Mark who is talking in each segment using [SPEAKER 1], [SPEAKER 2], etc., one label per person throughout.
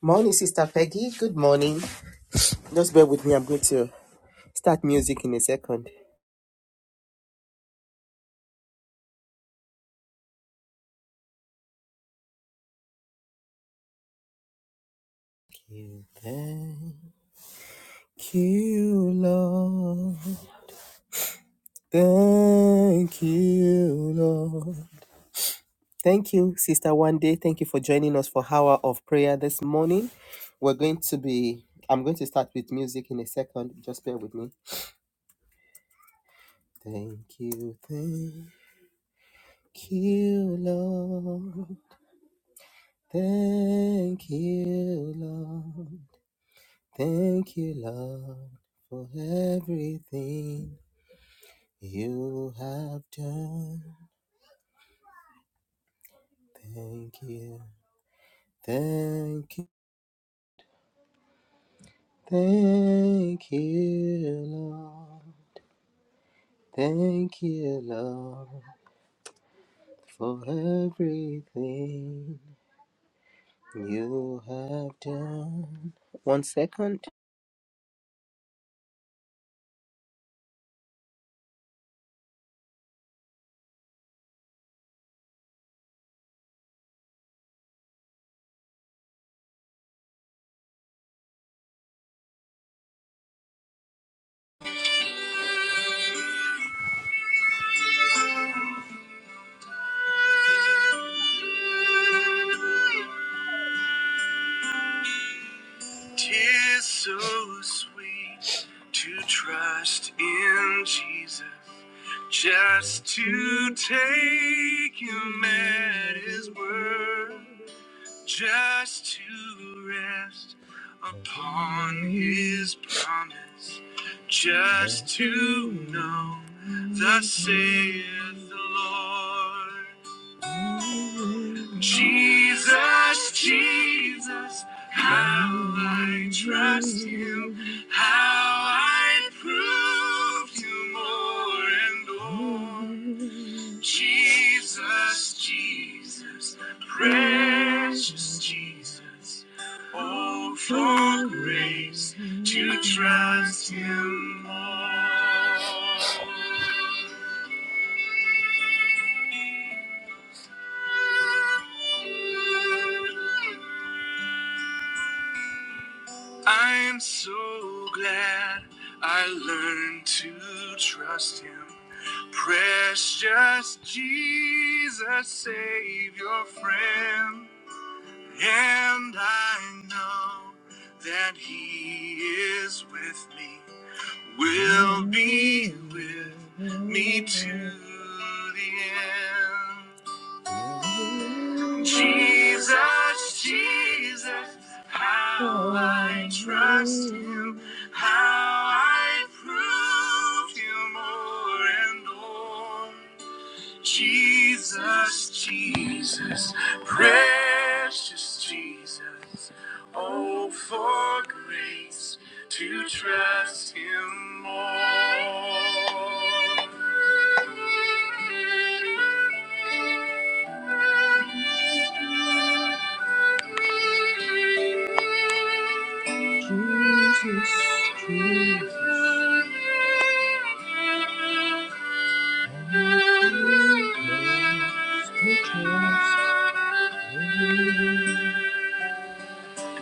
[SPEAKER 1] Morning, Sister Peggy. Good morning. Just bear with me. I'm going to start music in a second. You Thank you, Lord. Thank you, Lord. Thank you, Sister One Day. Thank you for joining us for Hour of Prayer this morning. We're going to be, I'm going to start with music in a second. Just bear with me. Thank you, thank you, Lord. Thank you, Lord. Thank you, Lord, for everything you have done. Thank you. Thank you. Thank you, Lord. Thank you, Lord, for everything you have done. One second. Tis so sweet to trust in Jesus, just to take him at his word, just to rest upon his promise, just to know, thus saith the Lord. Jesus, Jesus, how I trust you, how I prove you more and more. Jesus, Jesus, precious Jesus, oh, for grace to trust him more. I'm so glad I learned to trust him. Precious Jesus, Savior, friend. And I know that he is with me, will be with me to the end. Jesus, Jesus, how I trust you, how I prove you more and more. Jesus, Jesus, precious Jesus. Oh, for grace to trust Him more. Jesus, Jesus. Oh, grace to trust him.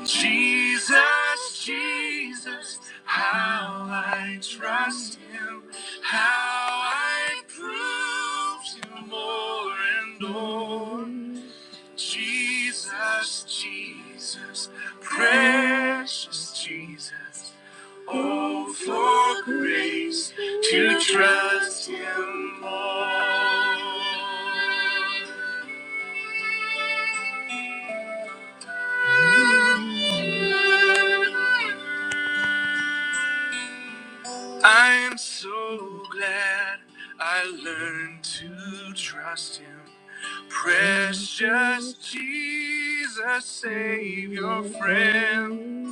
[SPEAKER 1] Jesus, Jesus, how I trust him, how I prove him more and more. Jesus, Jesus, precious Jesus, oh, for grace to trust him more. I'm so glad I learned to trust him. Precious Jesus, Savior, friend.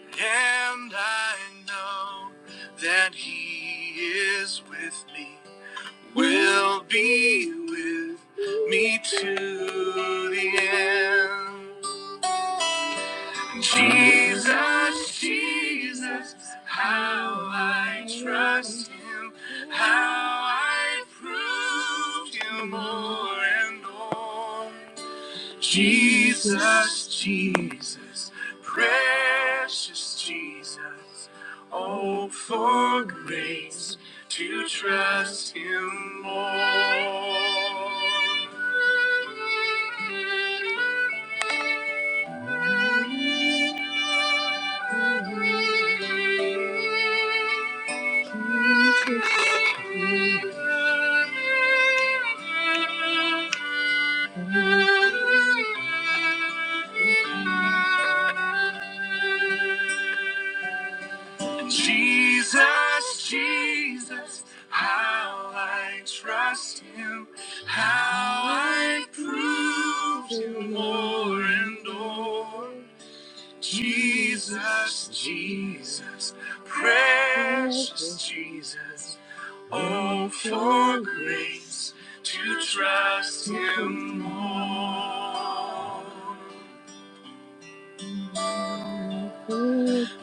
[SPEAKER 1] And I know that he is with me will be with me to the end. Jesus, Jesus, how I trust him, how I prove him more and more. Jesus, Jesus, precious Jesus. Oh, for grace to trust Him more. Jesus, Jesus, how I trust him, how I prove him more and more. Jesus, Jesus, precious Jesus. Oh, for grace to trust Him more.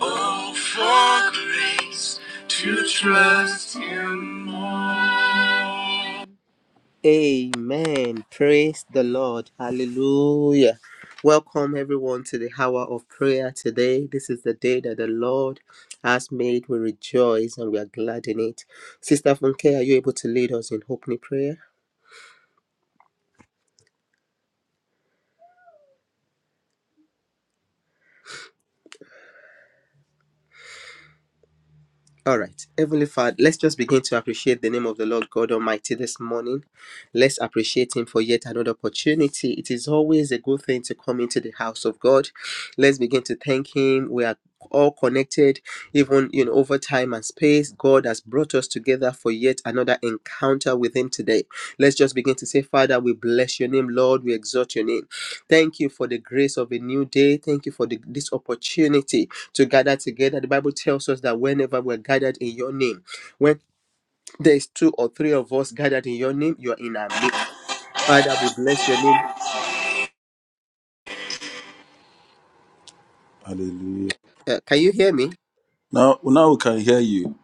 [SPEAKER 1] Oh, for grace to trust Him more. Amen. Praise the Lord. Hallelujah. Welcome everyone to the hour of prayer today. This is the day that the Lord has made. We rejoice and we are glad in it. Sister Funke, are you able to lead us in opening prayer? All right, Heavenly Father, let's just begin to appreciate the name of the Lord God Almighty this morning. Let's appreciate Him for yet another opportunity. It is always a good thing to come into the house of God. Let's begin to thank Him. We are all connected, even you know, over time and space. God has brought us together for yet another encounter with Him today. Let's just begin to say, Father, we bless your name, Lord. We exalt your name. Thank you for the grace of a new day. Thank you for the, this opportunity to gather together. The Bible tells us that whenever we're gathered in your name, when there's two or three of us gathered in your name, you're in our midst. Father, we bless your name.
[SPEAKER 2] Hallelujah.
[SPEAKER 1] Uh, can you hear me?
[SPEAKER 2] Now, now we can hear you.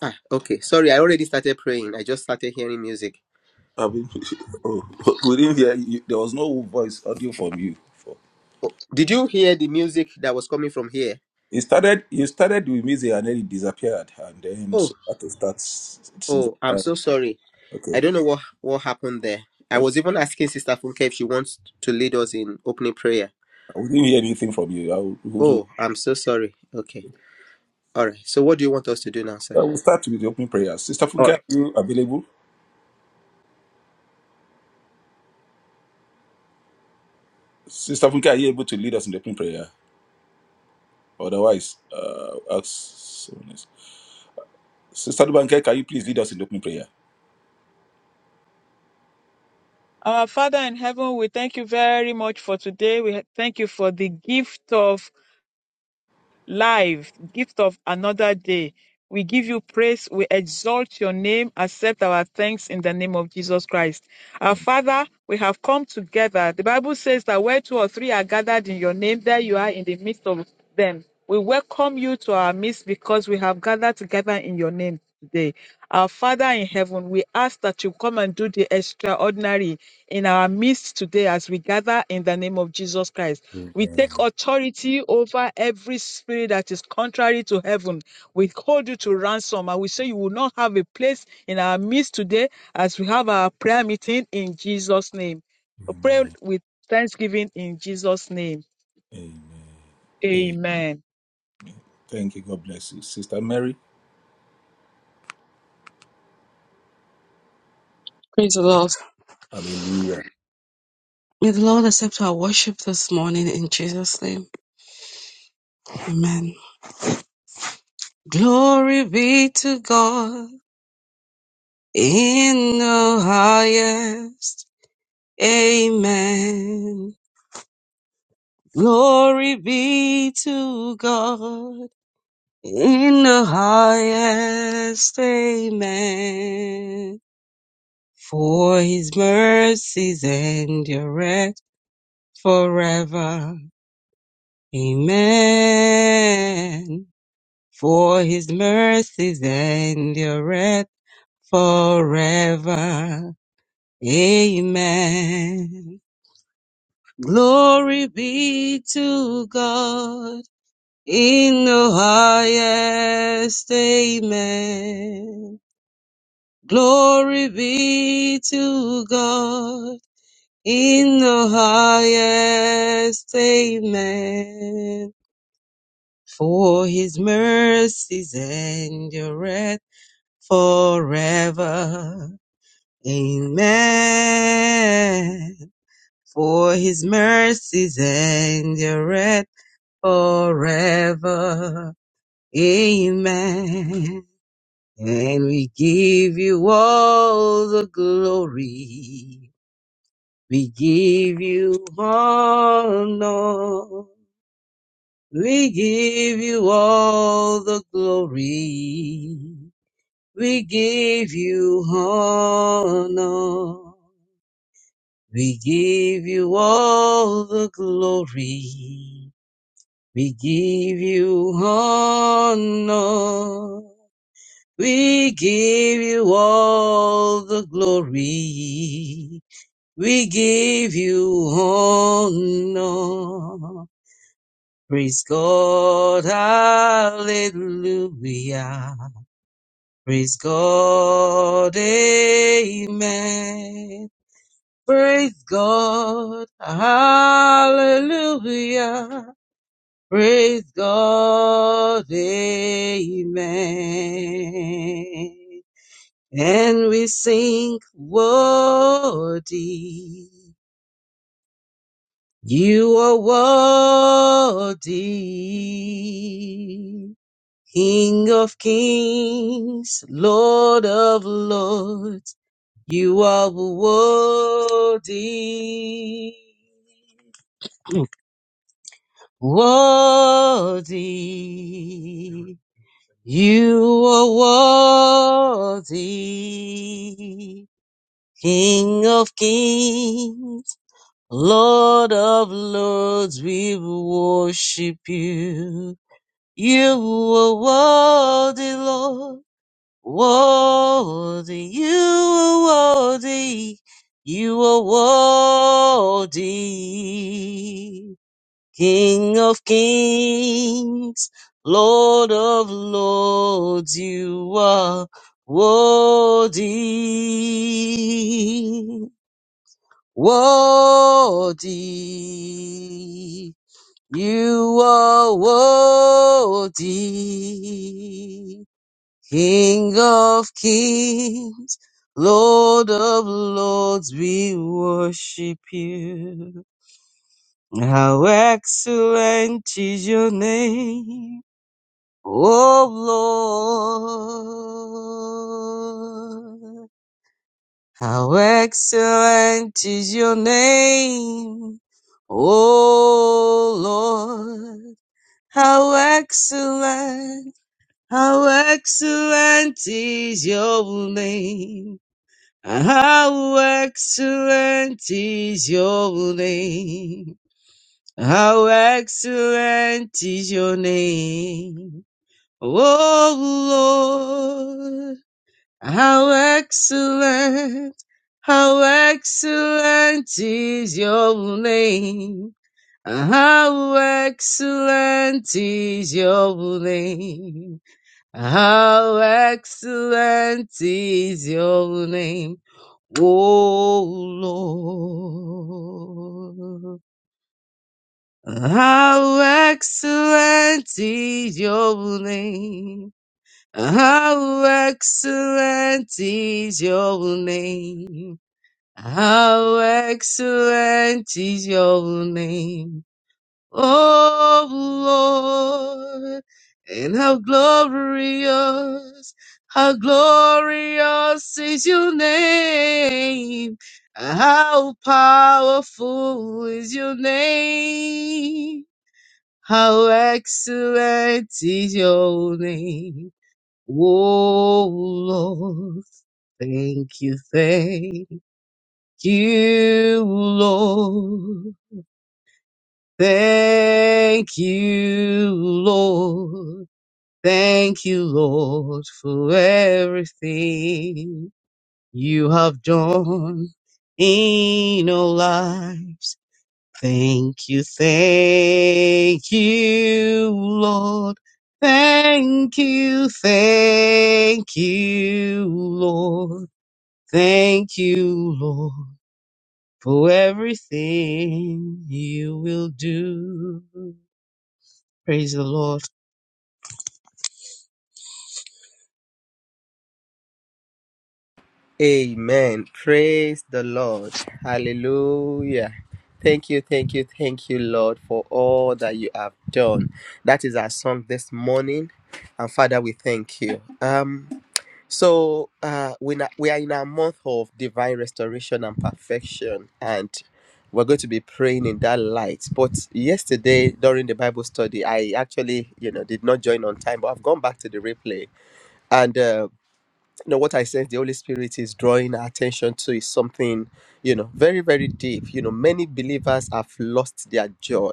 [SPEAKER 1] Ah, okay. Sorry, I already started praying. I just started hearing music.
[SPEAKER 2] I mean, oh, we didn't hear you. There was no voice audio from you. before.
[SPEAKER 1] Oh, did you hear the music that was coming from here?
[SPEAKER 2] It started. You started with music and then it disappeared, and then
[SPEAKER 1] Oh,
[SPEAKER 2] so had to start. s- Since
[SPEAKER 1] oh, I'm
[SPEAKER 2] uh,
[SPEAKER 1] so sorry.
[SPEAKER 2] okay,
[SPEAKER 1] I don't know what what happened there. I
[SPEAKER 2] okay,
[SPEAKER 1] was even asking Sister Funke if she wants to lead us in opening prayer.
[SPEAKER 2] we didn't hear anything from you. I will, we- we-
[SPEAKER 1] Oh, I'm so sorry. Okay. All right. So what do you want us to do now, sir?
[SPEAKER 2] I will start with the opening prayer. Sister Funke,
[SPEAKER 1] Oh,
[SPEAKER 2] are you available? Sister Funke, are you able to lead us in the opening prayer? Otherwise, uh, ask someone else. Sister Dubanke, can you please lead us in the opening prayer?
[SPEAKER 3] Our Father in heaven, we thank you very much for today. We thank you for the gift of life, gift of another day. We give you praise. We exalt your name. Accept our thanks in the name of Jesus Christ. Our
[SPEAKER 2] Mm.
[SPEAKER 3] Father, we have come together. The Bible says that where two or three are gathered in your name, there you are in the midst of them. We welcome you to our midst because we have gathered together in your name today. Our Father in heaven, we ask that you come and do the extraordinary in our midst today as we gather in the name of Jesus Christ. We take
[SPEAKER 2] Amen.
[SPEAKER 3] authority over every spirit that is contrary to heaven. We hold you to ransom and we say you will not have a place in our midst today as we have our prayer meeting in Jesus' name. We pray with thanksgiving in Jesus' name.
[SPEAKER 2] Amen.
[SPEAKER 3] Amen.
[SPEAKER 2] Thank you. God bless you. Sister Mary.
[SPEAKER 4] Praise the Lord.
[SPEAKER 2] Hallelujah.
[SPEAKER 4] May the Lord accept our worship this morning in Jesus' name. Amen. Glory be to God in the highest. Amen. Glory be to God in the highest. Amen. For his mercies endureth forever. Amen. for his mercies endureth forever. Amen. Glory be to God in the highest. Amen. Glory be to God in the highest. Amen. For his mercies endureth forever. Amen. For his mercies endureth forever. Amen. And we give you all the glory. We give you honor. We give you all the glory. We give you honor. We give you all the glory. We give you honor. We give you all the glory. We give you honor. Praise God. Hallelujah. Praise God. Amen. Praise God. Hallelujah. Praise God. Amen. And we sing, worthy. You are worthy. King of kings, Lord of lords. You are worthy. Worthy, you are worthy, King of kings, Lord of lords, we worship you. You are worthy, Lord, worthy, you are worthy, you are worthy. King of kings, Lord of lords, you are worthy, worthy. You are worthy, King of kings, Lord of lords, we worship you. How excellent is your name, O Lord. How excellent is your name, O Lord. How excellent, how excellent is your name. How excellent is your name. How excellent is your name, O Lord. How excellent, how excellent is your name. How excellent is your name. How excellent is your name, O Lord. How excellent is your name. How excellent is your name. How excellent is your name. Oh Lord, and how glorious, how glorious is your name. How powerful is your name. How excellent is your name, O Lord. Thank you, thank you, Lord. Thank you, Lord. Thank you, Lord, for everything you have done in our lives. Thank you, thank you, Lord. Thank you, thank you, Lord. Thank you, Lord, for everything you will do. Praise the Lord.
[SPEAKER 1] Amen. Praise the Lord. Hallelujah. Thank you, thank you, thank you, Lord, for all that you have done. That is our song this morning. And Father, we thank you. Um, so uh we na- we are in our month of divine restoration and perfection, and we're going to be praying in that light. But yesterday during the Bible study, I actually, you know, did not join on time, but I've gone back to the replay. and. uh, you know what i sense the holy spirit is drawing our attention to is something you know very very deep you know many believers have lost their joy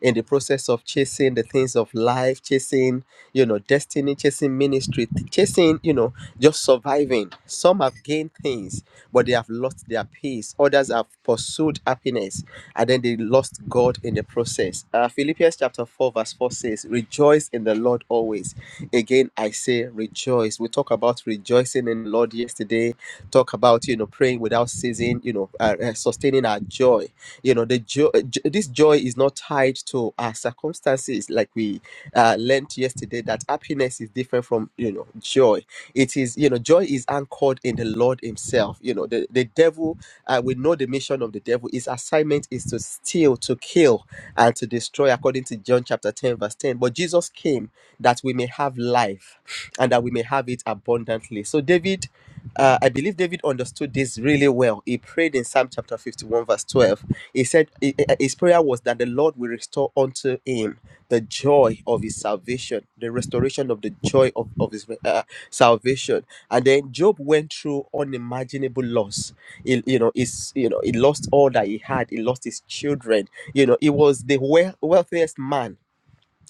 [SPEAKER 1] in the process of chasing the things of life chasing you know destiny chasing ministry th- chasing you know just surviving some have gained things but they have lost their peace others have pursued happiness and then they lost god in the process uh, philippians chapter 4 verse 4 says rejoice in the lord always Again, I say rejoice. We talk about rejoicing in the Lord yesterday, talk about, you know, praying without ceasing, you know, uh, uh, sustaining our joy. You know, the joy, this joy is not tied to our circumstances like we uh, learned yesterday that happiness is different from you know joy. It is you know joy is anchored in the Lord Himself. You know the the devil. Uh, we know the mission of the devil. His assignment is to steal, to kill, and to destroy, according to John chapter ten verse ten. But Jesus came that we may have life, and that we may have it abundantly. So David. Uh, I believe David understood this really well. He prayed in Psalm chapter 51, verse 12. He said eh, eh, his prayer was that the Lord will restore unto him the joy of his salvation, the restoration of the joy of, of his uh, salvation. And then Job went through unimaginable loss. He, you know, his, you know, he lost all that he had. He lost his children. You know, he was the wea- wealthiest man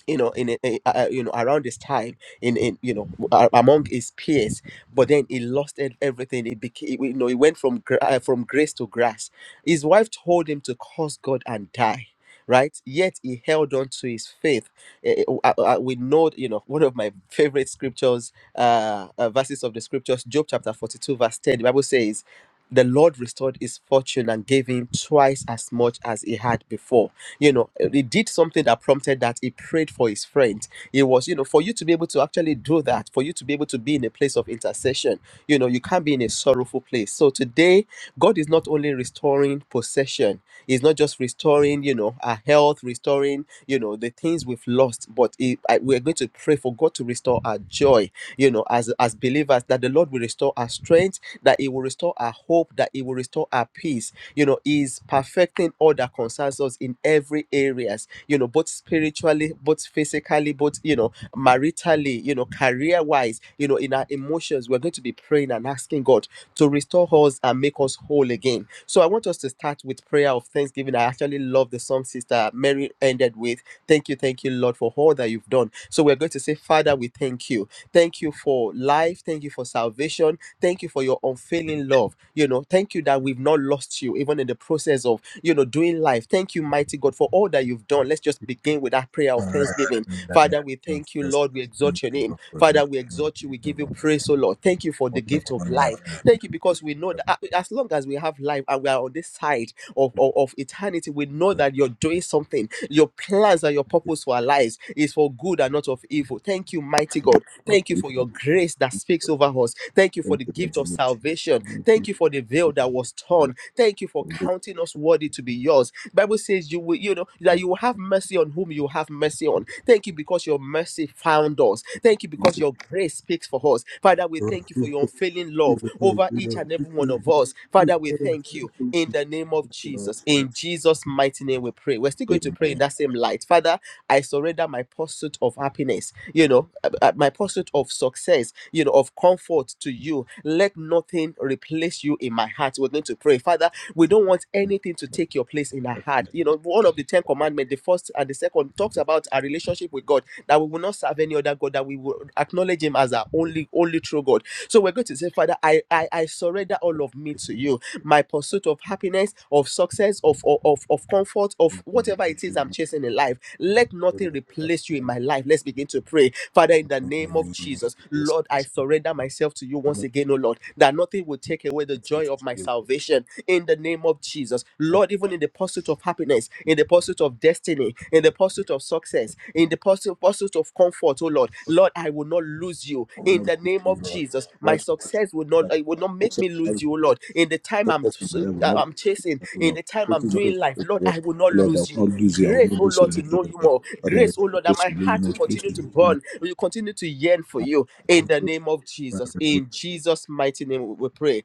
[SPEAKER 1] you know in, in uh, uh, you know around his time in in you know a- among his peers but then he lost ev- everything it became you know he went from gra- uh, from grace to grass his wife told him to curse god and die right yet he held on to his faith Eh, eh, oh, uh, uh, we know you know one of my favorite scriptures uh, uh verses of the scriptures job chapter 42 verse 10 the bible says the lord restored his fortune and gave him twice as much as he had before you know, he did something that prompted that. He prayed for his friend. It was, you know, for you to be able to actually do that, for you to be able to be in a place of intercession, you know, you can't be in a sorrowful place. So today, God is not only restoring possession, He's not just restoring, you know, our health, restoring, you know, the things we've lost, but he, I, we're going to pray for God to restore our joy, you know, as, as believers, that the Lord will restore our strength, that He will restore our hope, that He will restore our peace you know is perfecting all that concerns us in every areas you know both spiritually both physically both you know maritally you know career wise you know in our emotions we're going to be praying and asking god to restore us and make us whole again so i want us to start with prayer of thanksgiving i actually love the song sister mary ended with thank you thank you lord for all that you've done so we're going to say father we thank you thank you for life thank you for salvation Thank you for your unfailing love. You know, thank you that we've not lost you, even in the process of, you know, doing life. Thank you, mighty God, for all that you've done. Let's just begin with that prayer of
[SPEAKER 2] Father,
[SPEAKER 1] thanksgiving.
[SPEAKER 2] in the name
[SPEAKER 1] Father, we
[SPEAKER 2] of
[SPEAKER 1] thank you,
[SPEAKER 2] Jesus,
[SPEAKER 1] Lord. We
[SPEAKER 2] thank
[SPEAKER 1] exalt your
[SPEAKER 2] you
[SPEAKER 1] name.
[SPEAKER 2] Lord, for your love.
[SPEAKER 1] Father, we
[SPEAKER 2] Thank
[SPEAKER 1] exalt you. We
[SPEAKER 2] you,
[SPEAKER 1] give you
[SPEAKER 2] Lord,
[SPEAKER 1] praise, oh Lord. Thank you for the
[SPEAKER 2] for your
[SPEAKER 1] gift of
[SPEAKER 2] coming
[SPEAKER 1] life. Thank
[SPEAKER 2] Thank
[SPEAKER 1] you
[SPEAKER 2] you
[SPEAKER 1] because we
[SPEAKER 2] Lord,
[SPEAKER 1] know
[SPEAKER 2] for
[SPEAKER 1] that a- as long as we have life and we are on this side of, of, of eternity, we know
[SPEAKER 2] your love.
[SPEAKER 1] that you're doing
[SPEAKER 2] Thank
[SPEAKER 1] something. Your plans and your purpose for our lives is for good and not of evil. Thank you, mighty
[SPEAKER 2] you
[SPEAKER 1] God.
[SPEAKER 2] Lord, for
[SPEAKER 1] Thank you for
[SPEAKER 2] keeping
[SPEAKER 1] your
[SPEAKER 2] us.
[SPEAKER 1] grace that speaks over us. Thank you for
[SPEAKER 2] Thank
[SPEAKER 1] the
[SPEAKER 2] you, Lord
[SPEAKER 1] gift of
[SPEAKER 2] Jesus.
[SPEAKER 1] salvation.
[SPEAKER 2] Thank you, Lord,
[SPEAKER 1] Thank you for the veil that was torn. Thank you for
[SPEAKER 2] for this
[SPEAKER 1] counting us worthy to be yours. Bible says you will, you know, that
[SPEAKER 2] man.
[SPEAKER 1] you will have mercy on whom you have mercy on. Thank you because your mercy found us. Thank you
[SPEAKER 2] Thank
[SPEAKER 1] because
[SPEAKER 2] you,
[SPEAKER 1] your grace speaks for us. Father,
[SPEAKER 2] Lord. Thank you,
[SPEAKER 1] we
[SPEAKER 2] Lord.
[SPEAKER 1] thank
[SPEAKER 2] Thank
[SPEAKER 1] you for your unfailing
[SPEAKER 2] you, Lord. Thank you, Lord.
[SPEAKER 1] love
[SPEAKER 2] Thank
[SPEAKER 1] over
[SPEAKER 2] you,
[SPEAKER 1] each and every one
[SPEAKER 2] Jesus.
[SPEAKER 1] of us. Father, we thank you in the name of
[SPEAKER 2] Lord.
[SPEAKER 1] Jesus.
[SPEAKER 2] Thank you, Lord.
[SPEAKER 1] In Jesus' mighty name, we pray. We're still going to
[SPEAKER 2] Amen.
[SPEAKER 1] pray in that same light. Father, I surrender my pursuit of happiness, you know, uh, uh, my pursuit of success, you know, of comfort to you. Let nothing replace you in my heart. We're going to pray, Father, we don't want
[SPEAKER 2] Thank you,
[SPEAKER 1] anything to
[SPEAKER 2] Lord.
[SPEAKER 1] take your place in our
[SPEAKER 2] Thank
[SPEAKER 1] heart
[SPEAKER 2] you,
[SPEAKER 1] you know one of the 10 commandments the first and the second
[SPEAKER 2] Lord.
[SPEAKER 1] talks about our relationship with god that we will not serve any other god that we will acknowledge him as our
[SPEAKER 2] Thank you,
[SPEAKER 1] only only true god so we're going to say father i i, I surrender all
[SPEAKER 2] Lord.
[SPEAKER 1] of me
[SPEAKER 2] Thank
[SPEAKER 1] to you my pursuit of happiness of success of of of of comfort of
[SPEAKER 2] you,
[SPEAKER 1] whatever
[SPEAKER 2] Lord. Thank
[SPEAKER 1] it is
[SPEAKER 2] you,
[SPEAKER 1] i'm chasing in life let nothing
[SPEAKER 2] Lord.
[SPEAKER 1] replace
[SPEAKER 2] Thank you, Lord.
[SPEAKER 1] you in
[SPEAKER 2] Thank you, Lord. Thank you,
[SPEAKER 1] my life let's begin to pray father in the name of jesus lord i surrender myself to you once again oh lord that nothing will take away the joy of
[SPEAKER 2] Success
[SPEAKER 1] my salvation
[SPEAKER 2] will
[SPEAKER 1] salvation in the name of Jesus. Lord, even in the pursuit of happiness, in the pursuit of destiny, in the pursuit of success, in the pursuit, pursuit of comfort, oh Lord, Lord, I will not lose you in the name of Jesus. My success will not, it will not make me lose
[SPEAKER 2] not
[SPEAKER 1] you, oh Lord. In the time I'm,
[SPEAKER 2] success in my life will not be
[SPEAKER 1] I'm chasing,
[SPEAKER 2] successful,
[SPEAKER 1] in
[SPEAKER 2] Lord.
[SPEAKER 1] the time I'm
[SPEAKER 2] Breakthrough is not a
[SPEAKER 1] doing life,
[SPEAKER 2] successful,
[SPEAKER 1] Lord,
[SPEAKER 2] Lord.
[SPEAKER 1] I will not
[SPEAKER 2] Oh Lord, I will
[SPEAKER 1] lose you.
[SPEAKER 2] not lose you. I will
[SPEAKER 1] Grace,
[SPEAKER 2] not
[SPEAKER 1] oh
[SPEAKER 2] lose you,
[SPEAKER 1] Lord, to
[SPEAKER 2] Lord.
[SPEAKER 1] know
[SPEAKER 2] Lord,
[SPEAKER 1] you
[SPEAKER 2] Lord.
[SPEAKER 1] more.
[SPEAKER 2] Father, I
[SPEAKER 1] Grace, oh
[SPEAKER 2] repeat
[SPEAKER 1] Lord, that
[SPEAKER 2] this
[SPEAKER 1] my
[SPEAKER 2] to you,
[SPEAKER 1] heart will
[SPEAKER 2] Lord. Please
[SPEAKER 1] continue
[SPEAKER 2] to
[SPEAKER 1] to
[SPEAKER 2] you, Lord.
[SPEAKER 1] burn, will continue to yearn for you in the name of Jesus. In Jesus' mighty name, we pray.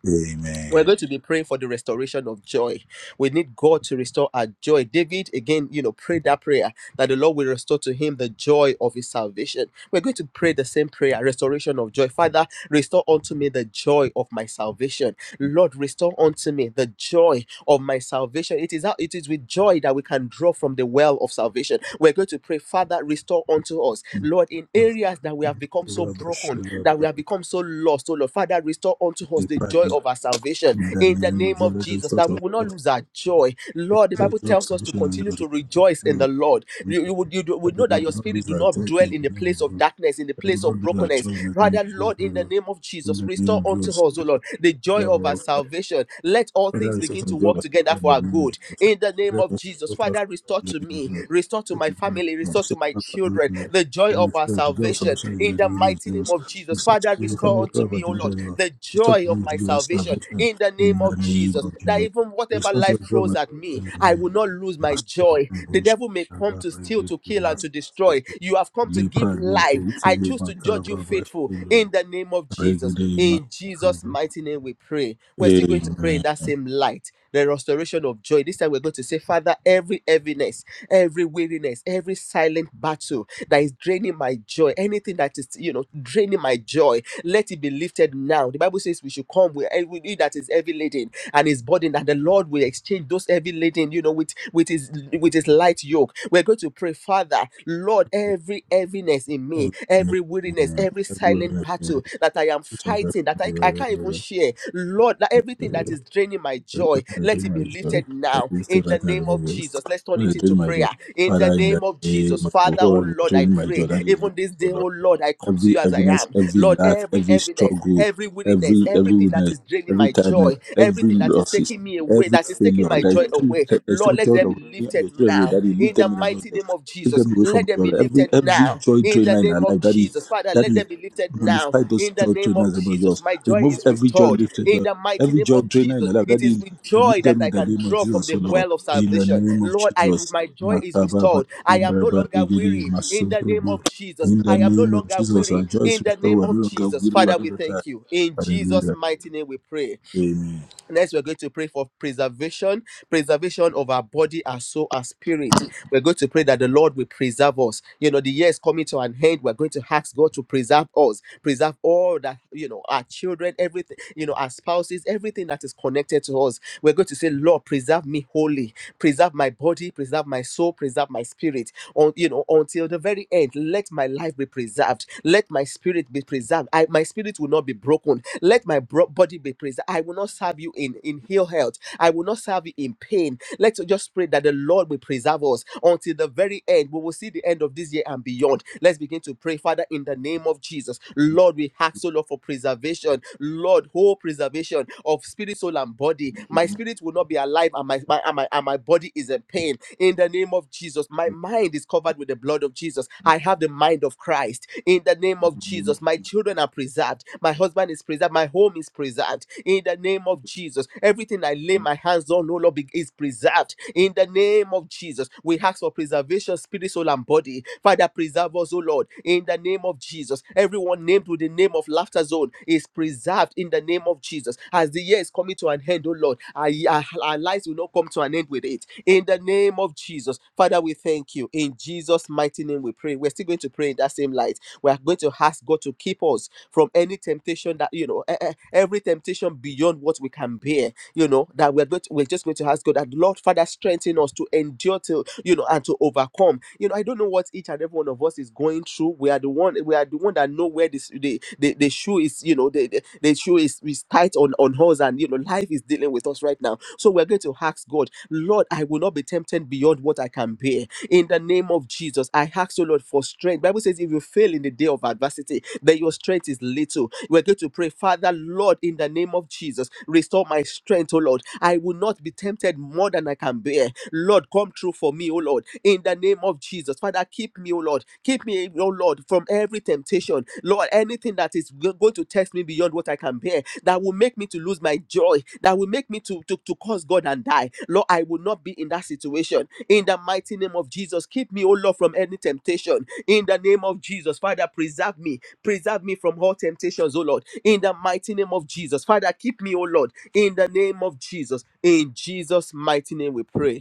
[SPEAKER 1] We're
[SPEAKER 2] Amen.
[SPEAKER 1] going to be praying for the restoration of joy. We need God to restore our joy. David, again, you know, prayed that prayer that the Lord will restore to him the joy of his salvation. We're going to pray the same prayer, restoration of joy. Father, restore unto me the joy of my salvation. Lord, restore unto me the joy of my salvation. It is out, it is with joy that we can draw from the well of salvation. We're going to pray, Father, restore unto us,
[SPEAKER 2] In
[SPEAKER 1] Lord, in areas that we have become so broken, that we have become so lost. Oh Lord, Father, restore unto us the joy of our salvation
[SPEAKER 2] the
[SPEAKER 1] in the
[SPEAKER 2] name
[SPEAKER 1] name
[SPEAKER 2] of your
[SPEAKER 1] of
[SPEAKER 2] Lord,
[SPEAKER 1] Jesus.
[SPEAKER 2] restore
[SPEAKER 1] That
[SPEAKER 2] to
[SPEAKER 1] we will will not
[SPEAKER 2] us
[SPEAKER 1] lose our joy. Lord, the
[SPEAKER 2] your
[SPEAKER 1] Bible
[SPEAKER 2] joy,
[SPEAKER 1] tells us to
[SPEAKER 2] salvation,
[SPEAKER 1] continue
[SPEAKER 2] and
[SPEAKER 1] to rejoice in
[SPEAKER 2] your
[SPEAKER 1] the
[SPEAKER 2] restore.
[SPEAKER 1] Lord. You, you would you do- would
[SPEAKER 2] Father,
[SPEAKER 1] know that
[SPEAKER 2] Lord,
[SPEAKER 1] your
[SPEAKER 2] we will not
[SPEAKER 1] spirit
[SPEAKER 2] lose
[SPEAKER 1] do
[SPEAKER 2] our joy
[SPEAKER 1] not dwell
[SPEAKER 2] in
[SPEAKER 1] in
[SPEAKER 2] the
[SPEAKER 1] the
[SPEAKER 2] name of
[SPEAKER 1] place
[SPEAKER 2] Jesus.
[SPEAKER 1] of darkness, in the
[SPEAKER 2] I will
[SPEAKER 1] place of
[SPEAKER 2] not be like
[SPEAKER 1] brokenness.
[SPEAKER 2] children in the
[SPEAKER 1] Rather,
[SPEAKER 2] name of Jesus,
[SPEAKER 1] Lord,
[SPEAKER 2] O
[SPEAKER 1] in the
[SPEAKER 2] Lord.
[SPEAKER 1] name of
[SPEAKER 2] In
[SPEAKER 1] Jesus, restore unto us, O
[SPEAKER 2] the
[SPEAKER 1] Lord, the
[SPEAKER 2] name
[SPEAKER 1] joy of
[SPEAKER 2] of
[SPEAKER 1] our
[SPEAKER 2] Jesus,
[SPEAKER 1] salvation. Let all
[SPEAKER 2] Father,
[SPEAKER 1] things
[SPEAKER 2] I sort
[SPEAKER 1] begin
[SPEAKER 2] of
[SPEAKER 1] to
[SPEAKER 2] God,
[SPEAKER 1] work
[SPEAKER 2] I sort
[SPEAKER 1] together
[SPEAKER 2] of in
[SPEAKER 1] for
[SPEAKER 2] the
[SPEAKER 1] our
[SPEAKER 2] name of
[SPEAKER 1] good.
[SPEAKER 2] Jesus.
[SPEAKER 1] In the name
[SPEAKER 2] Father,
[SPEAKER 1] of
[SPEAKER 2] I
[SPEAKER 1] Jesus,
[SPEAKER 2] sort of
[SPEAKER 1] Father, restore
[SPEAKER 2] in
[SPEAKER 1] to
[SPEAKER 2] the
[SPEAKER 1] me,
[SPEAKER 2] name
[SPEAKER 1] restore to
[SPEAKER 2] of
[SPEAKER 1] my family, restore
[SPEAKER 2] Jesus.
[SPEAKER 1] to my
[SPEAKER 2] Sort of in the
[SPEAKER 1] children
[SPEAKER 2] name
[SPEAKER 1] the joy of our
[SPEAKER 2] of Jesus. Sort
[SPEAKER 1] salvation.
[SPEAKER 2] of in
[SPEAKER 1] In
[SPEAKER 2] the
[SPEAKER 1] the
[SPEAKER 2] name of Jesus. And we pray to God, salvation in the name
[SPEAKER 1] mighty
[SPEAKER 2] of
[SPEAKER 1] name
[SPEAKER 2] Jesus.
[SPEAKER 1] of
[SPEAKER 2] We
[SPEAKER 1] Jesus,
[SPEAKER 2] start to
[SPEAKER 1] Father,
[SPEAKER 2] be a
[SPEAKER 1] restore
[SPEAKER 2] family
[SPEAKER 1] unto
[SPEAKER 2] prayer by
[SPEAKER 1] me, O Lord,
[SPEAKER 2] division. Lord.
[SPEAKER 1] the
[SPEAKER 2] We start
[SPEAKER 1] joy
[SPEAKER 2] to
[SPEAKER 1] of
[SPEAKER 2] be to
[SPEAKER 1] my
[SPEAKER 2] give us
[SPEAKER 1] salvation.
[SPEAKER 2] salvation
[SPEAKER 1] In the
[SPEAKER 2] in
[SPEAKER 1] name
[SPEAKER 2] the
[SPEAKER 1] of
[SPEAKER 2] name
[SPEAKER 1] Jesus,
[SPEAKER 2] of
[SPEAKER 1] that
[SPEAKER 2] Jesus.
[SPEAKER 1] even
[SPEAKER 2] We
[SPEAKER 1] whatever
[SPEAKER 2] start to
[SPEAKER 1] life
[SPEAKER 2] give
[SPEAKER 1] throws
[SPEAKER 2] us
[SPEAKER 1] at me,
[SPEAKER 2] in the
[SPEAKER 1] I will
[SPEAKER 2] name
[SPEAKER 1] not lose
[SPEAKER 2] of
[SPEAKER 1] my
[SPEAKER 2] Master of
[SPEAKER 1] joy.
[SPEAKER 2] the
[SPEAKER 1] The
[SPEAKER 2] Bush.
[SPEAKER 1] devil may
[SPEAKER 2] Rabbi,
[SPEAKER 1] come to
[SPEAKER 2] I
[SPEAKER 1] steal,
[SPEAKER 2] get
[SPEAKER 1] to
[SPEAKER 2] you,
[SPEAKER 1] kill, and to
[SPEAKER 2] Master of
[SPEAKER 1] destroy.
[SPEAKER 2] the
[SPEAKER 1] You have come to give
[SPEAKER 2] Lepra, Lepra,
[SPEAKER 1] life. I choose to judge you
[SPEAKER 2] Lepra,
[SPEAKER 1] faithful in the name of
[SPEAKER 2] Lepra, Lepra,
[SPEAKER 1] Jesus. In Jesus'
[SPEAKER 2] Lepra,
[SPEAKER 1] mighty name, we pray. We're still going to pray in that
[SPEAKER 2] Amen.
[SPEAKER 1] same light. The restoration of joy. This time we're going to say, Father, every heaviness, every weariness, every silent battle that is draining my joy, anything that is, you know, draining my joy, let it be lifted now. The Bible says we should come with every that is heavy laden and his burden that the Lord will exchange those heavy laden, you know, with with his with his light yoke. We're going to pray, Father, Lord, every heaviness in me,
[SPEAKER 2] Everyone is
[SPEAKER 1] every weariness,
[SPEAKER 2] yeah,
[SPEAKER 1] every
[SPEAKER 2] everyone
[SPEAKER 1] silent
[SPEAKER 2] is yeah.
[SPEAKER 1] battle that I am
[SPEAKER 2] just back
[SPEAKER 1] fighting, that
[SPEAKER 2] from the
[SPEAKER 1] I, I can't even
[SPEAKER 2] river.
[SPEAKER 1] share. Lord, that everything that is draining my joy,
[SPEAKER 2] I
[SPEAKER 1] let
[SPEAKER 2] did
[SPEAKER 1] it
[SPEAKER 2] my
[SPEAKER 1] be
[SPEAKER 2] job.
[SPEAKER 1] lifted
[SPEAKER 2] Like
[SPEAKER 1] now
[SPEAKER 2] you
[SPEAKER 1] in
[SPEAKER 2] said
[SPEAKER 1] the
[SPEAKER 2] right now,
[SPEAKER 1] name of
[SPEAKER 2] remember this.
[SPEAKER 1] Jesus. Let's turn
[SPEAKER 2] When I
[SPEAKER 1] it
[SPEAKER 2] did
[SPEAKER 1] into
[SPEAKER 2] my job,
[SPEAKER 1] prayer. In the
[SPEAKER 2] Father, in
[SPEAKER 1] name
[SPEAKER 2] that
[SPEAKER 1] of
[SPEAKER 2] name,
[SPEAKER 1] Jesus,
[SPEAKER 2] of
[SPEAKER 1] Father, oh
[SPEAKER 2] whoever is
[SPEAKER 1] Lord, I
[SPEAKER 2] doing my
[SPEAKER 1] pray.
[SPEAKER 2] job, that is
[SPEAKER 1] Even this day, oh Lord, I come to
[SPEAKER 2] every
[SPEAKER 1] you as I
[SPEAKER 2] heaviness,
[SPEAKER 1] am.
[SPEAKER 2] every
[SPEAKER 1] Lord,
[SPEAKER 2] lack,
[SPEAKER 1] every
[SPEAKER 2] every
[SPEAKER 1] heaviness,
[SPEAKER 2] struggle,
[SPEAKER 1] every weariness,
[SPEAKER 2] every every
[SPEAKER 1] everything that
[SPEAKER 2] weakness,
[SPEAKER 1] is draining
[SPEAKER 2] every
[SPEAKER 1] my
[SPEAKER 2] tiredness,
[SPEAKER 1] joy, joy,
[SPEAKER 2] every
[SPEAKER 1] everything that is
[SPEAKER 2] losses,
[SPEAKER 1] taking me away,
[SPEAKER 2] every
[SPEAKER 1] that is taking
[SPEAKER 2] failure.
[SPEAKER 1] my
[SPEAKER 2] That is
[SPEAKER 1] joy
[SPEAKER 2] still
[SPEAKER 1] away.
[SPEAKER 2] that is
[SPEAKER 1] Lord,
[SPEAKER 2] still
[SPEAKER 1] let them
[SPEAKER 2] joy
[SPEAKER 1] be
[SPEAKER 2] of me and
[SPEAKER 1] lifted
[SPEAKER 2] your children away,
[SPEAKER 1] now
[SPEAKER 2] Daddy. Leave
[SPEAKER 1] in the
[SPEAKER 2] them in the name of
[SPEAKER 1] mighty
[SPEAKER 2] God.
[SPEAKER 1] name of
[SPEAKER 2] Take
[SPEAKER 1] Jesus.
[SPEAKER 2] them away
[SPEAKER 1] Let
[SPEAKER 2] from
[SPEAKER 1] them be
[SPEAKER 2] God. Every
[SPEAKER 1] lifted
[SPEAKER 2] every
[SPEAKER 1] now
[SPEAKER 2] joy
[SPEAKER 1] in the
[SPEAKER 2] drainer in our
[SPEAKER 1] name of
[SPEAKER 2] life, Daddy,
[SPEAKER 1] Jesus. Father, let
[SPEAKER 2] Daddy,
[SPEAKER 1] them be lifted now
[SPEAKER 2] nullify those
[SPEAKER 1] in the
[SPEAKER 2] joy
[SPEAKER 1] name of
[SPEAKER 2] drainers in our
[SPEAKER 1] Jesus.
[SPEAKER 2] yours.
[SPEAKER 1] My joy
[SPEAKER 2] Remove
[SPEAKER 1] is
[SPEAKER 2] every joy
[SPEAKER 1] restored
[SPEAKER 2] lifted
[SPEAKER 1] in the mighty
[SPEAKER 2] Every
[SPEAKER 1] name
[SPEAKER 2] joy
[SPEAKER 1] of
[SPEAKER 2] drainer in
[SPEAKER 1] Jesus.
[SPEAKER 2] our life,
[SPEAKER 1] It is
[SPEAKER 2] Daddy,
[SPEAKER 1] with
[SPEAKER 2] remove
[SPEAKER 1] joy that
[SPEAKER 2] them
[SPEAKER 1] I
[SPEAKER 2] in the
[SPEAKER 1] can
[SPEAKER 2] name of
[SPEAKER 1] draw from
[SPEAKER 2] Jesus, O
[SPEAKER 1] the
[SPEAKER 2] Lord.
[SPEAKER 1] well of
[SPEAKER 2] In the
[SPEAKER 1] salvation.
[SPEAKER 2] name of
[SPEAKER 1] Lord, I
[SPEAKER 2] Jesus.
[SPEAKER 1] my joy is
[SPEAKER 2] Makababa,
[SPEAKER 1] restored. I am no
[SPEAKER 2] Indraba,
[SPEAKER 1] longer weary in the name
[SPEAKER 2] Rigidi,
[SPEAKER 1] of Jesus.
[SPEAKER 2] in the
[SPEAKER 1] I am no
[SPEAKER 2] name of
[SPEAKER 1] longer
[SPEAKER 2] Jesus, our
[SPEAKER 1] weary
[SPEAKER 2] joy is
[SPEAKER 1] in the
[SPEAKER 2] restored.
[SPEAKER 1] name
[SPEAKER 2] We're
[SPEAKER 1] of
[SPEAKER 2] no longer
[SPEAKER 1] Jesus.
[SPEAKER 2] weary, we're
[SPEAKER 1] Father,
[SPEAKER 2] no
[SPEAKER 1] we
[SPEAKER 2] longer
[SPEAKER 1] thank
[SPEAKER 2] tired.
[SPEAKER 1] you. In Jesus'
[SPEAKER 2] Hallelujah.
[SPEAKER 1] mighty name we pray.
[SPEAKER 2] Amen.
[SPEAKER 1] Next, we're going to pray for preservation, preservation of our body, our soul, our spirit. We're going to pray that the Lord will preserve us. You know, the year is coming to an end. We're going to ask God to preserve us, preserve all that, you know, our children, everything, you know, our spouses, everything that is connected to us. We're going to say, Lord, preserve me wholly, preserve my body, preserve my soul, preserve my spirit. On, you know, until the very end, let my life be preserved. Let my spirit be preserved. I, my spirit will not be broken. Let my bro- body be preserved. I will not serve you you in in ill health. I will not serve you in pain. Let's just pray that the Lord will preserve us until the very end. We will see the end of this year and beyond. Let's begin to pray, Father, in the name of Jesus. Lord, we ask, O Lord, for preservation. Lord, whole preservation of spirit, soul, and body. My spirit will not be alive, and my, my, and my, and my body is in pain. In the name of Jesus, my mind is covered with the blood of Jesus. I have the mind of Christ. In the name of Jesus, my children are preserved. My husband is preserved. My home is preserved. In the name of Jesus. Jesus. Everything I lay my hands on, oh Lord, be- is preserved in the name of Jesus. We ask for preservation, spirit, soul, and body. Father, preserve us, oh Lord, in the name of Jesus. Everyone named with the name of Laughter Zone is preserved in the name of Jesus. As the year is coming to an end, oh Lord, our, our our lives will not come to an end with it. In the name of Jesus, Father, we thank you. In Jesus' mighty name, we pray. We're still going to pray in that same light. We are going to ask God to keep us from any temptation that, you know, e- e- every temptation beyond what we can can bear, you know, that we're going to, we're just going to ask God that Lord Father strengthen us to endure till you know and to overcome. You know, I don't know what each and every one of us is going through. We are the one we are the one that know where this the, the, the shoe is, you know, the, the, the shoe is, is tight on, on us and you know life is dealing with us right now. So we're going to ask God, Lord, I will not be tempted beyond what I can bear. In the name of Jesus, I ask you, Lord, for strength. Bible says if you fail in the day of adversity, then your strength is little. We're going to pray, Father, Lord, in the name of Jesus, restore my strength, oh Lord. I will not be tempted more than I can bear. Lord, come true for me, oh Lord, in the name of Jesus. Father, keep me, oh Lord. Keep me, oh Lord, from every temptation. Lord, anything that is go- going to test me beyond what I can bear, that will make me to lose my joy, that will make me to, to, to cause God and die. Lord, I will not be in that situation. In the mighty name of Jesus, keep me, oh Lord, from any temptation. In the name of Jesus, Father, preserve me. Preserve me from all temptations, oh Lord. In the mighty name of Jesus, Father, keep me, oh Lord in the name of Jesus. In Jesus' mighty name, we pray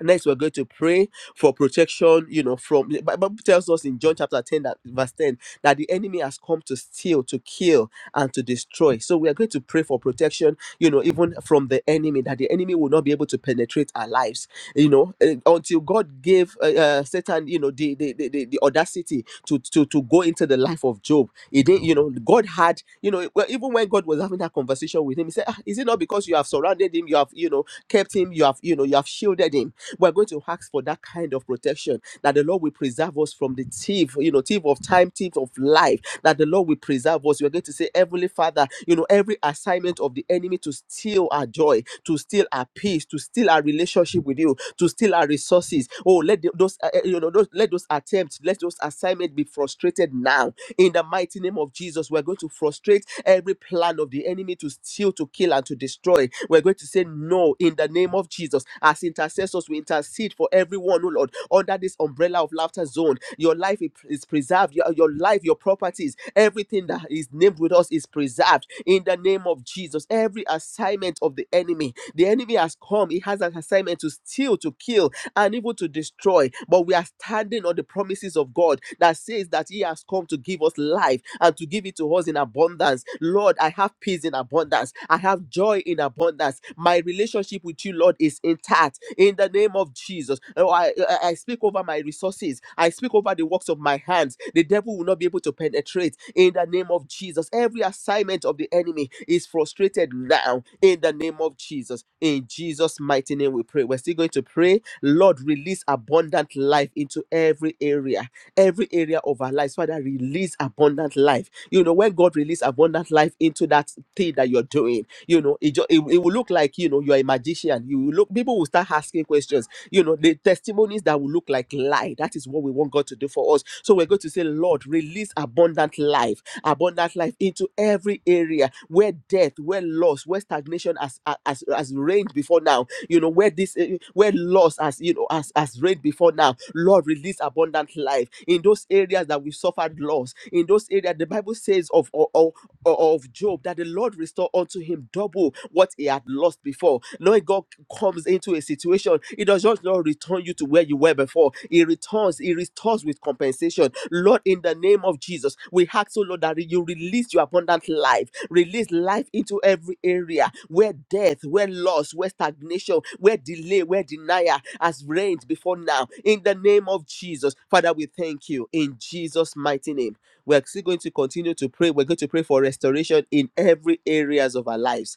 [SPEAKER 1] next we're going to pray for protection you know from the Bi- bible tells us in john chapter 10 that verse 10 that the enemy has come to steal to kill and to destroy so we are going to pray for protection you know even from the enemy that the enemy will not be able to penetrate our lives you know eh, until god gave uh, uh, satan you know the the, the the the audacity to to to go into the life of job he didn't you know god had you know well, even when god was having that conversation with him he said "Ah, is it not because you have surrounded him you have you know kept him you have you know you have shielded him we're going to ask for that kind of protection that the Lord will preserve us from the thief, you know, thief of time, thief of life, that the Lord will preserve us. We're going to say, Heavenly Father, you know, every assignment of the enemy to steal our joy, to steal our peace, to steal our relationship with you, to steal our resources. Oh, let the- those, uh, uh, you know, those, let those attempts, let those assignments be frustrated now. In the mighty name of Jesus, we're going to frustrate every plan of the enemy to steal, to kill, and to destroy. We're going to say no all in the name of Jesus. As intercessors, we intercede for everyone, oh Lord, under this umbrella of laughter zone. Your life is preserved, your, your life, your properties, everything that is named with us is preserved in the name of Jesus. Every assignment of the enemy, the enemy has come, he has an assignment to steal, to kill, and even to destroy. But we are standing on the promises of God that says that He has come to give us life and to give it to us in abundance abundance. Lord, I have peace in abundance. I have joy in abundance. My relationship with you, Lord, is intact in the name of Jesus. Oh, I, I I speak over my resources. I speak over the works of my hands. The devil will not be able to penetrate in the name of Jesus. Every assignment of the enemy is frustrated now in the name of Jesus. In Jesus' mighty name, we pray. We're still going to pray. Lord, release abundant life into every area every area of our lives. Father, release abundant life. You know, when God release abundant life into that thing that you're doing, you know it, ju- it, it will look like you know you're a magician you will look people will start asking questions you know the testimonies that will look like lie that is what we want god to do for us so we're going to say lord release abundant life abundant life into every area where death where loss where stagnation has has, has reigned before now you know where this eh, where loss has you know has, has reigned before now lord release abundant life in those areas that we suffered loss in those areas the bible says of of, o- of Job that the Lord restored unto him double what he had lost before. Knowing God comes into a situation, He does not Lord return you to where you were before. He returns, He restores with compensation. Lord, in the name of Jesus, we ask, so Lord, that you release your abundant life, release life into every area where death, where loss, where stagnation, where delay, where denial has reigned before now. In the name of Jesus, Father, we thank you in Jesus' mighty name. We're still going to continue to pray. We're going to pray for restoration in every areas of our lives.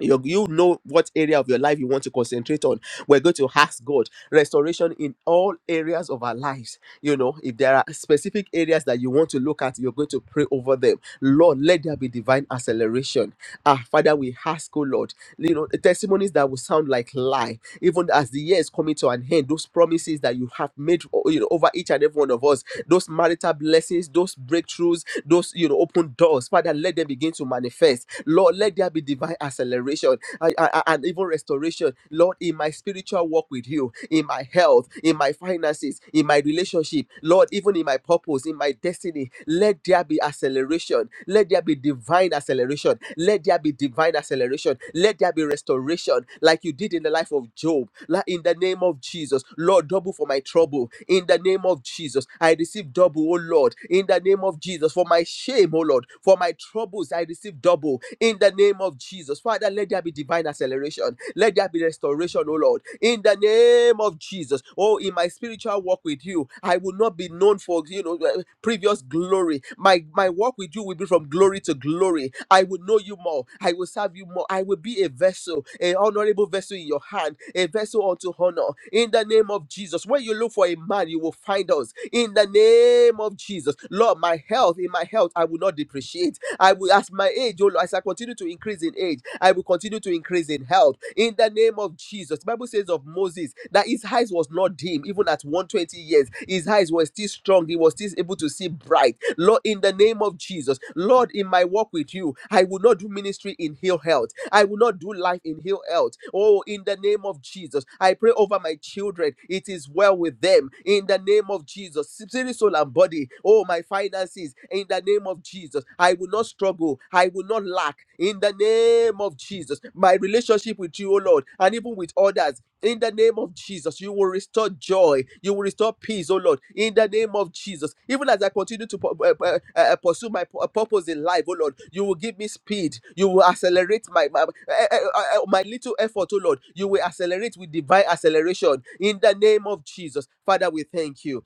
[SPEAKER 1] You, you know what area of your life you want to concentrate on. We're going to ask God restoration in all areas of our lives you know if there are specific areas that you want to look at you're going to pray over them lord let there be divine acceleration ah father we ask oh lord you know the testimonies that will sound like lie even as the year is coming to an end those promises that you have made o- you know over each and every one of us those marital blessings those breakthroughs those you know open doors father let them begin to manifest lord let there be divine acceleration I- I- I- and even restoration lord in my spiritual walk with you you in my health, in my finances, in my relationship, Lord, even in my purpose, in my destiny. Let there be acceleration. Let there be divine acceleration. Let there be divine acceleration. Let there be restoration, like you did in the life of Job. Like in the name of Jesus, Lord, double for my trouble. In the name of Jesus, I receive double, oh Lord. In the name of Jesus, for my shame, oh Lord, for my troubles, I receive double. In the name of Jesus, Father, let there be divine acceleration acceleration. Let there be restoration, oh Lord. In the name of Jesus. Oh, in my spiritual walk with you, I will not be known for you know uh, previous glory. My my walk with you will be from glory to glory. I will know you more. I will serve you more. I will be a vessel, a honorable vessel in your hand, a vessel unto honor. In the name of Jesus. When you look for a man, you will find us. In the name of Jesus. Lord, my health, in my health, I will not depreciate. I will, as my age, oh as I continue to increase in age, I will continue to increase in health. In the name of Jesus. The Bible says of Moses that his eyes was not dim, even at 120 years. His eyes were still strong. He was still able to see bright. Lord, in the name of Jesus, Lord, in my walk with you, I will not do ministry in ill health. I will not do life in ill health. Oh, in the name of Jesus, I pray over my children. It is well with them. In the name of Jesus, spirit, soul, and body. Oh, my finances finances in the name of Jesus. I will not struggle. I will not lack in the name of Jesus. My relationship with you, O Lord, and even with others in the name of Jesus. You will restore joy. You will restore peace, oh Lord, in the name of Jesus. Even as I continue to pu- uh, uh, uh, pursue my pu- uh, purpose in life, oh Lord, you will give me speed. You will accelerate my my, uh, uh, uh, uh, my little effort, oh Lord. You will accelerate with divine acceleration in the name of Jesus. Father, we thank you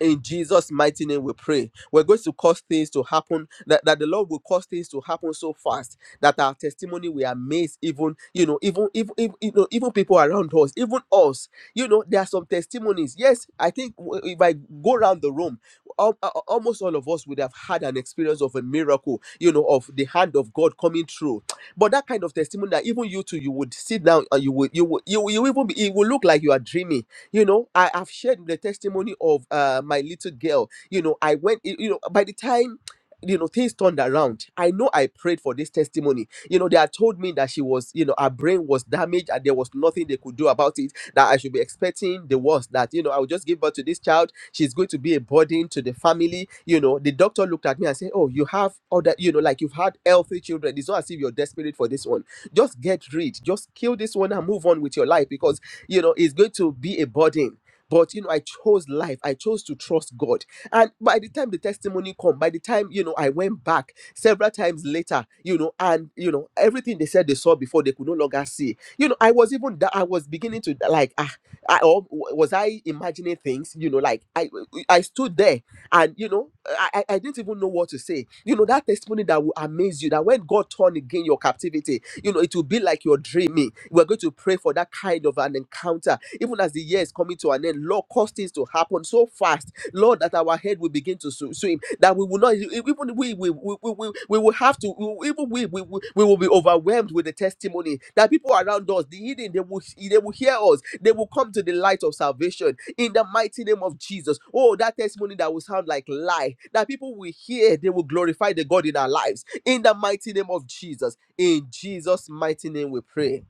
[SPEAKER 1] in Jesus' mighty name, we pray. We're going to cause things to happen that, that the Lord will cause things to happen so fast that our testimony will amaze even you know even even, even you know even people around us, even us. You know there are some testimonies. Yes, I think w- if I go around the room, al- al- almost all of us would have had an experience of a miracle. You know of the hand of God coming through. But that kind of testimony that even you too you would sit down and you would you would you, will- you will even be, it will look like you are dreaming you know i have shared the testimony of uh my little girl you know i went you you know by the time you know things turned around i know i prayed for this testimony you know they had told me that she was you know her brain was damaged and there was nothing they could do about it that i should be expecting the worst that you know i would just give birth to this child she's going to be a burden to the family you know the doctor looked at me and said oh you have other you know like you've had healthy children it's not as if you're desperate for this one just get rid just kill this one and move on with your life because you know it's going to be a burden but you know i chose life i chose to trust god and by the time the testimony come by the time you know i went back several times later you know and you know everything they said they saw before they could no longer see you know i was even that i was beginning to like ah I, or w- was i imagining things you know like i i stood there and you know i i I didn't even know what to say you know that testimony that will amaze you that when god turned again your captivity you know, it will be like you're dreaming. We're going to pray for that kind of an encounter. Even as the year is coming to an end, Lord, cause things to happen so fast, Lord, that our head will begin to sw- swim, that we will not, e-, e-, even we, we, we, we, we we will have to, even we, we, we we will be overwhelmed with the testimony that people around us, the hidden, they will, they will hear us. They will come to the light of salvation in the mighty name of Jesus. Oh, that testimony that will sound like lie, that people will hear, they will glorify the God in our lives in the mighty name of Jesus. In Jesus' mighty name, we pray.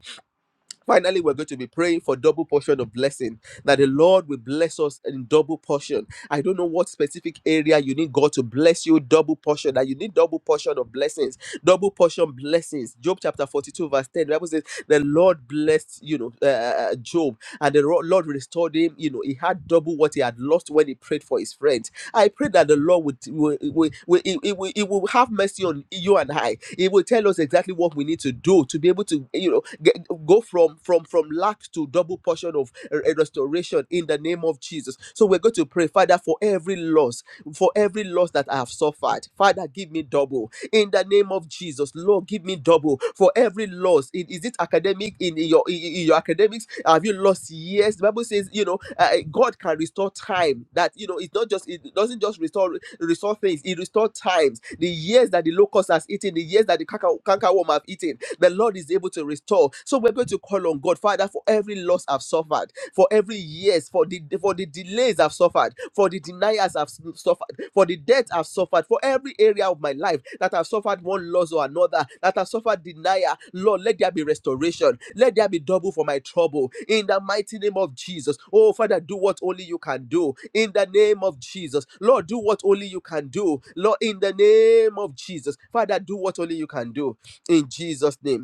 [SPEAKER 1] Finally, we're going to be praying for double portion of blessing that the Lord will bless us in double portion. I don't know what specific area you need God to bless you, double portion, that you need double portion of blessings, double portion blessings. Job chapter 42, verse 10, the Bible says, The Lord blessed, you know, uh, uh, uh, Job, and the Ro- Lord restored him. You know, he had double what he had lost when he prayed for his friends. I pray that the Lord would will, will, will, it he will, he will have mercy on you and I. It will tell us exactly what we need to do to be able to you know get, go from from from lack to double portion of uh, uh, restoration in the name of Jesus. So we're going to pray, Father, for every loss, for every loss that I have suffered, Father, give me double in the name of Jesus. Lord, give me double for every loss in in, is it academic in, in your in, in your academics have you lost years the bible says you know uh, uh, god can restore time that you know it's not just it doesn't just restore restore things it restores times the years that the locust has eaten the years that the canker, cankerworm have eaten the lord is able to restore so we're going to call on god father for every loss i've suffered for every years for the for the delays i've suffered for the deny as I've suffered, for the death I've suffered, for every area of my life that I've suffered one loss or another, that I've suffered denial. Lord, let there be restoration. Let there be double for my trouble. In the mighty name of Jesus. Oh, Father, do what only you can do. In the name of Jesus. Lord, do what only you can do. Lord, in the name of Jesus. Father, do what only you can do. In Jesus' name.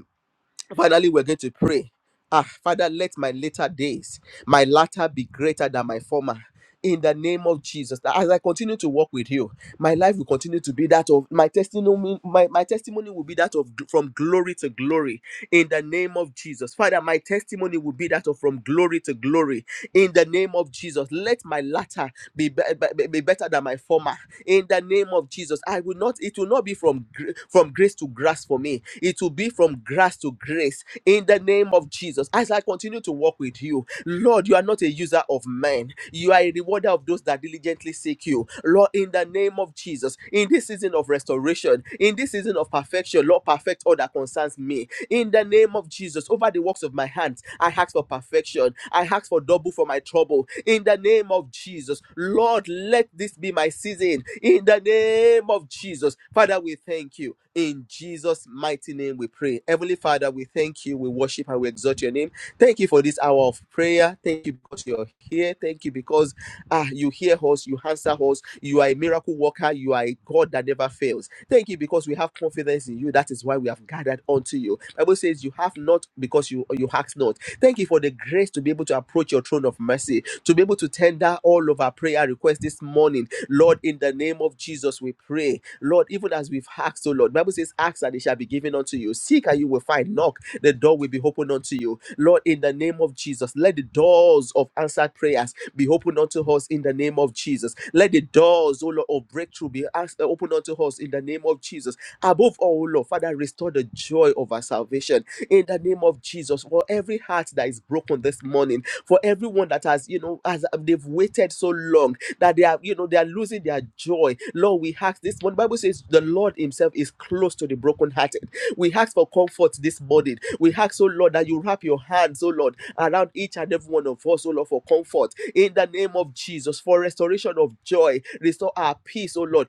[SPEAKER 1] Finally, we're going to pray. Ah, Father, let my later days, my latter be greater than my former. In the name of Jesus, that as I continue to walk with you, my life will continue to be that of my testimony. My, my testimony will be that of from glory to glory. In the name of Jesus, Father, my testimony will be that of from glory to glory. In the name of Jesus, let my latter be, be, be- be better than my former. In the name of Jesus, I will not. It will not be from gr- from grace to grass for me. It will be from grass to grace. In the name of Jesus, as I continue to walk with you, Lord, you are not a user of men. You are a rewarder of those that diligently seek you, Lord. In the name of Jesus, in this season of restoration, in this season of perfection, Lord, perfect all that concerns me in the name of Jesus. Over the works of my hands, I ask for perfection. I ask for double for my trouble in the name of Jesus. Lord, let this be my season in the name of Jesus. Father, we thank you. In Jesus' mighty name, we pray. Heavenly Father, we thank you. We worship and we exalt your name. Thank you for this hour of prayer. Thank you because you're here. Thank you because ah, you hear us, you answer us. You are a miracle worker. You are a God that never fails. Thank you because we have confidence in you. That is why we have gathered unto you. Bible says you have not because you you ask not. Thank you for the grace to be able to approach your throne of mercy, to be able to tender all of our prayer requests this morning. Lord, in the name of Jesus, we pray. Lord, even as we've asked, oh Lord, Bible says, ask and it shall be given unto you. Seek and you will find. Knock, the door will be opened unto you. Lord, in the name of Jesus, let the doors of answered prayers be opened unto us in the name of Jesus. Let the doors, oh Lord, of breakthrough be asked, open unto us in the name of Jesus. Above all, oh Lord, Father, restore the joy of our salvation in the name of Jesus. For every heart that is broken this morning, for everyone that has, you know, as they've waited so long that they are, you know, they are losing their joy. Lord, we ask this one. Bible says the Lord Himself is close to the brokenhearted. We ask for comfort this morning. We ask, oh Lord, that you wrap your hands, oh Lord, around each and every one of us, oh Lord, for comfort in the name of Jesus for restoration of joy. Restore our peace, oh Lord.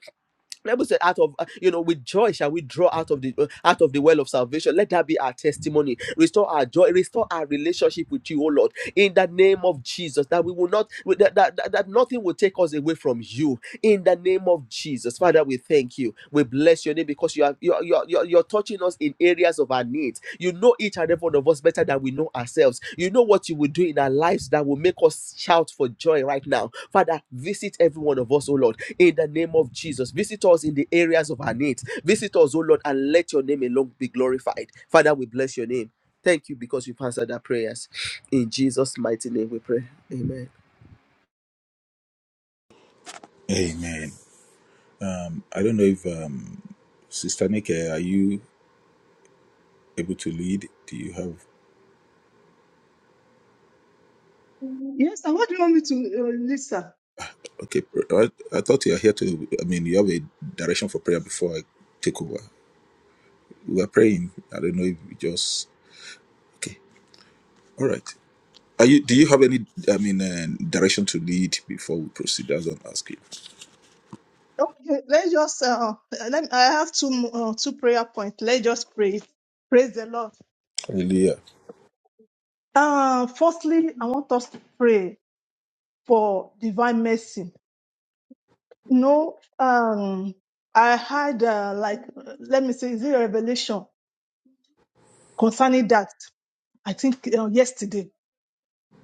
[SPEAKER 1] Bible said, out of uh, you know, with joy shall we draw out of the uh, out of the well of salvation. Let that be our testimony. Restore our joy. Restore our relationship with you, oh Lord. In the name of Jesus, that we will not that that, that that nothing will take us away from you in the name of Jesus. Father, we thank you. We bless your name because you are you're, you're, you're, you're touching us in areas of our needs. You know each and every one of us better than we know ourselves. You know what you will do in our lives that will make us shout for joy right now. Father, visit every one of us, oh Lord, in the name of Jesus. Visit us in the areas of our needs. Visit us, oh Lord, and let your name alone be glorified. Father, we bless your name. Thank you because you've answered our prayers. In Jesus' mighty name we pray. Amen.
[SPEAKER 2] Amen. Um, I don't know if um, Sister Nike, are you able to lead? Do you have?
[SPEAKER 5] Yes, and what do you want me to uh, list, sir?
[SPEAKER 2] Okay, pr- I, I thought you are here to. I mean, you have a direction for prayer before I take over. We were praying. I don't know if we just. Okay, all right. Are you? Do you have any? I mean, uh, direction to lead before we proceed? That's what I'm asking.
[SPEAKER 5] Okay, let's just uh, let I have two mo- uh, two prayer points. Let's just pray. Praise the Lord.
[SPEAKER 2] Hallelujah.
[SPEAKER 5] Uh, firstly, I want us to pray for divine mercy. No, um, I had uh, like let me say, is it a revelation concerning that? I think uh, yesterday.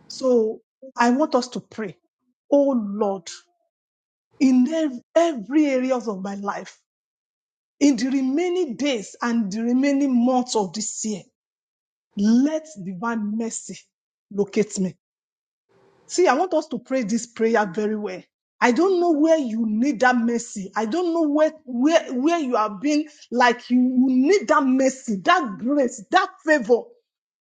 [SPEAKER 5] So I want us to pray. Oh Lord, in ev- every areas of my life, in the remaining days and the remaining months of this year, let divine mercy locate me See, I want us to pray this prayer very well. I don't know where you need that mercy. I don't know where where where you have been like you, you need that mercy, that grace, that favor.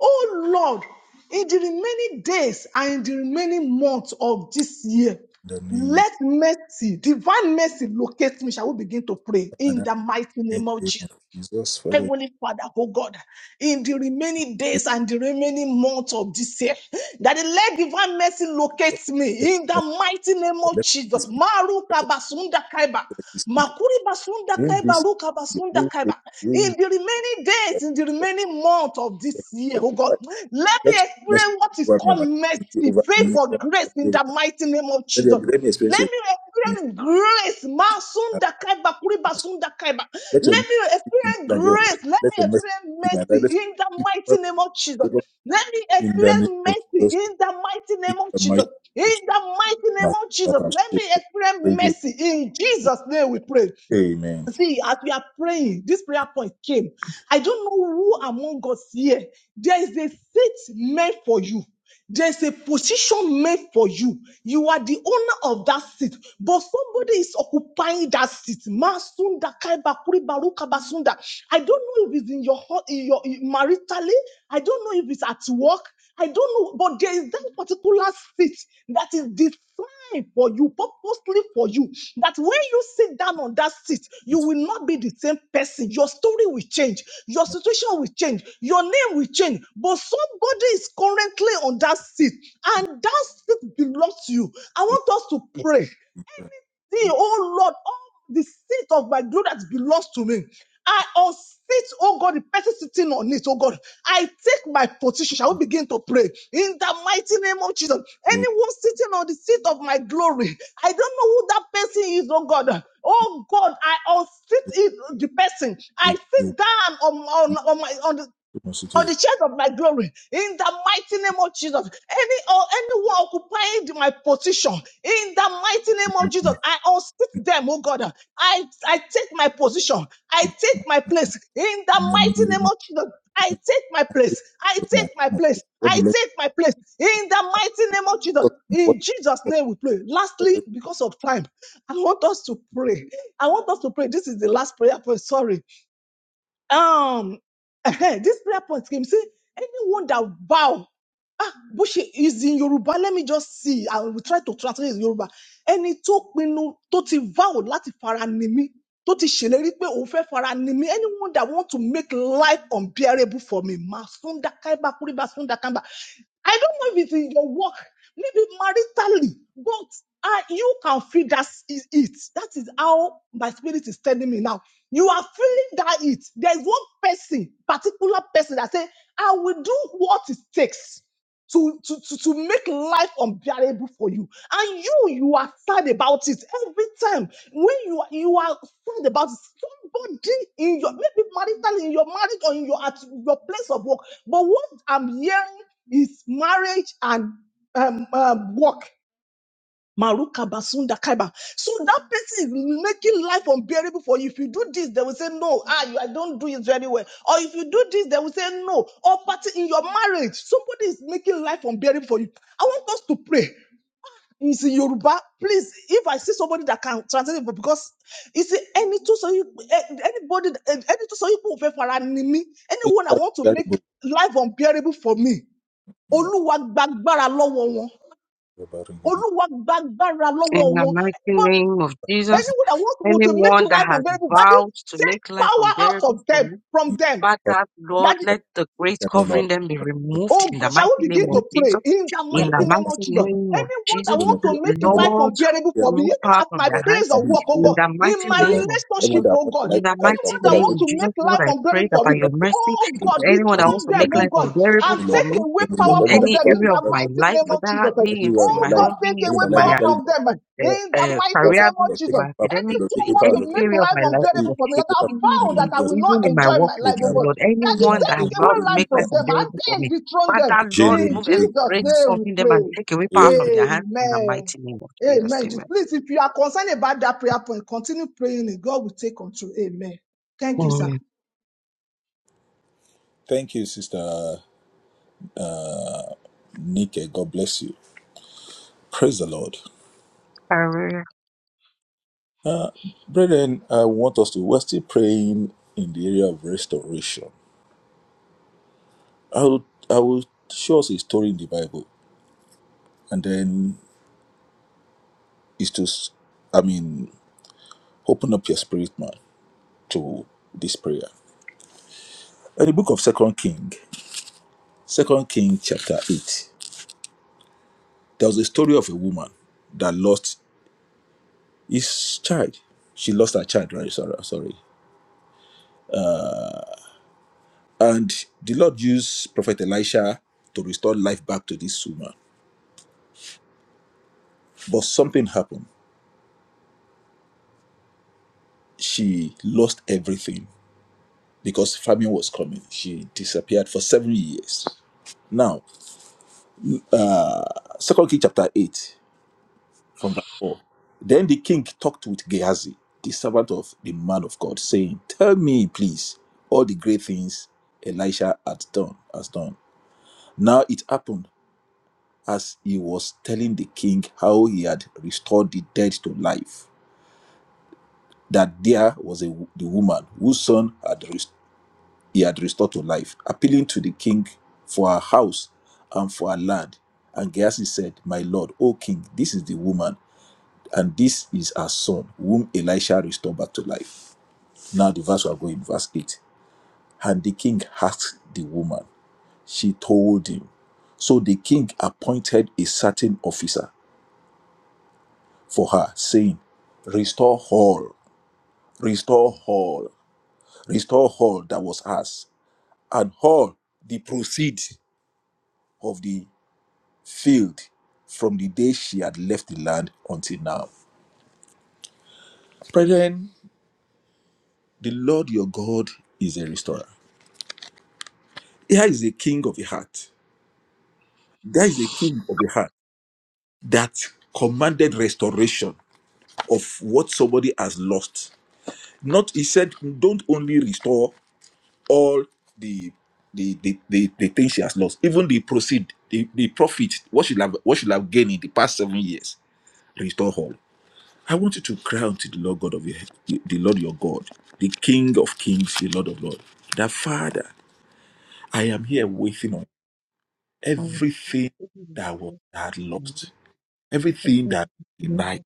[SPEAKER 5] Oh Lord, in the remaining days and in the remaining months of this year,
[SPEAKER 2] In the name
[SPEAKER 5] let
[SPEAKER 2] of
[SPEAKER 5] mercy, divine mercy locate me. Shall we begin to pray in
[SPEAKER 2] Father,
[SPEAKER 5] the mighty
[SPEAKER 2] in
[SPEAKER 5] name of
[SPEAKER 2] the name
[SPEAKER 5] Jesus?
[SPEAKER 2] of Jesus, Father.
[SPEAKER 5] Heavenly Father, oh God, in the remaining
[SPEAKER 2] Let
[SPEAKER 5] days and the remaining months of this year, that the let divine mercy locates me in the mighty name of
[SPEAKER 2] Let
[SPEAKER 5] Jesus. Maruka basunda kaiba. Makuri basunda kaiba, ruka basunda kaiba. In the remaining days, in the remaining month of this year, oh God, let me
[SPEAKER 2] Let your message
[SPEAKER 5] experience what is
[SPEAKER 2] over
[SPEAKER 5] called
[SPEAKER 2] me,
[SPEAKER 5] mercy,
[SPEAKER 2] over me,
[SPEAKER 5] favor, grace in the
[SPEAKER 2] over
[SPEAKER 5] mighty name of Jesus.
[SPEAKER 2] Let me experience
[SPEAKER 5] Let
[SPEAKER 2] it.
[SPEAKER 5] me experience grace. Masunda kaiba, kuriba sunda kaiba.
[SPEAKER 2] Let your
[SPEAKER 5] Let me experience
[SPEAKER 2] your your your
[SPEAKER 5] grace. Let me
[SPEAKER 2] message message message
[SPEAKER 5] experience mercy
[SPEAKER 2] message
[SPEAKER 5] in the mighty name of Jesus.
[SPEAKER 2] speak
[SPEAKER 5] Let me
[SPEAKER 2] in the name
[SPEAKER 5] experience
[SPEAKER 2] of
[SPEAKER 5] mercy
[SPEAKER 2] Jesus.
[SPEAKER 5] in the mighty
[SPEAKER 2] In
[SPEAKER 5] name of
[SPEAKER 2] the
[SPEAKER 5] Jesus.
[SPEAKER 2] mighty
[SPEAKER 5] In the mighty name
[SPEAKER 2] name
[SPEAKER 5] of
[SPEAKER 2] of
[SPEAKER 5] Jesus, let me
[SPEAKER 2] Jesus.
[SPEAKER 5] experience mercy. In Jesus' name we pray.
[SPEAKER 2] Amen.
[SPEAKER 5] See, as we are praying, this prayer point came. I don't know who among us here. There is a seat made for you. There's a position made for you. You are the owner of that seat, but somebody is occupying that seat. Masunda kaibakuri baruka basunda. I don't know if it's in your, ho- in your in maritally. I don't know if it's at work. I don't know, but there is that particular seat that is designed designed for you, purposely for you, that when you sit down on that seat, you will not be the same person. Your story will change, your situation will change, your name will change. But somebody is currently on that seat, and that seat belongs to you. I want us to pray thee, oh Lord, all the seat of my glory that belongs to me. I unseat, oh God, the person sitting on it, oh God. I take my position. Shall we begin to pray? In the mighty name of Jesus. Anyone sitting on the seat of my glory, I don't know who that person is, oh God. Oh God, I unseat it, the person. I sit down on, on, on my on the for the church of my glory in the mighty name of Jesus. Any or anyone occupying my position in the mighty name of Jesus, I unseat them, oh God. I, I take my position, I take my place in the mighty name of
[SPEAKER 2] Amen.
[SPEAKER 5] Jesus. I take my place, I
[SPEAKER 2] Yeah, I
[SPEAKER 5] take
[SPEAKER 2] took
[SPEAKER 5] my
[SPEAKER 2] my
[SPEAKER 5] place,
[SPEAKER 2] What do
[SPEAKER 5] I
[SPEAKER 2] you like?
[SPEAKER 5] take my place in the mighty name of Jesus.
[SPEAKER 2] me. What
[SPEAKER 5] In Jesus'
[SPEAKER 2] do
[SPEAKER 5] name we pray.
[SPEAKER 2] you
[SPEAKER 5] Lastly,
[SPEAKER 2] like?
[SPEAKER 5] because of time, I want us to pray. I want us to pray. This is the last prayer point. Sorry um this prayer point came say anyone that bow ah bó ṣe is in Yorùbá let me just see I will try to translate it in Yorùbá ẹni tó pinnu tó ti vow láti fara ni mí tó ti ṣèlérí pé òun fẹ́ fara ni mí anyone that want to make life unbearable for me masunda sunda kaiba kuriba sunda kaiba I don't know if it's in your work maybe maritally, but I, you can feel that is it. That is how my spirit is telling me now. You are feeling that it. There is one person, particular person that say, I will do what it takes to, to, to, to make life unbearable for you. And you, you are sad about it every time. When you are, you are sad about it, somebody in your, maybe marital, in your marriage or in your, at your place of work. But what I'm hearing is marriage and um, um, work. Maruka basunda kaiba. So that person is making life unbearable for you. If you do this, they will say no. Ah, you, I don't do it very well. Or if you do this, they will say no. Or party in your marriage, somebody is making life unbearable for you. I want us to pray. It's in Yoruba. Please, if I see somebody that can translate it, because it's any two so you eh, anybody eh, any two so you put fara ni mi.
[SPEAKER 2] Make
[SPEAKER 5] Anyone I
[SPEAKER 2] that
[SPEAKER 5] want to make
[SPEAKER 2] terrible.
[SPEAKER 5] life unbearable for me.
[SPEAKER 2] Yeah,
[SPEAKER 5] Olúwa gbàgbára lọ́wọ́ wọn.
[SPEAKER 2] you're about to get it.
[SPEAKER 5] Olúwa gbàgbára
[SPEAKER 4] In
[SPEAKER 5] lọ́wọ́
[SPEAKER 4] the
[SPEAKER 5] wọn
[SPEAKER 4] mighty name of
[SPEAKER 2] And
[SPEAKER 4] Jesus,
[SPEAKER 5] Anyone that wants to, to make
[SPEAKER 4] anyone that
[SPEAKER 5] life
[SPEAKER 4] has
[SPEAKER 5] unbearable,
[SPEAKER 2] it's
[SPEAKER 5] that is,
[SPEAKER 4] vowed to
[SPEAKER 5] take
[SPEAKER 4] make life
[SPEAKER 5] power out
[SPEAKER 4] unbearable
[SPEAKER 5] of
[SPEAKER 4] for
[SPEAKER 5] them,
[SPEAKER 4] me.
[SPEAKER 5] from
[SPEAKER 2] me.
[SPEAKER 5] them.
[SPEAKER 2] But
[SPEAKER 4] Father,
[SPEAKER 5] That
[SPEAKER 4] Lord,
[SPEAKER 5] is,
[SPEAKER 2] but
[SPEAKER 4] let
[SPEAKER 2] I
[SPEAKER 4] the grace
[SPEAKER 2] think I'm a lot. Of-
[SPEAKER 4] covering them be removed
[SPEAKER 5] oh
[SPEAKER 2] I'm
[SPEAKER 4] in the
[SPEAKER 5] God, shall
[SPEAKER 4] mighty
[SPEAKER 5] we
[SPEAKER 4] name
[SPEAKER 5] begin
[SPEAKER 4] of
[SPEAKER 5] to pray
[SPEAKER 4] Jesus.
[SPEAKER 5] in the
[SPEAKER 2] a
[SPEAKER 4] In
[SPEAKER 2] lot
[SPEAKER 4] the
[SPEAKER 5] mighty
[SPEAKER 2] of-
[SPEAKER 5] name
[SPEAKER 2] I'm
[SPEAKER 5] of
[SPEAKER 4] mighty
[SPEAKER 2] a
[SPEAKER 5] Jesus?
[SPEAKER 2] lot.
[SPEAKER 4] name of
[SPEAKER 5] Anyone that
[SPEAKER 4] Jesus,
[SPEAKER 2] I'm a
[SPEAKER 5] wants to
[SPEAKER 2] lot.
[SPEAKER 5] make
[SPEAKER 2] I'm a lot.
[SPEAKER 5] life
[SPEAKER 4] Lord,
[SPEAKER 5] unbearable
[SPEAKER 2] Yeah,
[SPEAKER 5] for me,
[SPEAKER 4] remove
[SPEAKER 5] even
[SPEAKER 4] power
[SPEAKER 5] at
[SPEAKER 4] from
[SPEAKER 5] my
[SPEAKER 4] their
[SPEAKER 5] place
[SPEAKER 4] hands.
[SPEAKER 2] I
[SPEAKER 5] of
[SPEAKER 2] do.
[SPEAKER 5] work, oh
[SPEAKER 4] In
[SPEAKER 2] That's
[SPEAKER 5] God,
[SPEAKER 4] the
[SPEAKER 5] in
[SPEAKER 4] mighty
[SPEAKER 5] my
[SPEAKER 2] better
[SPEAKER 4] name
[SPEAKER 2] than
[SPEAKER 4] of
[SPEAKER 2] everyone
[SPEAKER 4] Jesus.
[SPEAKER 5] relationship,
[SPEAKER 2] that
[SPEAKER 5] oh
[SPEAKER 2] wants
[SPEAKER 5] God,
[SPEAKER 4] In
[SPEAKER 2] like
[SPEAKER 4] the
[SPEAKER 2] that. That
[SPEAKER 4] mighty
[SPEAKER 5] anyone
[SPEAKER 2] fed
[SPEAKER 5] that
[SPEAKER 2] up
[SPEAKER 4] name
[SPEAKER 5] wants
[SPEAKER 2] with
[SPEAKER 4] of
[SPEAKER 5] to
[SPEAKER 4] Jesus,
[SPEAKER 5] make
[SPEAKER 4] Lord,
[SPEAKER 5] life
[SPEAKER 4] I pray
[SPEAKER 5] unbearable
[SPEAKER 4] that
[SPEAKER 5] for
[SPEAKER 4] by
[SPEAKER 2] for
[SPEAKER 5] me,
[SPEAKER 4] your
[SPEAKER 2] that.
[SPEAKER 4] mercy,
[SPEAKER 5] oh
[SPEAKER 2] I'm a
[SPEAKER 4] to
[SPEAKER 5] God,
[SPEAKER 2] lot.
[SPEAKER 4] anyone
[SPEAKER 2] I
[SPEAKER 4] that
[SPEAKER 2] do.
[SPEAKER 4] wants
[SPEAKER 5] dethrone
[SPEAKER 4] to
[SPEAKER 2] I
[SPEAKER 5] them,
[SPEAKER 4] make
[SPEAKER 5] oh
[SPEAKER 2] do.
[SPEAKER 4] life
[SPEAKER 5] God,
[SPEAKER 2] I'm
[SPEAKER 4] unbearable
[SPEAKER 5] and
[SPEAKER 2] a
[SPEAKER 4] for
[SPEAKER 5] take
[SPEAKER 4] me
[SPEAKER 5] away power
[SPEAKER 4] in
[SPEAKER 2] Everyone
[SPEAKER 5] from
[SPEAKER 2] that
[SPEAKER 4] any
[SPEAKER 5] them
[SPEAKER 2] proud
[SPEAKER 5] in
[SPEAKER 4] area
[SPEAKER 2] to
[SPEAKER 5] the
[SPEAKER 4] of
[SPEAKER 2] serve
[SPEAKER 4] my
[SPEAKER 5] mighty
[SPEAKER 4] life,
[SPEAKER 2] I'm
[SPEAKER 5] name of
[SPEAKER 4] whether
[SPEAKER 5] Jesus.
[SPEAKER 4] be it
[SPEAKER 2] Everywhere
[SPEAKER 4] in
[SPEAKER 2] my
[SPEAKER 4] my
[SPEAKER 5] Oh God,
[SPEAKER 2] life,
[SPEAKER 4] home,
[SPEAKER 5] take
[SPEAKER 4] be it
[SPEAKER 5] away
[SPEAKER 2] everywhere
[SPEAKER 4] in
[SPEAKER 2] my life,
[SPEAKER 4] my
[SPEAKER 2] I
[SPEAKER 5] power
[SPEAKER 2] carry
[SPEAKER 5] from
[SPEAKER 2] my
[SPEAKER 5] them in
[SPEAKER 4] uh,
[SPEAKER 5] the
[SPEAKER 4] uh,
[SPEAKER 2] taking
[SPEAKER 5] mighty
[SPEAKER 2] power from
[SPEAKER 4] career,
[SPEAKER 5] name of
[SPEAKER 2] the
[SPEAKER 4] be
[SPEAKER 2] Lord,
[SPEAKER 4] it in
[SPEAKER 5] Jesus.
[SPEAKER 2] taking
[SPEAKER 4] my
[SPEAKER 2] power from the Lord,
[SPEAKER 4] academics,
[SPEAKER 5] Anyone
[SPEAKER 4] in
[SPEAKER 2] taking
[SPEAKER 5] want to
[SPEAKER 4] any
[SPEAKER 2] power
[SPEAKER 5] make
[SPEAKER 4] area of
[SPEAKER 5] life
[SPEAKER 4] my life,
[SPEAKER 2] Daddy,
[SPEAKER 5] unbearable for me
[SPEAKER 2] take
[SPEAKER 5] that
[SPEAKER 2] it
[SPEAKER 5] I
[SPEAKER 2] back from
[SPEAKER 5] vow
[SPEAKER 2] me. Let
[SPEAKER 5] that
[SPEAKER 2] me
[SPEAKER 4] Anything,
[SPEAKER 5] I
[SPEAKER 2] just
[SPEAKER 5] will not
[SPEAKER 4] even in my
[SPEAKER 5] enjoy
[SPEAKER 4] walk
[SPEAKER 5] my
[SPEAKER 4] with
[SPEAKER 5] life,
[SPEAKER 2] Amen.
[SPEAKER 5] oh
[SPEAKER 4] you,
[SPEAKER 5] God,
[SPEAKER 4] Lord,
[SPEAKER 5] that they
[SPEAKER 2] my
[SPEAKER 4] anyone that has
[SPEAKER 2] soul,
[SPEAKER 5] take
[SPEAKER 2] go,
[SPEAKER 4] vowed
[SPEAKER 5] away
[SPEAKER 4] to
[SPEAKER 2] go, be
[SPEAKER 5] life
[SPEAKER 4] make life
[SPEAKER 2] back.
[SPEAKER 5] from them and
[SPEAKER 4] unbearable for
[SPEAKER 5] then
[SPEAKER 4] me,
[SPEAKER 5] dethrone them.
[SPEAKER 4] Father, Lord,
[SPEAKER 2] General,
[SPEAKER 5] In
[SPEAKER 2] go,
[SPEAKER 4] remove
[SPEAKER 2] go,
[SPEAKER 4] every
[SPEAKER 5] Jesus'
[SPEAKER 4] threat
[SPEAKER 2] my
[SPEAKER 5] name
[SPEAKER 2] soul.
[SPEAKER 5] we
[SPEAKER 4] covering them and take away power from
[SPEAKER 2] Amen.
[SPEAKER 4] their
[SPEAKER 5] pray.
[SPEAKER 4] hands in the
[SPEAKER 5] Amen.
[SPEAKER 4] mighty name of Jesus.
[SPEAKER 5] Amen.
[SPEAKER 4] Amen.
[SPEAKER 5] Please, if you are concerned about that prayer point, continue praying it. God will take control. Amen. Thank you, sir.
[SPEAKER 4] Mm.
[SPEAKER 2] Thank you, Sister Nike. God bless you. Praise the Lord.
[SPEAKER 4] Hallelujah.
[SPEAKER 2] Brethren, I want us to, we're still praying in the area of restoration. I will, I will show us a story in the Bible, and then it's to, s- I mean, open up your spirit, man, to this prayer. In the book of Second King, Second King chapter 8. There was a story of a woman that lost his child. She lost her child, right? Sorry, sorry. And the Lord used Prophet Elisha to restore life back to this woman. But something happened. She lost everything because famine was coming. She disappeared for seven years. Now, Second King chapter 8, from verse 4. Then the king talked with Gehazi, the servant of the man of God, saying, Tell me, please, all the great things Elisha had done, has done. Now it happened as he was telling the king how he had restored the dead to life, that there was a the woman whose son had rest- he had restored to life, appealing to the king for her house and for her land. And Gehazi said, My lord, O king, this is the woman, and this is her son, whom Elisha restored back to life. Now the verse we are going, verse 8. And the king asked the woman, she told him. So the king appointed a certain officer for her, saying, Restore all, restore all, restore all that was us, and all the proceed of the field from the day she had left the land until now. Brethren, the Lord your God is a restorer. Here is a king of the heart. There is a king of the heart that commanded restoration of what somebody has lost. Not he said, don't only restore all the the, the, the the things she has lost, even the proceed, the, the profit, what she have what she have gained in the past seven years, restore all. I want you to cry unto the Lord God of your the Lord your God, the King of Kings, the Lord of Lords. That Father, I am here waiting on
[SPEAKER 4] Hallelujah.
[SPEAKER 2] everything that was that I had lost, everything that I denied,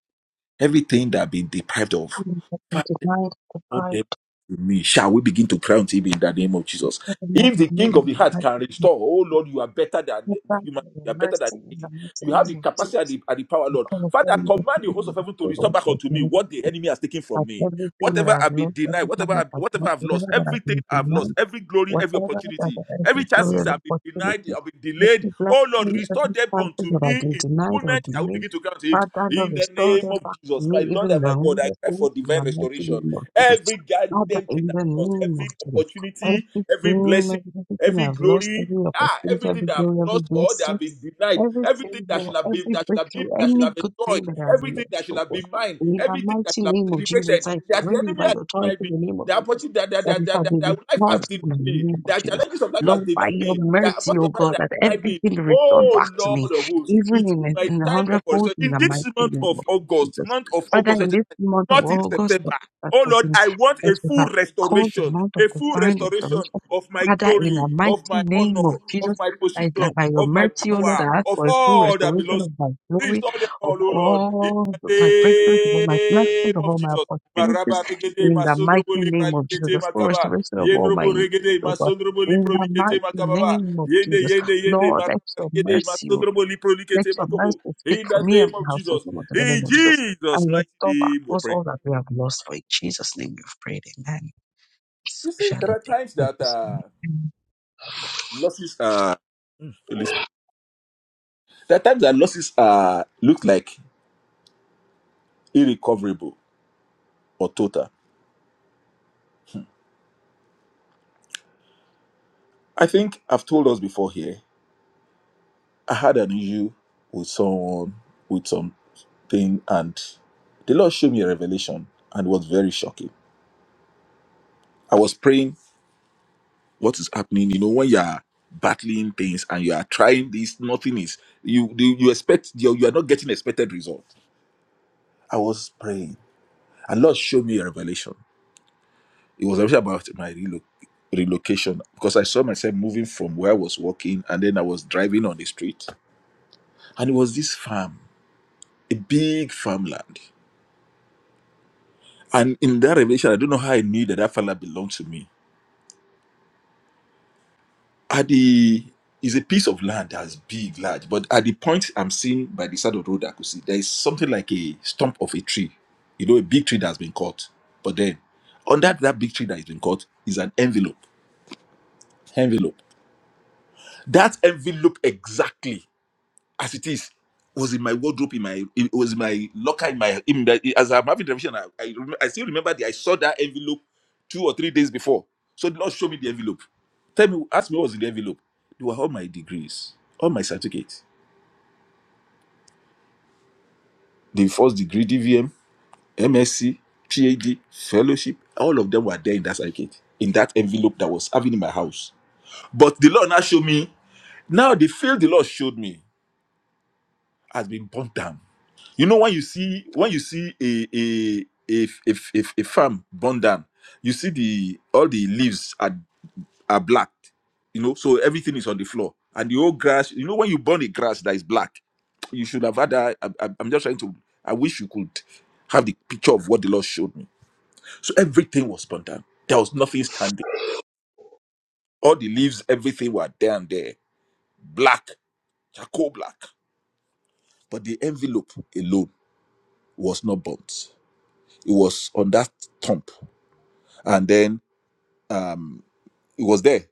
[SPEAKER 2] everything that I've been deprived of.
[SPEAKER 4] Denied,
[SPEAKER 2] owe them
[SPEAKER 4] deprived,
[SPEAKER 2] to me. Shall we begin to cry unto him in the name of Jesus?
[SPEAKER 4] evermore,
[SPEAKER 2] If the
[SPEAKER 4] new
[SPEAKER 2] king of
[SPEAKER 4] and
[SPEAKER 2] the heart can restore, oh Lord, you are better than the human,
[SPEAKER 4] your
[SPEAKER 2] you are better than
[SPEAKER 4] mercy
[SPEAKER 2] the
[SPEAKER 4] in the
[SPEAKER 2] king.
[SPEAKER 4] mighty
[SPEAKER 2] You have
[SPEAKER 4] name
[SPEAKER 2] the
[SPEAKER 4] of Jesus.
[SPEAKER 2] capacity and the, and the power,
[SPEAKER 4] We
[SPEAKER 2] Lord.
[SPEAKER 4] call upon
[SPEAKER 2] Father,
[SPEAKER 4] you this
[SPEAKER 2] command the host of
[SPEAKER 4] evening in
[SPEAKER 2] heaven to
[SPEAKER 4] the
[SPEAKER 2] restore
[SPEAKER 4] spirit
[SPEAKER 2] back
[SPEAKER 4] of
[SPEAKER 2] unto me
[SPEAKER 4] God.
[SPEAKER 2] what the enemy has taken
[SPEAKER 4] That
[SPEAKER 2] from me.
[SPEAKER 4] everything that
[SPEAKER 2] Whatever
[SPEAKER 4] I've
[SPEAKER 2] I've been
[SPEAKER 4] lost,
[SPEAKER 2] denied,
[SPEAKER 4] every time
[SPEAKER 2] whatever
[SPEAKER 4] that
[SPEAKER 2] I've,
[SPEAKER 4] I've
[SPEAKER 2] whatever
[SPEAKER 4] lost,
[SPEAKER 2] I've
[SPEAKER 4] whatever
[SPEAKER 2] lost,
[SPEAKER 4] that I've
[SPEAKER 2] everything
[SPEAKER 4] been
[SPEAKER 2] I've
[SPEAKER 4] denied.
[SPEAKER 2] lost, every glory, every
[SPEAKER 4] whatever that
[SPEAKER 2] opportunity,
[SPEAKER 4] the
[SPEAKER 2] every
[SPEAKER 4] enemy throws
[SPEAKER 2] chances
[SPEAKER 4] as
[SPEAKER 2] I've been denied,
[SPEAKER 4] opportunity,
[SPEAKER 2] I've been
[SPEAKER 4] let
[SPEAKER 2] delayed.
[SPEAKER 4] it bless
[SPEAKER 2] Oh Lord,
[SPEAKER 4] in
[SPEAKER 2] restore
[SPEAKER 4] every
[SPEAKER 2] them
[SPEAKER 4] chances
[SPEAKER 2] unto
[SPEAKER 4] that have
[SPEAKER 2] me
[SPEAKER 4] been
[SPEAKER 2] in
[SPEAKER 4] denied or
[SPEAKER 2] fullness. I will
[SPEAKER 4] delayed.
[SPEAKER 2] begin to cry to him
[SPEAKER 4] Father, Lord,
[SPEAKER 2] in the
[SPEAKER 4] restore
[SPEAKER 2] name
[SPEAKER 4] them
[SPEAKER 2] of
[SPEAKER 4] back to
[SPEAKER 2] Jesus. My
[SPEAKER 4] me,
[SPEAKER 2] Lord
[SPEAKER 4] even in
[SPEAKER 2] and
[SPEAKER 4] the
[SPEAKER 2] my God,
[SPEAKER 4] hundred
[SPEAKER 2] I cry
[SPEAKER 4] fold,
[SPEAKER 2] for
[SPEAKER 4] in the
[SPEAKER 2] divine
[SPEAKER 4] mighty
[SPEAKER 2] restoration.
[SPEAKER 4] name of Jesus.
[SPEAKER 2] Every
[SPEAKER 4] Father,
[SPEAKER 2] goddamn thing
[SPEAKER 4] in the
[SPEAKER 2] I've lost,
[SPEAKER 4] name of
[SPEAKER 2] every
[SPEAKER 4] Jesus,
[SPEAKER 2] opportunity,
[SPEAKER 4] everything,
[SPEAKER 2] every blessing,
[SPEAKER 4] every- everything
[SPEAKER 2] every
[SPEAKER 4] I've lost,
[SPEAKER 2] glory,
[SPEAKER 4] every
[SPEAKER 2] ah,
[SPEAKER 4] opportunity,
[SPEAKER 2] everything
[SPEAKER 4] every
[SPEAKER 2] that I've
[SPEAKER 4] glory, every
[SPEAKER 2] lost or that
[SPEAKER 4] blessing
[SPEAKER 2] I've been denied,
[SPEAKER 4] every
[SPEAKER 2] everything that
[SPEAKER 4] favor,
[SPEAKER 2] should have been,
[SPEAKER 4] every
[SPEAKER 2] that should have been,
[SPEAKER 4] breakthrough,
[SPEAKER 2] that should
[SPEAKER 4] any
[SPEAKER 2] have
[SPEAKER 4] good
[SPEAKER 2] enjoyed,
[SPEAKER 4] thing that I have
[SPEAKER 2] everything
[SPEAKER 4] lost,
[SPEAKER 2] that should
[SPEAKER 4] oh
[SPEAKER 2] have
[SPEAKER 4] God.
[SPEAKER 2] been mine,
[SPEAKER 4] In the
[SPEAKER 2] everything that
[SPEAKER 4] mighty
[SPEAKER 2] should have
[SPEAKER 4] name of Jesus,
[SPEAKER 2] celebrated,
[SPEAKER 4] I
[SPEAKER 2] that
[SPEAKER 4] pray
[SPEAKER 2] the enemy
[SPEAKER 4] by
[SPEAKER 2] has
[SPEAKER 4] the authority
[SPEAKER 2] denied
[SPEAKER 4] in
[SPEAKER 2] me.
[SPEAKER 4] the name of
[SPEAKER 2] The
[SPEAKER 4] Jesus
[SPEAKER 2] opportunity that, that,
[SPEAKER 4] that
[SPEAKER 2] that,
[SPEAKER 4] it
[SPEAKER 2] that,
[SPEAKER 4] shall
[SPEAKER 2] that,
[SPEAKER 4] be
[SPEAKER 2] that life has
[SPEAKER 4] restored
[SPEAKER 2] denied
[SPEAKER 4] in the
[SPEAKER 2] me,
[SPEAKER 4] name of
[SPEAKER 2] that
[SPEAKER 4] Jesus.
[SPEAKER 2] challenges of life has
[SPEAKER 4] Lord, by
[SPEAKER 2] denied
[SPEAKER 4] your
[SPEAKER 2] me, that
[SPEAKER 4] mercy,
[SPEAKER 2] first
[SPEAKER 4] oh
[SPEAKER 2] of all,
[SPEAKER 4] God,
[SPEAKER 2] that
[SPEAKER 4] that
[SPEAKER 2] denied me.
[SPEAKER 4] everything restored
[SPEAKER 2] Oh
[SPEAKER 4] back to me,
[SPEAKER 2] Lord of hosts,
[SPEAKER 4] even
[SPEAKER 2] it's
[SPEAKER 4] in
[SPEAKER 2] my
[SPEAKER 4] a, in a
[SPEAKER 2] time of
[SPEAKER 4] hundredfold,
[SPEAKER 2] restoration.
[SPEAKER 4] in
[SPEAKER 2] In
[SPEAKER 4] the mighty
[SPEAKER 2] this month
[SPEAKER 4] name
[SPEAKER 2] of
[SPEAKER 4] of
[SPEAKER 2] August,
[SPEAKER 4] Jesus.
[SPEAKER 2] month of
[SPEAKER 4] Father, in
[SPEAKER 2] August,
[SPEAKER 4] this month of
[SPEAKER 2] not in
[SPEAKER 4] August that,
[SPEAKER 2] September.
[SPEAKER 4] that,
[SPEAKER 2] Oh
[SPEAKER 4] has
[SPEAKER 2] Lord,
[SPEAKER 4] been,
[SPEAKER 2] I want
[SPEAKER 4] that
[SPEAKER 2] a
[SPEAKER 4] we
[SPEAKER 2] full
[SPEAKER 4] have called the
[SPEAKER 2] restoration,
[SPEAKER 4] month of
[SPEAKER 2] a full
[SPEAKER 4] divine
[SPEAKER 2] restoration
[SPEAKER 4] restoration,
[SPEAKER 2] of my
[SPEAKER 4] Father, in the
[SPEAKER 2] glory,
[SPEAKER 4] mighty
[SPEAKER 2] of my honor,
[SPEAKER 4] name of Jesus.
[SPEAKER 2] of my
[SPEAKER 4] I,
[SPEAKER 2] position,
[SPEAKER 4] that by your
[SPEAKER 2] of my
[SPEAKER 4] mercy, O Lord,
[SPEAKER 2] power,
[SPEAKER 4] I ask
[SPEAKER 2] of
[SPEAKER 4] for a full
[SPEAKER 2] all that
[SPEAKER 4] restoration
[SPEAKER 2] belongs to
[SPEAKER 4] of my
[SPEAKER 2] me.
[SPEAKER 4] glory,
[SPEAKER 2] Restore them
[SPEAKER 4] of
[SPEAKER 2] all, oh Lord, in
[SPEAKER 4] all the- my breakthroughs, of all my
[SPEAKER 2] the
[SPEAKER 4] blessings,
[SPEAKER 2] name
[SPEAKER 4] of
[SPEAKER 2] of
[SPEAKER 4] all my
[SPEAKER 2] Jesus.
[SPEAKER 4] opportunities,
[SPEAKER 2] Maraba regede
[SPEAKER 4] in the mighty
[SPEAKER 2] masondrobo lipra
[SPEAKER 4] name of Jesus.
[SPEAKER 2] likete
[SPEAKER 4] A full
[SPEAKER 2] makaba.
[SPEAKER 4] restoration of all
[SPEAKER 2] Yendrobo
[SPEAKER 4] my,
[SPEAKER 2] regede
[SPEAKER 4] oh God,
[SPEAKER 2] masondrobo
[SPEAKER 4] in
[SPEAKER 2] lipro
[SPEAKER 4] the
[SPEAKER 2] likete
[SPEAKER 4] mighty
[SPEAKER 2] makababa.
[SPEAKER 4] name of
[SPEAKER 2] Yende
[SPEAKER 4] Jesus.
[SPEAKER 2] yende yende
[SPEAKER 4] Lord,
[SPEAKER 2] maraba
[SPEAKER 4] let your
[SPEAKER 2] regede
[SPEAKER 4] mercy, O- Lord,
[SPEAKER 2] masondrobo lipro
[SPEAKER 4] let
[SPEAKER 2] likete
[SPEAKER 4] your
[SPEAKER 2] makobo.
[SPEAKER 4] mercy speak
[SPEAKER 2] In
[SPEAKER 4] for
[SPEAKER 2] the
[SPEAKER 4] me and
[SPEAKER 2] name
[SPEAKER 4] my
[SPEAKER 2] of
[SPEAKER 4] household,
[SPEAKER 2] Jesus.
[SPEAKER 4] O Lord, in the
[SPEAKER 2] In
[SPEAKER 4] name of Jesus. And
[SPEAKER 2] Jesus' mighty
[SPEAKER 4] restore back
[SPEAKER 2] name we
[SPEAKER 4] us
[SPEAKER 2] pray.
[SPEAKER 4] all that we have lost for in Jesus' name we have prayed. Amen.
[SPEAKER 2] You see, there are times that uh, losses are. Mm. Holy there are times that losses are look like irrecoverable or total. I think I've told us before here. I had an issue with someone with something, and the Lord showed me a revelation, and it was very shocking. I was praying, what is happening? You know, when you are battling things and you are trying this, nothing is you. You, you expect you you are not getting expected result. I was praying, and Lord showed me a revelation. It was actually about my relo- relocation because I saw myself moving from where I was working and then I was driving on the street. And it was this farm, a big farmland. And in that revelation, I don't know how I knew that that farmland belonged to me. At the is a piece of land that's big, large, but at the point I'm seeing by the side of the road, I could see there is something like a stump of a tree, you know, a big tree that's been cut. But then on that that big tree that has been cut is an envelope. Envelope. That envelope exactly. as it is was in my wardrobe in my it was in my locker in my in the, as i'm having the vision I, I remem- I still remember that i saw that envelope two or three days before so the lord showed me the envelope tell me ask me what was in the envelope they were all my degrees all my certificates the first degree dvm msc phd fellowship all of them were there in that certificate in that envelope that was having in my house but the lord now showed me now the field the lord showed me has been burnt down You know when you see when you see a a a a, a, a farm burned down, you see the all the leaves are are black. You know, so everything is on the floor and the old grass. You know when you burn a grass that is black, you should have had that. I, I, I'm just trying to. I wish you could have the picture of what the Lord showed me. So everything was burned down. There was nothing standing. All the leaves, everything were down there, black, charcoal black. But the envelope alone was not burnt. It was on that stump and then um it was there.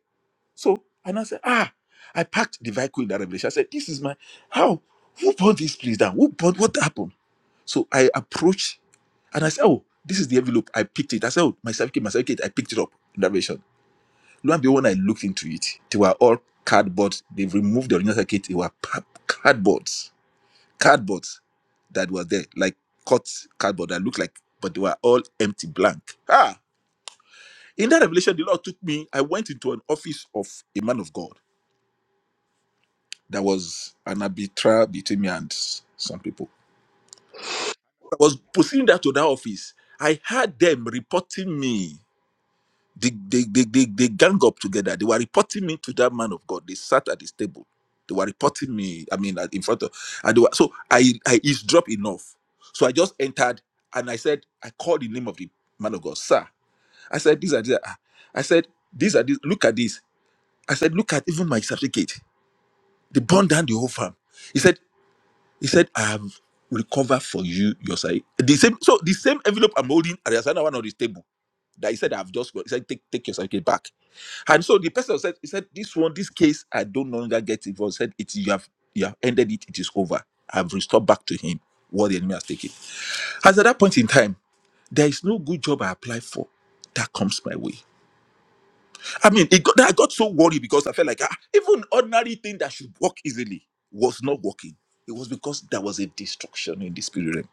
[SPEAKER 2] So and I said, ah, I packed the vehicle in that revelation. I said, this is my how who bought this place down? Who bought what happened? So I approached and I said, oh, this is the envelope. I picked it. I said, oh, my certificate, my certificate. I picked it up in that revelation. Lo and behold, when I looked into it, they were all cardboard. They've removed the original certificate. They were pa- cardboards, cardboards that were there, like cut cardboard that looked like, but they were all empty, blank. Ah! In that revelation, the Lord took me. I went into an office of a man of God. There was an arbiter between me and s- some people. I was proceeding that to that office. I had them reporting me. They, they, they, they, they gang up together. They were reporting me to that man of God. They sat at his table. They were reporting me. I mean, at- in front of. And they were, so I, I eavesdropped enough. So I just entered and I said, I called the name of the man of God, sir. I said, these are these. are- ah." I said, these are these. Look at this. I said, look at even my certificate. They burned down the whole farm. He said, he said, I have recovered for you your side. The same, so the same envelope I'm holding, and there's another one on the table that he said I've just got. He said, take take your certificate back. And so the person said, he said, this one, this case, I don't no longer get involved. He said, it you have you have ended it, it is over. I've restored back to him what the enemy has taken. As at that point in time, there is no good job I apply for that comes my way. I mean, it got, I got so worried because I felt like ah, even ordinary thing that should work easily was not working. It was because there was a destruction in the spirit realm.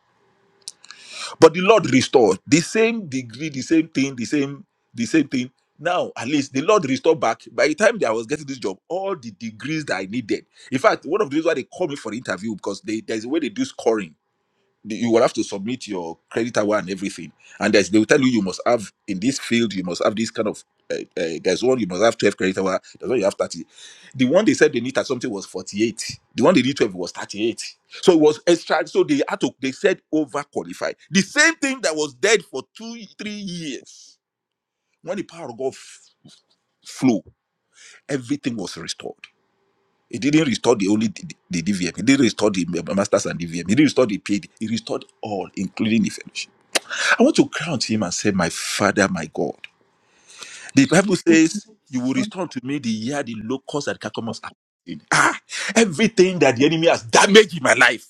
[SPEAKER 2] But the Lord restored the same degree, the same thing, the same, the same thing. Now, at least the Lord restored back. By the time that I was getting this job, all the degrees that I needed. In fact, one of the reasons why they called me for interview because they, there's a way they do scoring the- you will have to submit your credit hour and everything and there's, they will tell you you must have in this field you must have this kind of uh, uh, there's one you must have 12 credit hour there's one you have 30 the one they said they need at something was 48 the one they need 12 was 38 so it was extra so they had to they said over qualified the same thing that was dead for two three years when the power of god f- flew everything was restored it didn't restore the only the, the DVM. It didn't restore the eh, masters and DVM. It didn't restore the PhD. It restored all, including the fellowship. I want to cry him and say, My Father, my God. The Bible says, You will restore to me the year the locusts and cucumbers are eaten." Ah, everything that the enemy has damaged in my life,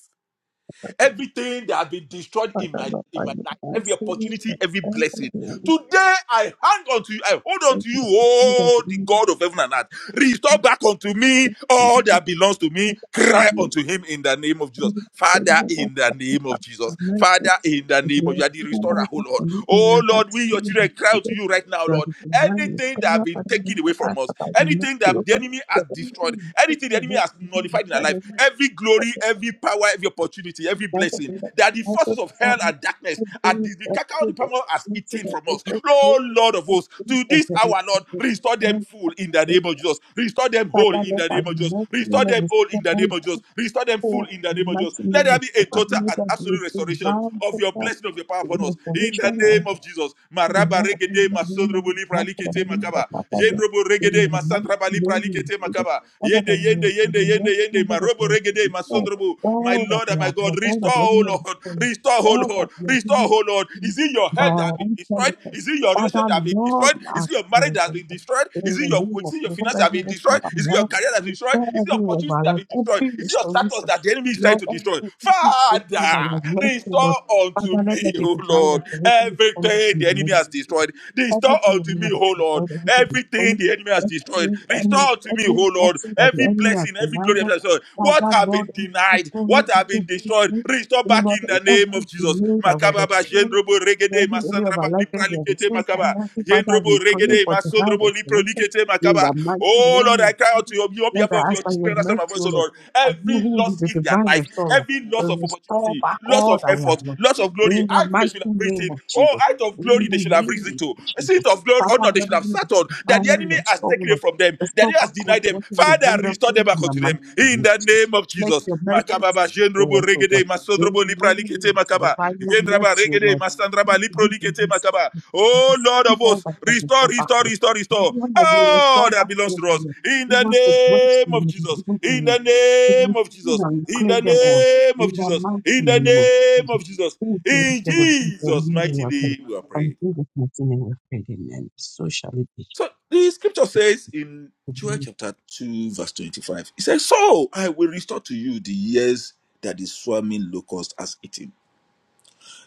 [SPEAKER 2] everything that has been destroyed
[SPEAKER 4] Oh God,
[SPEAKER 2] in
[SPEAKER 4] Father,
[SPEAKER 2] my
[SPEAKER 4] Lord,
[SPEAKER 2] in
[SPEAKER 4] by
[SPEAKER 2] my
[SPEAKER 4] your
[SPEAKER 2] life, every
[SPEAKER 4] mercy,
[SPEAKER 2] opportunity, every blessing. Today I hang on to you, I hold on to you, oh the
[SPEAKER 4] Lord,
[SPEAKER 2] God of heaven and earth. Restore back unto me
[SPEAKER 4] Father,
[SPEAKER 2] all that belongs to me. Cry unto him in the name of Jesus. Father, in the name of Jesus. Father, in the name of you are the restorer, oh Lord. Oh Lord, we your children cry out to you right now, Lord. Anything that have been taken away from us, anything that the enemy has destroyed, anything the enemy has nullified in our life, every glory, every power, every opportunity, every blessing that the forces of hell and darkness are the, the cacao the palm oil has eaten from us. Lord, oh Lord of hosts, to this hour, Lord, restore them full in the name of Jesus. Restore them whole in
[SPEAKER 4] Lord,
[SPEAKER 2] the
[SPEAKER 4] by
[SPEAKER 2] name of
[SPEAKER 4] your
[SPEAKER 2] Jesus.
[SPEAKER 4] mercy,
[SPEAKER 2] Restore
[SPEAKER 4] Lord,
[SPEAKER 2] them
[SPEAKER 4] we
[SPEAKER 2] whole in
[SPEAKER 4] stand
[SPEAKER 2] the name of
[SPEAKER 4] by
[SPEAKER 2] Jesus. Restore them full
[SPEAKER 4] for
[SPEAKER 2] in the name of
[SPEAKER 4] mighty
[SPEAKER 2] Jesus. Let
[SPEAKER 4] name
[SPEAKER 2] there
[SPEAKER 4] of
[SPEAKER 2] be a
[SPEAKER 4] God. Father,
[SPEAKER 2] total
[SPEAKER 4] may
[SPEAKER 2] and
[SPEAKER 4] that be
[SPEAKER 2] absolute restoration
[SPEAKER 4] divine,
[SPEAKER 2] of your
[SPEAKER 4] perfect
[SPEAKER 2] blessing of your power upon us in the
[SPEAKER 4] restoration of
[SPEAKER 2] name of Jesus.
[SPEAKER 4] Commander,
[SPEAKER 2] Maraba
[SPEAKER 4] I am
[SPEAKER 2] regede
[SPEAKER 4] not doing
[SPEAKER 2] masondrobo
[SPEAKER 4] any
[SPEAKER 2] lipra
[SPEAKER 4] help for the
[SPEAKER 2] likete
[SPEAKER 4] living for
[SPEAKER 2] makaba.
[SPEAKER 4] Papa yet
[SPEAKER 2] Yendrobo
[SPEAKER 4] in
[SPEAKER 2] regede
[SPEAKER 4] the month
[SPEAKER 2] masandraba lipra
[SPEAKER 4] when you
[SPEAKER 2] likete
[SPEAKER 4] receive it.
[SPEAKER 2] makaba.
[SPEAKER 4] What I
[SPEAKER 2] Yende
[SPEAKER 4] can do
[SPEAKER 2] yende
[SPEAKER 4] is
[SPEAKER 2] yende
[SPEAKER 4] you
[SPEAKER 2] yende
[SPEAKER 4] must
[SPEAKER 2] yende
[SPEAKER 4] remember that
[SPEAKER 2] marobo
[SPEAKER 4] we
[SPEAKER 2] regede
[SPEAKER 4] have
[SPEAKER 2] masondrobo. My
[SPEAKER 4] All that
[SPEAKER 2] Lord and
[SPEAKER 4] we
[SPEAKER 2] my
[SPEAKER 4] have
[SPEAKER 2] God,
[SPEAKER 4] lost, all
[SPEAKER 2] restore,
[SPEAKER 4] that we
[SPEAKER 2] oh
[SPEAKER 4] have
[SPEAKER 2] Lord,
[SPEAKER 4] lost,
[SPEAKER 2] restore Restore, oh
[SPEAKER 4] all that
[SPEAKER 2] Lord.
[SPEAKER 4] we are
[SPEAKER 2] Restore,
[SPEAKER 4] giving
[SPEAKER 2] oh Lord. Is it your
[SPEAKER 4] by
[SPEAKER 2] health that has
[SPEAKER 4] our
[SPEAKER 2] been
[SPEAKER 4] own
[SPEAKER 2] destroyed?
[SPEAKER 4] selfishness.
[SPEAKER 2] Is it your relationship
[SPEAKER 4] Father,
[SPEAKER 2] that has been
[SPEAKER 4] Lord,
[SPEAKER 2] destroyed?
[SPEAKER 4] we
[SPEAKER 2] Is it
[SPEAKER 4] ask
[SPEAKER 2] your
[SPEAKER 4] for
[SPEAKER 2] marriage
[SPEAKER 4] your
[SPEAKER 2] that has been
[SPEAKER 4] help.
[SPEAKER 2] destroyed?
[SPEAKER 4] in
[SPEAKER 2] Is it
[SPEAKER 4] the
[SPEAKER 2] your
[SPEAKER 4] name
[SPEAKER 2] is
[SPEAKER 4] of
[SPEAKER 2] it your
[SPEAKER 4] the Lord,
[SPEAKER 2] finance that has
[SPEAKER 4] every
[SPEAKER 2] been
[SPEAKER 4] restore
[SPEAKER 2] destroyed?
[SPEAKER 4] our
[SPEAKER 2] Is it your
[SPEAKER 4] health,
[SPEAKER 2] career that has been destroyed?
[SPEAKER 4] restore
[SPEAKER 2] Is it your
[SPEAKER 4] every area of
[SPEAKER 2] opportunity
[SPEAKER 4] our
[SPEAKER 2] that
[SPEAKER 4] life,
[SPEAKER 2] has been destroyed?
[SPEAKER 4] every
[SPEAKER 2] Is it your status
[SPEAKER 4] restoration.
[SPEAKER 2] that the enemy is trying
[SPEAKER 4] Lord,
[SPEAKER 2] to destroy?
[SPEAKER 4] every, every good thing
[SPEAKER 2] Father,
[SPEAKER 4] that we have lost, oh Lord,
[SPEAKER 2] restore unto
[SPEAKER 4] Father, let there
[SPEAKER 2] me,
[SPEAKER 4] be
[SPEAKER 2] oh
[SPEAKER 4] divine
[SPEAKER 2] Lord,
[SPEAKER 4] restoration. come to
[SPEAKER 2] everything the enemy
[SPEAKER 4] you
[SPEAKER 2] has destroyed. Restore
[SPEAKER 4] everything
[SPEAKER 2] unto
[SPEAKER 4] we
[SPEAKER 2] me,
[SPEAKER 4] know
[SPEAKER 2] oh
[SPEAKER 4] is
[SPEAKER 2] Lord,
[SPEAKER 4] God, everything is
[SPEAKER 2] everything
[SPEAKER 4] holy,
[SPEAKER 2] the enemy has destroyed.
[SPEAKER 4] every,
[SPEAKER 2] Restore
[SPEAKER 4] every,
[SPEAKER 2] unto me,
[SPEAKER 4] every
[SPEAKER 2] oh Lord,
[SPEAKER 4] blessing that the
[SPEAKER 2] every
[SPEAKER 4] enemy has
[SPEAKER 2] blessing, every
[SPEAKER 4] denied
[SPEAKER 2] glory.
[SPEAKER 4] us,
[SPEAKER 2] every blessing.
[SPEAKER 4] that
[SPEAKER 2] What
[SPEAKER 4] that
[SPEAKER 2] have been
[SPEAKER 4] Lord is
[SPEAKER 2] denied,
[SPEAKER 4] faithful
[SPEAKER 2] what have
[SPEAKER 4] to
[SPEAKER 2] been
[SPEAKER 4] this
[SPEAKER 2] destroyed,
[SPEAKER 4] week,
[SPEAKER 2] restore back
[SPEAKER 4] Lord,
[SPEAKER 2] in the name
[SPEAKER 4] every
[SPEAKER 2] of Jesus.
[SPEAKER 4] delay that we have
[SPEAKER 2] Makababa,
[SPEAKER 4] experienced,
[SPEAKER 2] Jendrobo,
[SPEAKER 4] in
[SPEAKER 2] Regede,
[SPEAKER 4] every area of our
[SPEAKER 2] Masandraba,
[SPEAKER 4] life
[SPEAKER 2] Lipra,
[SPEAKER 4] that we have experienced,
[SPEAKER 2] Makaba.
[SPEAKER 4] Almighty Father, we
[SPEAKER 2] Jendrobo,
[SPEAKER 4] pray
[SPEAKER 2] Regede,
[SPEAKER 4] for divine
[SPEAKER 2] Masandrobo, Lipro,
[SPEAKER 4] restoration in
[SPEAKER 2] Makaba.
[SPEAKER 4] the mighty
[SPEAKER 2] Oh Lord,
[SPEAKER 4] name
[SPEAKER 2] I cry out to you on
[SPEAKER 4] Lord,
[SPEAKER 2] behalf
[SPEAKER 4] I
[SPEAKER 2] of your
[SPEAKER 4] ask by your
[SPEAKER 2] children, that's my
[SPEAKER 4] mercy,
[SPEAKER 2] voice,
[SPEAKER 4] O
[SPEAKER 2] oh
[SPEAKER 4] Lord,
[SPEAKER 2] Lord.
[SPEAKER 4] that you
[SPEAKER 2] Every
[SPEAKER 4] who is
[SPEAKER 2] loss
[SPEAKER 4] the
[SPEAKER 2] in their
[SPEAKER 4] divine
[SPEAKER 2] life,
[SPEAKER 4] restorer
[SPEAKER 2] every loss
[SPEAKER 4] will
[SPEAKER 2] of
[SPEAKER 4] restore
[SPEAKER 2] opportunity,
[SPEAKER 4] back
[SPEAKER 2] loss
[SPEAKER 4] all
[SPEAKER 2] of
[SPEAKER 4] that we have
[SPEAKER 2] effort,
[SPEAKER 4] lost.
[SPEAKER 2] loss of glory,
[SPEAKER 4] In the
[SPEAKER 2] out they
[SPEAKER 4] mighty
[SPEAKER 2] should have
[SPEAKER 4] name
[SPEAKER 2] written.
[SPEAKER 4] of
[SPEAKER 2] Oh,
[SPEAKER 4] Jesus.
[SPEAKER 2] out of
[SPEAKER 4] In
[SPEAKER 2] glory they
[SPEAKER 4] the
[SPEAKER 2] should have risen
[SPEAKER 4] name
[SPEAKER 2] to.
[SPEAKER 4] of
[SPEAKER 2] A
[SPEAKER 4] Jesus.
[SPEAKER 2] seat of glory, honor
[SPEAKER 4] Father,
[SPEAKER 2] they
[SPEAKER 4] Lord,
[SPEAKER 2] should have
[SPEAKER 4] you is
[SPEAKER 2] sat on.
[SPEAKER 4] the
[SPEAKER 2] That the
[SPEAKER 4] divine
[SPEAKER 2] enemy has
[SPEAKER 4] restorer.
[SPEAKER 2] taken taken it
[SPEAKER 4] Lord.
[SPEAKER 2] from them, that
[SPEAKER 4] Restore
[SPEAKER 2] you
[SPEAKER 4] back
[SPEAKER 2] has
[SPEAKER 4] all
[SPEAKER 2] denied them.
[SPEAKER 4] what is the
[SPEAKER 2] Father, restore
[SPEAKER 4] wonderful in
[SPEAKER 2] them back
[SPEAKER 4] the
[SPEAKER 2] unto
[SPEAKER 4] mighty
[SPEAKER 2] them
[SPEAKER 4] name
[SPEAKER 2] in
[SPEAKER 4] of
[SPEAKER 2] the
[SPEAKER 4] Jesus.
[SPEAKER 2] name of
[SPEAKER 4] Let
[SPEAKER 2] Jesus.
[SPEAKER 4] your mercy
[SPEAKER 2] Makababa,
[SPEAKER 4] speak for
[SPEAKER 2] Jendrobo,
[SPEAKER 4] us, O God.
[SPEAKER 2] Regede,
[SPEAKER 4] In
[SPEAKER 2] Masodrobo,
[SPEAKER 4] the
[SPEAKER 2] Lipra,
[SPEAKER 4] name
[SPEAKER 2] Likete,
[SPEAKER 4] of Jesus,
[SPEAKER 2] Makaba,
[SPEAKER 4] by your
[SPEAKER 2] Gendraba,
[SPEAKER 4] mercy, O
[SPEAKER 2] Regede,
[SPEAKER 4] Lord. We
[SPEAKER 2] Masandraba, Lipro,
[SPEAKER 4] believe in
[SPEAKER 2] Likete,
[SPEAKER 4] this.
[SPEAKER 2] Makaba.
[SPEAKER 4] We
[SPEAKER 2] Oh Lord of
[SPEAKER 4] receive all
[SPEAKER 2] hosts,
[SPEAKER 4] that you have
[SPEAKER 2] restore,
[SPEAKER 4] restored back,
[SPEAKER 2] restore,
[SPEAKER 4] Lord.
[SPEAKER 2] restore, restore.
[SPEAKER 4] Everyone has been
[SPEAKER 2] Oh
[SPEAKER 4] restored
[SPEAKER 2] that
[SPEAKER 4] back,
[SPEAKER 2] belongs
[SPEAKER 4] Lord.
[SPEAKER 2] to us in the
[SPEAKER 4] Give us the grace to
[SPEAKER 2] name of
[SPEAKER 4] live in
[SPEAKER 2] Jesus,
[SPEAKER 4] even to
[SPEAKER 2] in
[SPEAKER 4] you.
[SPEAKER 2] the
[SPEAKER 4] As we
[SPEAKER 2] name of
[SPEAKER 4] feel
[SPEAKER 2] Jesus, in the
[SPEAKER 4] claim them all.
[SPEAKER 2] name of
[SPEAKER 4] In the
[SPEAKER 2] Jesus,
[SPEAKER 4] mighty
[SPEAKER 2] in the
[SPEAKER 4] name of
[SPEAKER 2] name
[SPEAKER 4] Jesus.
[SPEAKER 2] of Jesus.
[SPEAKER 4] Thank you,
[SPEAKER 2] In
[SPEAKER 4] instead of people, we
[SPEAKER 2] Jesus'
[SPEAKER 4] need
[SPEAKER 2] mighty
[SPEAKER 4] your help.
[SPEAKER 2] name, we are
[SPEAKER 4] And
[SPEAKER 2] praying.
[SPEAKER 4] through the mighty name of faith, amen. So shall it be.
[SPEAKER 2] So the scripture says in Joel chapter 2, verse 25, it says, So I will restore to you the years that the swarming locust has eaten,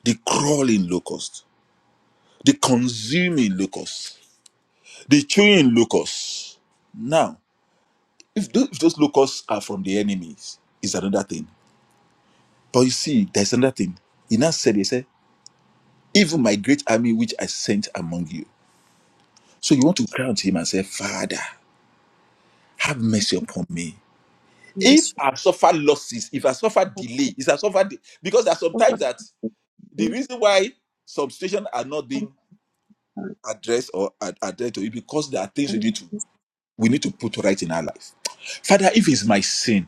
[SPEAKER 2] the crawling locust, the consuming locust, the chewing locust. Now, if those, if those locusts are from the enemies, is another thing. But you see, there's another thing. He now said, He said, Even my great army which I sent among you. So you want to cry unto him and say, Father, have mercy upon me
[SPEAKER 4] and the
[SPEAKER 2] if
[SPEAKER 4] strength
[SPEAKER 2] I've suffered losses, if I suffered
[SPEAKER 4] of
[SPEAKER 2] delay, if I suffered de- because there are
[SPEAKER 4] God
[SPEAKER 2] sometimes that
[SPEAKER 4] and
[SPEAKER 2] the
[SPEAKER 4] the
[SPEAKER 2] reason why some situations are not
[SPEAKER 4] Father
[SPEAKER 2] being addressed or ad- addressed to it because there are things we
[SPEAKER 4] and
[SPEAKER 2] need to
[SPEAKER 4] his
[SPEAKER 2] we need to put right in our life. Father, if it's my sin,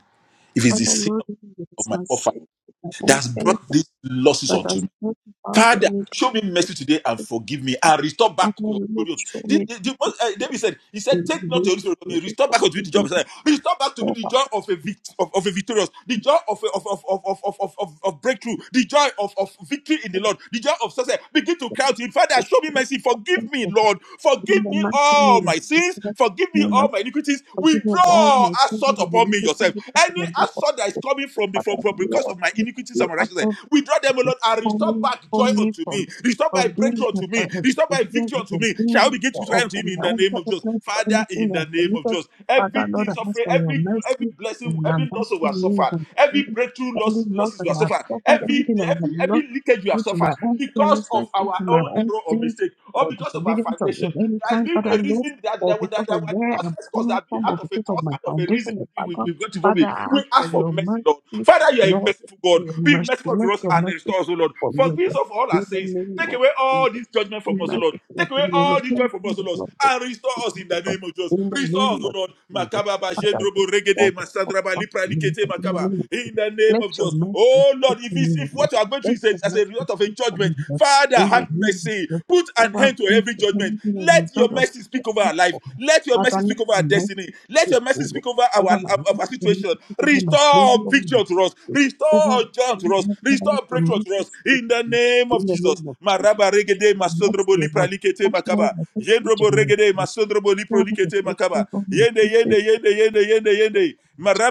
[SPEAKER 2] if it's the
[SPEAKER 4] Father
[SPEAKER 2] sin
[SPEAKER 4] Lord with
[SPEAKER 2] of
[SPEAKER 4] his
[SPEAKER 2] my
[SPEAKER 4] mercy
[SPEAKER 2] forefather
[SPEAKER 4] and all
[SPEAKER 2] that's brought
[SPEAKER 4] fellowship
[SPEAKER 2] these losses
[SPEAKER 4] that
[SPEAKER 2] onto
[SPEAKER 4] has
[SPEAKER 2] me.
[SPEAKER 4] not about
[SPEAKER 2] Father,
[SPEAKER 4] any
[SPEAKER 2] show me mercy
[SPEAKER 4] difficulty.
[SPEAKER 2] today and forgive me and restore back
[SPEAKER 4] Father
[SPEAKER 2] your
[SPEAKER 4] Lord,
[SPEAKER 2] glory. unto-"
[SPEAKER 4] show
[SPEAKER 2] The-
[SPEAKER 4] me
[SPEAKER 2] the- the
[SPEAKER 4] this
[SPEAKER 2] most, uh, David said, He said,
[SPEAKER 4] in the
[SPEAKER 2] Take not
[SPEAKER 4] name
[SPEAKER 2] your
[SPEAKER 4] of
[SPEAKER 2] Holy Spirit from me,
[SPEAKER 4] Jesus.
[SPEAKER 2] restore back unto me
[SPEAKER 4] Forgive
[SPEAKER 2] the joy of
[SPEAKER 4] me
[SPEAKER 2] Messiah. Restore back to me
[SPEAKER 4] for
[SPEAKER 2] the
[SPEAKER 4] our
[SPEAKER 2] joy of a, vict- of, of a victorious, the joy of, a, of, of, of, of, of, of, of of breakthrough, the joy of, of victory in the Lord, the joy of success. Begin to cry out to Him, Father, show me mercy, forgive me,
[SPEAKER 4] sins,
[SPEAKER 2] Lord, forgive
[SPEAKER 4] In the
[SPEAKER 2] me
[SPEAKER 4] mighty
[SPEAKER 2] all
[SPEAKER 4] name of
[SPEAKER 2] my sins,
[SPEAKER 4] Jesus,
[SPEAKER 2] forgive me
[SPEAKER 4] name
[SPEAKER 2] all
[SPEAKER 4] of
[SPEAKER 2] my iniquities.
[SPEAKER 4] forgive me of all
[SPEAKER 2] Withdraw
[SPEAKER 4] my sins
[SPEAKER 2] assault
[SPEAKER 4] and
[SPEAKER 2] upon me
[SPEAKER 4] iniquities,
[SPEAKER 2] yourself.
[SPEAKER 4] because of
[SPEAKER 2] Any
[SPEAKER 4] my life. of
[SPEAKER 2] assault that is
[SPEAKER 4] the
[SPEAKER 2] coming from the from,
[SPEAKER 4] Father,
[SPEAKER 2] from because
[SPEAKER 4] Lord,
[SPEAKER 2] of my
[SPEAKER 4] and
[SPEAKER 2] iniquities
[SPEAKER 4] we
[SPEAKER 2] and my righteousness.
[SPEAKER 4] are
[SPEAKER 2] Withdraw them, O
[SPEAKER 4] is
[SPEAKER 2] Lord, and restore
[SPEAKER 4] calling
[SPEAKER 2] back joy
[SPEAKER 4] on me
[SPEAKER 2] unto me.
[SPEAKER 4] from
[SPEAKER 2] Restore by
[SPEAKER 4] from being
[SPEAKER 2] breakthrough
[SPEAKER 4] a,
[SPEAKER 2] unto
[SPEAKER 4] a,
[SPEAKER 2] me.
[SPEAKER 4] a
[SPEAKER 2] Restore by
[SPEAKER 4] disobedient
[SPEAKER 2] victory
[SPEAKER 4] or
[SPEAKER 2] unto
[SPEAKER 4] from
[SPEAKER 2] me. Shall
[SPEAKER 4] being
[SPEAKER 2] we begin to
[SPEAKER 4] or, or
[SPEAKER 2] cry unto him
[SPEAKER 4] from
[SPEAKER 2] in
[SPEAKER 4] my
[SPEAKER 2] the
[SPEAKER 4] own
[SPEAKER 2] name of
[SPEAKER 4] purpose
[SPEAKER 2] Jesus?
[SPEAKER 4] or
[SPEAKER 2] Father, in
[SPEAKER 4] anything I
[SPEAKER 2] the
[SPEAKER 4] have
[SPEAKER 2] name of
[SPEAKER 4] committed.
[SPEAKER 2] Jesus,
[SPEAKER 4] Father Lord,
[SPEAKER 2] everything
[SPEAKER 4] I ask
[SPEAKER 2] suffering,
[SPEAKER 4] for your
[SPEAKER 2] every every
[SPEAKER 4] mercy
[SPEAKER 2] blessing,
[SPEAKER 4] and I'm
[SPEAKER 2] every
[SPEAKER 4] asking
[SPEAKER 2] loss we have
[SPEAKER 4] you
[SPEAKER 2] suffered,
[SPEAKER 4] for
[SPEAKER 2] every
[SPEAKER 4] any
[SPEAKER 2] breakthrough
[SPEAKER 4] any
[SPEAKER 2] loss,
[SPEAKER 4] love
[SPEAKER 2] losses we
[SPEAKER 4] that
[SPEAKER 2] have
[SPEAKER 4] I have
[SPEAKER 2] suffered,
[SPEAKER 4] suffered,
[SPEAKER 2] every
[SPEAKER 4] anything that I have
[SPEAKER 2] every
[SPEAKER 4] lost
[SPEAKER 2] every leakage we have
[SPEAKER 4] due to
[SPEAKER 2] suffered
[SPEAKER 4] my own
[SPEAKER 2] because
[SPEAKER 4] carelessness,
[SPEAKER 2] of
[SPEAKER 4] due
[SPEAKER 2] our
[SPEAKER 4] to my
[SPEAKER 2] own
[SPEAKER 4] own
[SPEAKER 2] error or
[SPEAKER 4] sins
[SPEAKER 2] mistake, or
[SPEAKER 4] or
[SPEAKER 2] because of our
[SPEAKER 4] disobedience of,
[SPEAKER 2] foundation.
[SPEAKER 4] of any
[SPEAKER 2] There has
[SPEAKER 4] kind,
[SPEAKER 2] been
[SPEAKER 4] Father
[SPEAKER 2] a
[SPEAKER 4] Lord,
[SPEAKER 2] reason that there
[SPEAKER 4] or
[SPEAKER 2] were that,
[SPEAKER 4] because of
[SPEAKER 2] that, that, that,
[SPEAKER 4] where I'm
[SPEAKER 2] that, that,
[SPEAKER 4] coming
[SPEAKER 2] that, that,
[SPEAKER 4] from
[SPEAKER 2] that, that,
[SPEAKER 4] or
[SPEAKER 2] that, that,
[SPEAKER 4] because
[SPEAKER 2] that,
[SPEAKER 4] of my
[SPEAKER 2] us out of a reason
[SPEAKER 4] foundation or
[SPEAKER 2] we did, we,
[SPEAKER 4] background,
[SPEAKER 2] we've got to
[SPEAKER 4] Father,
[SPEAKER 2] vomit.
[SPEAKER 4] I
[SPEAKER 2] We
[SPEAKER 4] ask for
[SPEAKER 2] ask for
[SPEAKER 4] your
[SPEAKER 2] mercy, Lord.
[SPEAKER 4] mercy,
[SPEAKER 2] Father, you are a
[SPEAKER 4] Lord,
[SPEAKER 2] merciful
[SPEAKER 4] for
[SPEAKER 2] God.
[SPEAKER 4] your
[SPEAKER 2] Be
[SPEAKER 4] mercy,
[SPEAKER 2] merciful to
[SPEAKER 4] mercy,
[SPEAKER 2] us
[SPEAKER 4] your
[SPEAKER 2] and
[SPEAKER 4] mercy
[SPEAKER 2] restore us, O Lord.
[SPEAKER 4] for me,
[SPEAKER 2] Forgive us
[SPEAKER 4] Lord.
[SPEAKER 2] of all our
[SPEAKER 4] In the
[SPEAKER 2] sins.
[SPEAKER 4] name
[SPEAKER 2] Take
[SPEAKER 4] of
[SPEAKER 2] away all
[SPEAKER 4] Jesus.
[SPEAKER 2] this judgment
[SPEAKER 4] Be
[SPEAKER 2] from us, O Lord.
[SPEAKER 4] merciful
[SPEAKER 2] Take
[SPEAKER 4] unto
[SPEAKER 2] away
[SPEAKER 4] me, O Lord.
[SPEAKER 2] all this joy
[SPEAKER 4] Thank
[SPEAKER 2] from
[SPEAKER 4] you,
[SPEAKER 2] us, O
[SPEAKER 4] the
[SPEAKER 2] Lord.
[SPEAKER 4] Lord, for
[SPEAKER 2] And restore us
[SPEAKER 4] speaking
[SPEAKER 2] in
[SPEAKER 4] to
[SPEAKER 2] the
[SPEAKER 4] God.
[SPEAKER 2] name of Jesus.
[SPEAKER 4] In the
[SPEAKER 2] Restore us,
[SPEAKER 4] name
[SPEAKER 2] O
[SPEAKER 4] of
[SPEAKER 2] Lord.
[SPEAKER 4] Jesus.
[SPEAKER 2] Makaba ba
[SPEAKER 4] Father, I
[SPEAKER 2] jendrobo
[SPEAKER 4] just
[SPEAKER 2] regede
[SPEAKER 4] call the Lord
[SPEAKER 2] masandraba
[SPEAKER 4] back
[SPEAKER 2] lipra
[SPEAKER 4] to you,
[SPEAKER 2] likete
[SPEAKER 4] Lord. In the
[SPEAKER 2] makaba.
[SPEAKER 4] name of
[SPEAKER 2] In the name
[SPEAKER 4] Let
[SPEAKER 2] of
[SPEAKER 4] your
[SPEAKER 2] Jesus.
[SPEAKER 4] mercy
[SPEAKER 2] Oh
[SPEAKER 4] speak
[SPEAKER 2] Lord, if
[SPEAKER 4] for me,
[SPEAKER 2] it's,
[SPEAKER 4] O
[SPEAKER 2] if
[SPEAKER 4] Lord.
[SPEAKER 2] what you are going through
[SPEAKER 4] Let
[SPEAKER 2] is a-
[SPEAKER 4] your
[SPEAKER 2] as a
[SPEAKER 4] mercy
[SPEAKER 2] result of a
[SPEAKER 4] speak for
[SPEAKER 2] judgment,
[SPEAKER 4] me, Lord.
[SPEAKER 2] Father,
[SPEAKER 4] In the
[SPEAKER 2] have
[SPEAKER 4] name of
[SPEAKER 2] mercy
[SPEAKER 4] Jesus. You
[SPEAKER 2] an
[SPEAKER 4] are
[SPEAKER 2] end to every
[SPEAKER 4] thankful.
[SPEAKER 2] judgment.
[SPEAKER 4] Anything of the
[SPEAKER 2] Let your
[SPEAKER 4] God
[SPEAKER 2] mercy speak over our
[SPEAKER 4] of
[SPEAKER 2] life. Let your mercy
[SPEAKER 4] Father, let
[SPEAKER 2] speak over
[SPEAKER 4] the
[SPEAKER 2] our destiny.
[SPEAKER 4] mercy
[SPEAKER 2] Let
[SPEAKER 4] speak,
[SPEAKER 2] your mercy
[SPEAKER 4] O Lord,
[SPEAKER 2] speak over our,
[SPEAKER 4] over
[SPEAKER 2] our,
[SPEAKER 4] my life,
[SPEAKER 2] our
[SPEAKER 4] over my
[SPEAKER 2] situation.
[SPEAKER 4] life, over my glory,
[SPEAKER 2] Restore
[SPEAKER 4] over my
[SPEAKER 2] victory to us.
[SPEAKER 4] business, over my
[SPEAKER 2] Restore joy to us.
[SPEAKER 4] life, Father,
[SPEAKER 2] Restore
[SPEAKER 4] let the
[SPEAKER 2] breakthrough to
[SPEAKER 4] mercy
[SPEAKER 2] us.
[SPEAKER 4] speak
[SPEAKER 2] In the
[SPEAKER 4] for me.
[SPEAKER 2] name of
[SPEAKER 4] in the
[SPEAKER 2] Jesus.
[SPEAKER 4] name of Jesus.
[SPEAKER 2] Maraba regede
[SPEAKER 4] The
[SPEAKER 2] masondrobo
[SPEAKER 4] mercy, O
[SPEAKER 2] lipra
[SPEAKER 4] Lord, touch all
[SPEAKER 2] makaba.
[SPEAKER 4] my faithful
[SPEAKER 2] Yendrobo regede
[SPEAKER 4] generation,
[SPEAKER 2] masondrobo lipro
[SPEAKER 4] all my
[SPEAKER 2] makaba.
[SPEAKER 4] faithful, all my
[SPEAKER 2] Yende yende
[SPEAKER 4] faithful,
[SPEAKER 2] yende yende yende yende.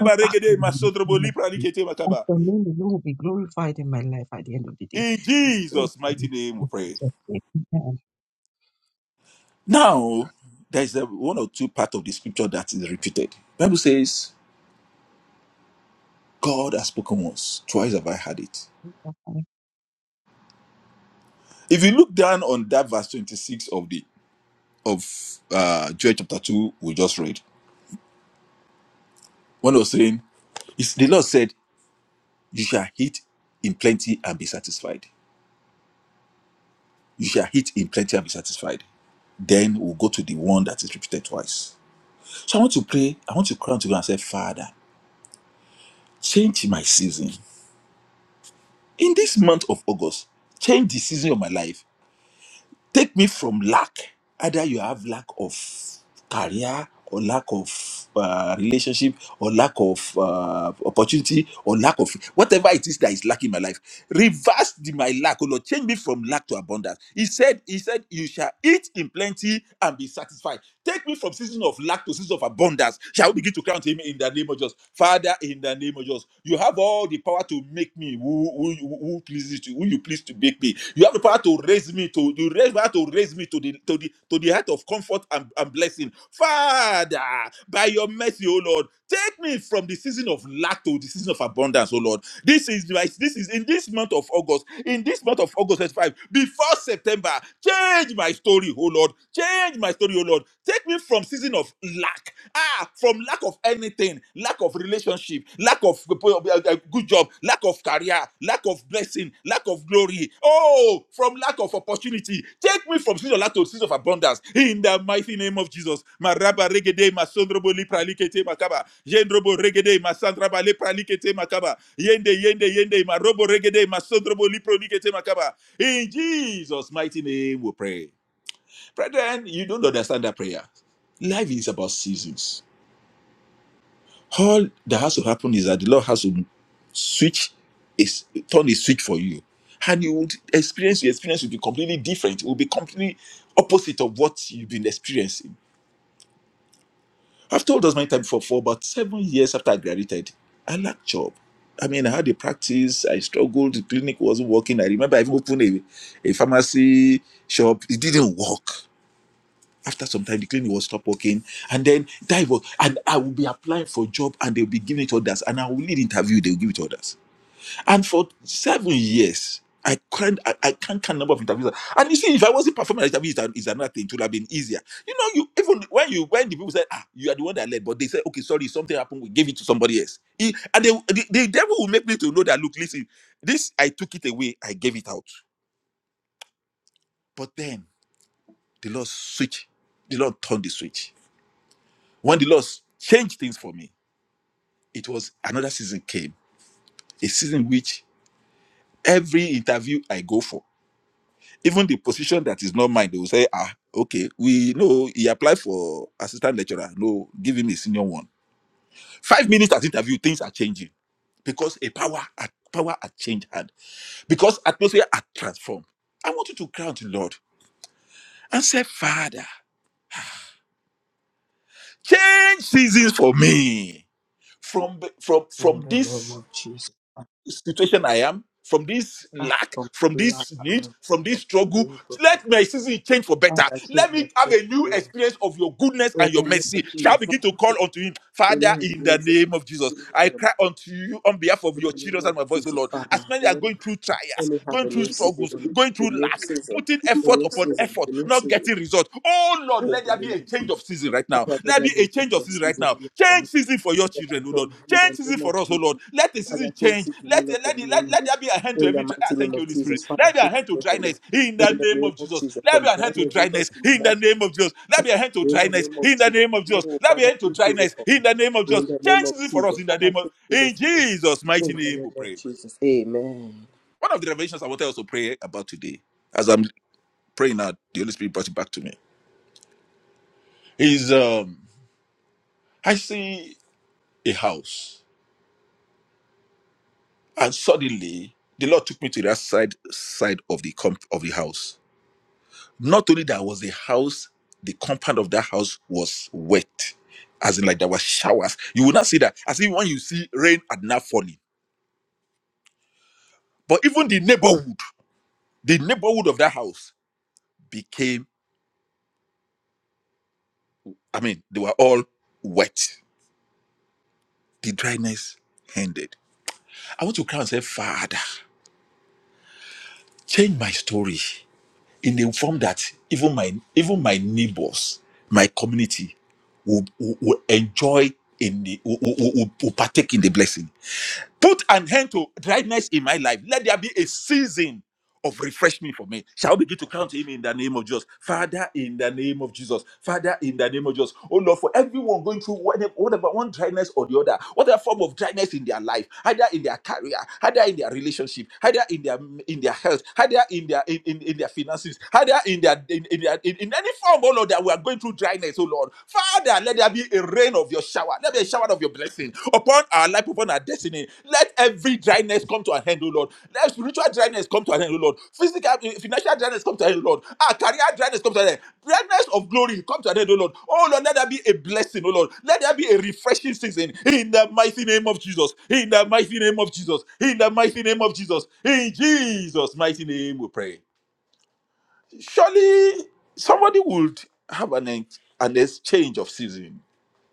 [SPEAKER 4] all back
[SPEAKER 2] regede
[SPEAKER 4] in the
[SPEAKER 2] masondrobo
[SPEAKER 4] name my
[SPEAKER 2] lipra
[SPEAKER 4] Jesus. That
[SPEAKER 2] makaba.
[SPEAKER 4] the name of the Lord will be glorified in my life at the end of the day.
[SPEAKER 2] In
[SPEAKER 4] And spirit,
[SPEAKER 2] Jesus'
[SPEAKER 4] I
[SPEAKER 2] mighty
[SPEAKER 4] will
[SPEAKER 2] name we
[SPEAKER 4] be
[SPEAKER 2] pray.
[SPEAKER 4] Jesus. Thank you, and
[SPEAKER 2] Now, there's a one or two part of the scripture that is repeated. Bible says, God has spoken once, twice have I heard it.
[SPEAKER 4] I
[SPEAKER 2] If you look down on that verse 26 of the of uh Joel chapter 2, we just read, one was saying, is the Lord said, You shall eat in plenty and be satisfied. You shall eat in plenty and be satisfied. Then we'll go to the one that is repeated twice. So I want to pray, I want to cry unto God and say, Father, change my season. In this month of August, change the season of my life Take me from lack. Either you have lack of career or lack of uh, relationship or lack of uh, opportunity or lack of whatever it is that is lacking in my life. Reverse the, my lack, oh Lord. Change me from lack to abundance. He said, He said, You shall eat in plenty and be satisfied. Take me from season of lack to season of abundance. Shall we begin to count him in the name of Jesus? Father, in the name of Jesus, you have all the power to make me bake me who who you- who pleases you who you please to bake me you have the power to raise me to you raise power to raise me to the to the to the height of comfort and, and blessing father by your mercy O lord take me from the season of lack to the season of abundance O lord this is my this is in this month of august in this month of august 25 before september change my story oh lord change my story oh lord take me from season of lack ah from from lack of anything lack of relationship lack of uh, good job lack of career lack of blessing lack of glory oh from lack of opportunity take me from sin of lack to sin of abundance in the mighty name of jesus maraba regede masondrobo lipralikete makaba yendrobo regede masandraba lipralikete makaba yende yende yende marobo regede masondrobo liprolikete makaba in jesus mighty name we pray brethren you don't understand that prayer life is about seasons all that has to happen is that the Lord has to switch, is turn a switch for you, and you would experience your experience will be completely different. It will be completely opposite of what you've been experiencing. I've told us many times before. For about seven years after I graduated, I lacked job. I mean, I had a practice. I struggled. The clinic wasn't working. I remember I even opened a, a pharmacy shop. It didn't work. After some time, the clinic will stop working, and then that was, and I will be applying for job, and they'll be giving it to others, and I will lead interview, they'll give it to others. And for seven years, I can't, I, I can't count number of interviews. And you see, if I wasn't performing an interview, it's another thing. It would have been easier. You know, you even when you when the people said, ah, you are the one that led, but they said, okay, sorry, something happened, we gave it to somebody else. He- and they, the, the devil will make me to know that, look, listen, this I took it away, I gave it out. But then the Lord switched, the Lord turned the switch When the Lord changed things for me, it was another season came, a season which every interview I go for, even the position that is not mine, they will say, ah, okay, we know he applied for assistant lecturer. No, give him a senior one. Five minutes at interview, things are changing because a power at power had changed hand, because atmosphere had transformed. I want you to cry out to the Lord and say, Father, change seasons for me from from from this. situation I am, from this lack, from this need, from this struggle. Let my season change for better. Let me have a new experience of your goodness and your
[SPEAKER 1] of
[SPEAKER 2] mercy. Shall I
[SPEAKER 1] Jesus,
[SPEAKER 2] begin to call unto him,
[SPEAKER 1] the
[SPEAKER 2] Father,
[SPEAKER 1] name of
[SPEAKER 2] in the
[SPEAKER 1] Jesus,
[SPEAKER 2] name of Jesus.
[SPEAKER 1] in
[SPEAKER 2] I cry unto you on behalf of
[SPEAKER 1] the
[SPEAKER 2] your
[SPEAKER 1] name
[SPEAKER 2] children
[SPEAKER 1] of
[SPEAKER 2] and my voice, O
[SPEAKER 1] Jesus,
[SPEAKER 2] Lord.
[SPEAKER 1] Father,
[SPEAKER 2] As many are
[SPEAKER 1] Lord,
[SPEAKER 2] going through
[SPEAKER 1] let
[SPEAKER 2] trials,
[SPEAKER 1] me have
[SPEAKER 2] going
[SPEAKER 1] a
[SPEAKER 2] through
[SPEAKER 1] new season,
[SPEAKER 2] struggles, going
[SPEAKER 1] a
[SPEAKER 2] through
[SPEAKER 1] new
[SPEAKER 2] lack,
[SPEAKER 1] season,
[SPEAKER 2] putting
[SPEAKER 1] a
[SPEAKER 2] effort
[SPEAKER 1] new
[SPEAKER 2] upon
[SPEAKER 1] season,
[SPEAKER 2] effort,
[SPEAKER 1] a new
[SPEAKER 2] not
[SPEAKER 1] season,
[SPEAKER 2] getting result. Oh Lord,
[SPEAKER 1] in
[SPEAKER 2] let
[SPEAKER 1] the
[SPEAKER 2] there be
[SPEAKER 1] name
[SPEAKER 2] a
[SPEAKER 1] of
[SPEAKER 2] change
[SPEAKER 1] Jesus.
[SPEAKER 2] of season right now.
[SPEAKER 1] Father,
[SPEAKER 2] Let
[SPEAKER 1] let
[SPEAKER 2] there
[SPEAKER 1] there
[SPEAKER 2] be
[SPEAKER 1] be
[SPEAKER 2] a change
[SPEAKER 1] a
[SPEAKER 2] of
[SPEAKER 1] new
[SPEAKER 2] season right
[SPEAKER 1] season
[SPEAKER 2] now.
[SPEAKER 1] in it for
[SPEAKER 2] Change
[SPEAKER 1] me,
[SPEAKER 2] season for your
[SPEAKER 1] for my
[SPEAKER 2] children, oh Lord.
[SPEAKER 1] home, in
[SPEAKER 2] Change
[SPEAKER 1] the
[SPEAKER 2] season
[SPEAKER 1] name of
[SPEAKER 2] for us, oh Lord.
[SPEAKER 1] Jesus.
[SPEAKER 2] Let the
[SPEAKER 1] Father,
[SPEAKER 2] season
[SPEAKER 1] change
[SPEAKER 2] change.
[SPEAKER 1] it in
[SPEAKER 2] Let
[SPEAKER 1] all for
[SPEAKER 2] let, the- let,
[SPEAKER 1] me,
[SPEAKER 2] let there be a hand to
[SPEAKER 1] in the
[SPEAKER 2] every dry. ah,
[SPEAKER 1] mighty name
[SPEAKER 2] Thank you,
[SPEAKER 1] of
[SPEAKER 2] Holy Spirit.
[SPEAKER 1] Jesus. Father,
[SPEAKER 2] Let there be
[SPEAKER 1] change
[SPEAKER 2] a hand to
[SPEAKER 1] it for me,
[SPEAKER 2] dryness in the
[SPEAKER 1] in the
[SPEAKER 2] name
[SPEAKER 1] name
[SPEAKER 2] of
[SPEAKER 1] of
[SPEAKER 2] Jesus.
[SPEAKER 1] Jesus,
[SPEAKER 2] Let there
[SPEAKER 1] from
[SPEAKER 2] be a hand to
[SPEAKER 1] dryness over
[SPEAKER 2] dryness
[SPEAKER 1] to
[SPEAKER 2] in
[SPEAKER 1] more,
[SPEAKER 2] the name of Jesus. Let there be a hand to
[SPEAKER 1] in the
[SPEAKER 2] dryness
[SPEAKER 1] name of
[SPEAKER 2] in the
[SPEAKER 1] Jesus.
[SPEAKER 2] name of Jesus.
[SPEAKER 1] Oh,
[SPEAKER 2] Let there be a
[SPEAKER 1] Father,
[SPEAKER 2] hand to
[SPEAKER 1] change it
[SPEAKER 2] dryness
[SPEAKER 1] for
[SPEAKER 2] in
[SPEAKER 1] me.
[SPEAKER 2] the name of Jesus.
[SPEAKER 1] In the name
[SPEAKER 2] Change
[SPEAKER 1] of
[SPEAKER 2] season for us
[SPEAKER 1] Jesus,
[SPEAKER 2] in the
[SPEAKER 1] Father,
[SPEAKER 2] name of
[SPEAKER 1] change this
[SPEAKER 2] in
[SPEAKER 1] for me.
[SPEAKER 2] Jesus'
[SPEAKER 1] In
[SPEAKER 2] mighty
[SPEAKER 1] the
[SPEAKER 2] name.
[SPEAKER 1] name
[SPEAKER 2] We
[SPEAKER 1] of
[SPEAKER 2] pray.
[SPEAKER 1] Jesus. Amen.
[SPEAKER 2] One of the revelations I wanted us to pray about today, as I'm praying now, the Holy Spirit brought it back to me. Is um I see. a house, and suddenly the Lord took me to that side side of the comp- of the house. Not only that was the house, the compound of that house was wet, as in like there were showers. You will not see that as if when you see rain at night falling. But even the neighborhood, the neighborhood of that house became. I mean, they were all wet. The dryness ended. I want to add, change my story. in a form that even my even my neighbors, my community will, will, will enjoy in the will, will, will will partake in the blessing. Put an end to dryness in my life. Let there be a season of refreshment for me. Shall we begin to count him in the name of Jesus? Father, in the name of Jesus. Father, in the name of Jesus. Oh Lord, for everyone going through whatever, whatever one dryness or the other, whatever form of dryness in their life, either in their career, either in their relationship, either in their in their health, either in their in, in, in their finances, either in their in, in their in, in any form, oh Lord, that we are going through dryness, oh Lord. Father, let there be a rain of your shower. Let there be a shower of your blessing upon our life, upon our destiny. Let every dryness come to an end, O Lord. Let spiritual dryness come to an end, O Lord. Physical, eh, financial dryness come to an end, O Lord. Our career dryness come to an end. Dryness of glory come to an end, O Lord. Oh Lord, let there be a blessing, O Lord. Let there be a refreshing season in the mighty name of Jesus. In the mighty name of Jesus. In the mighty name of Jesus. In Jesus' mighty name, we pray. Surely somebody would have an, ex- an exchange of season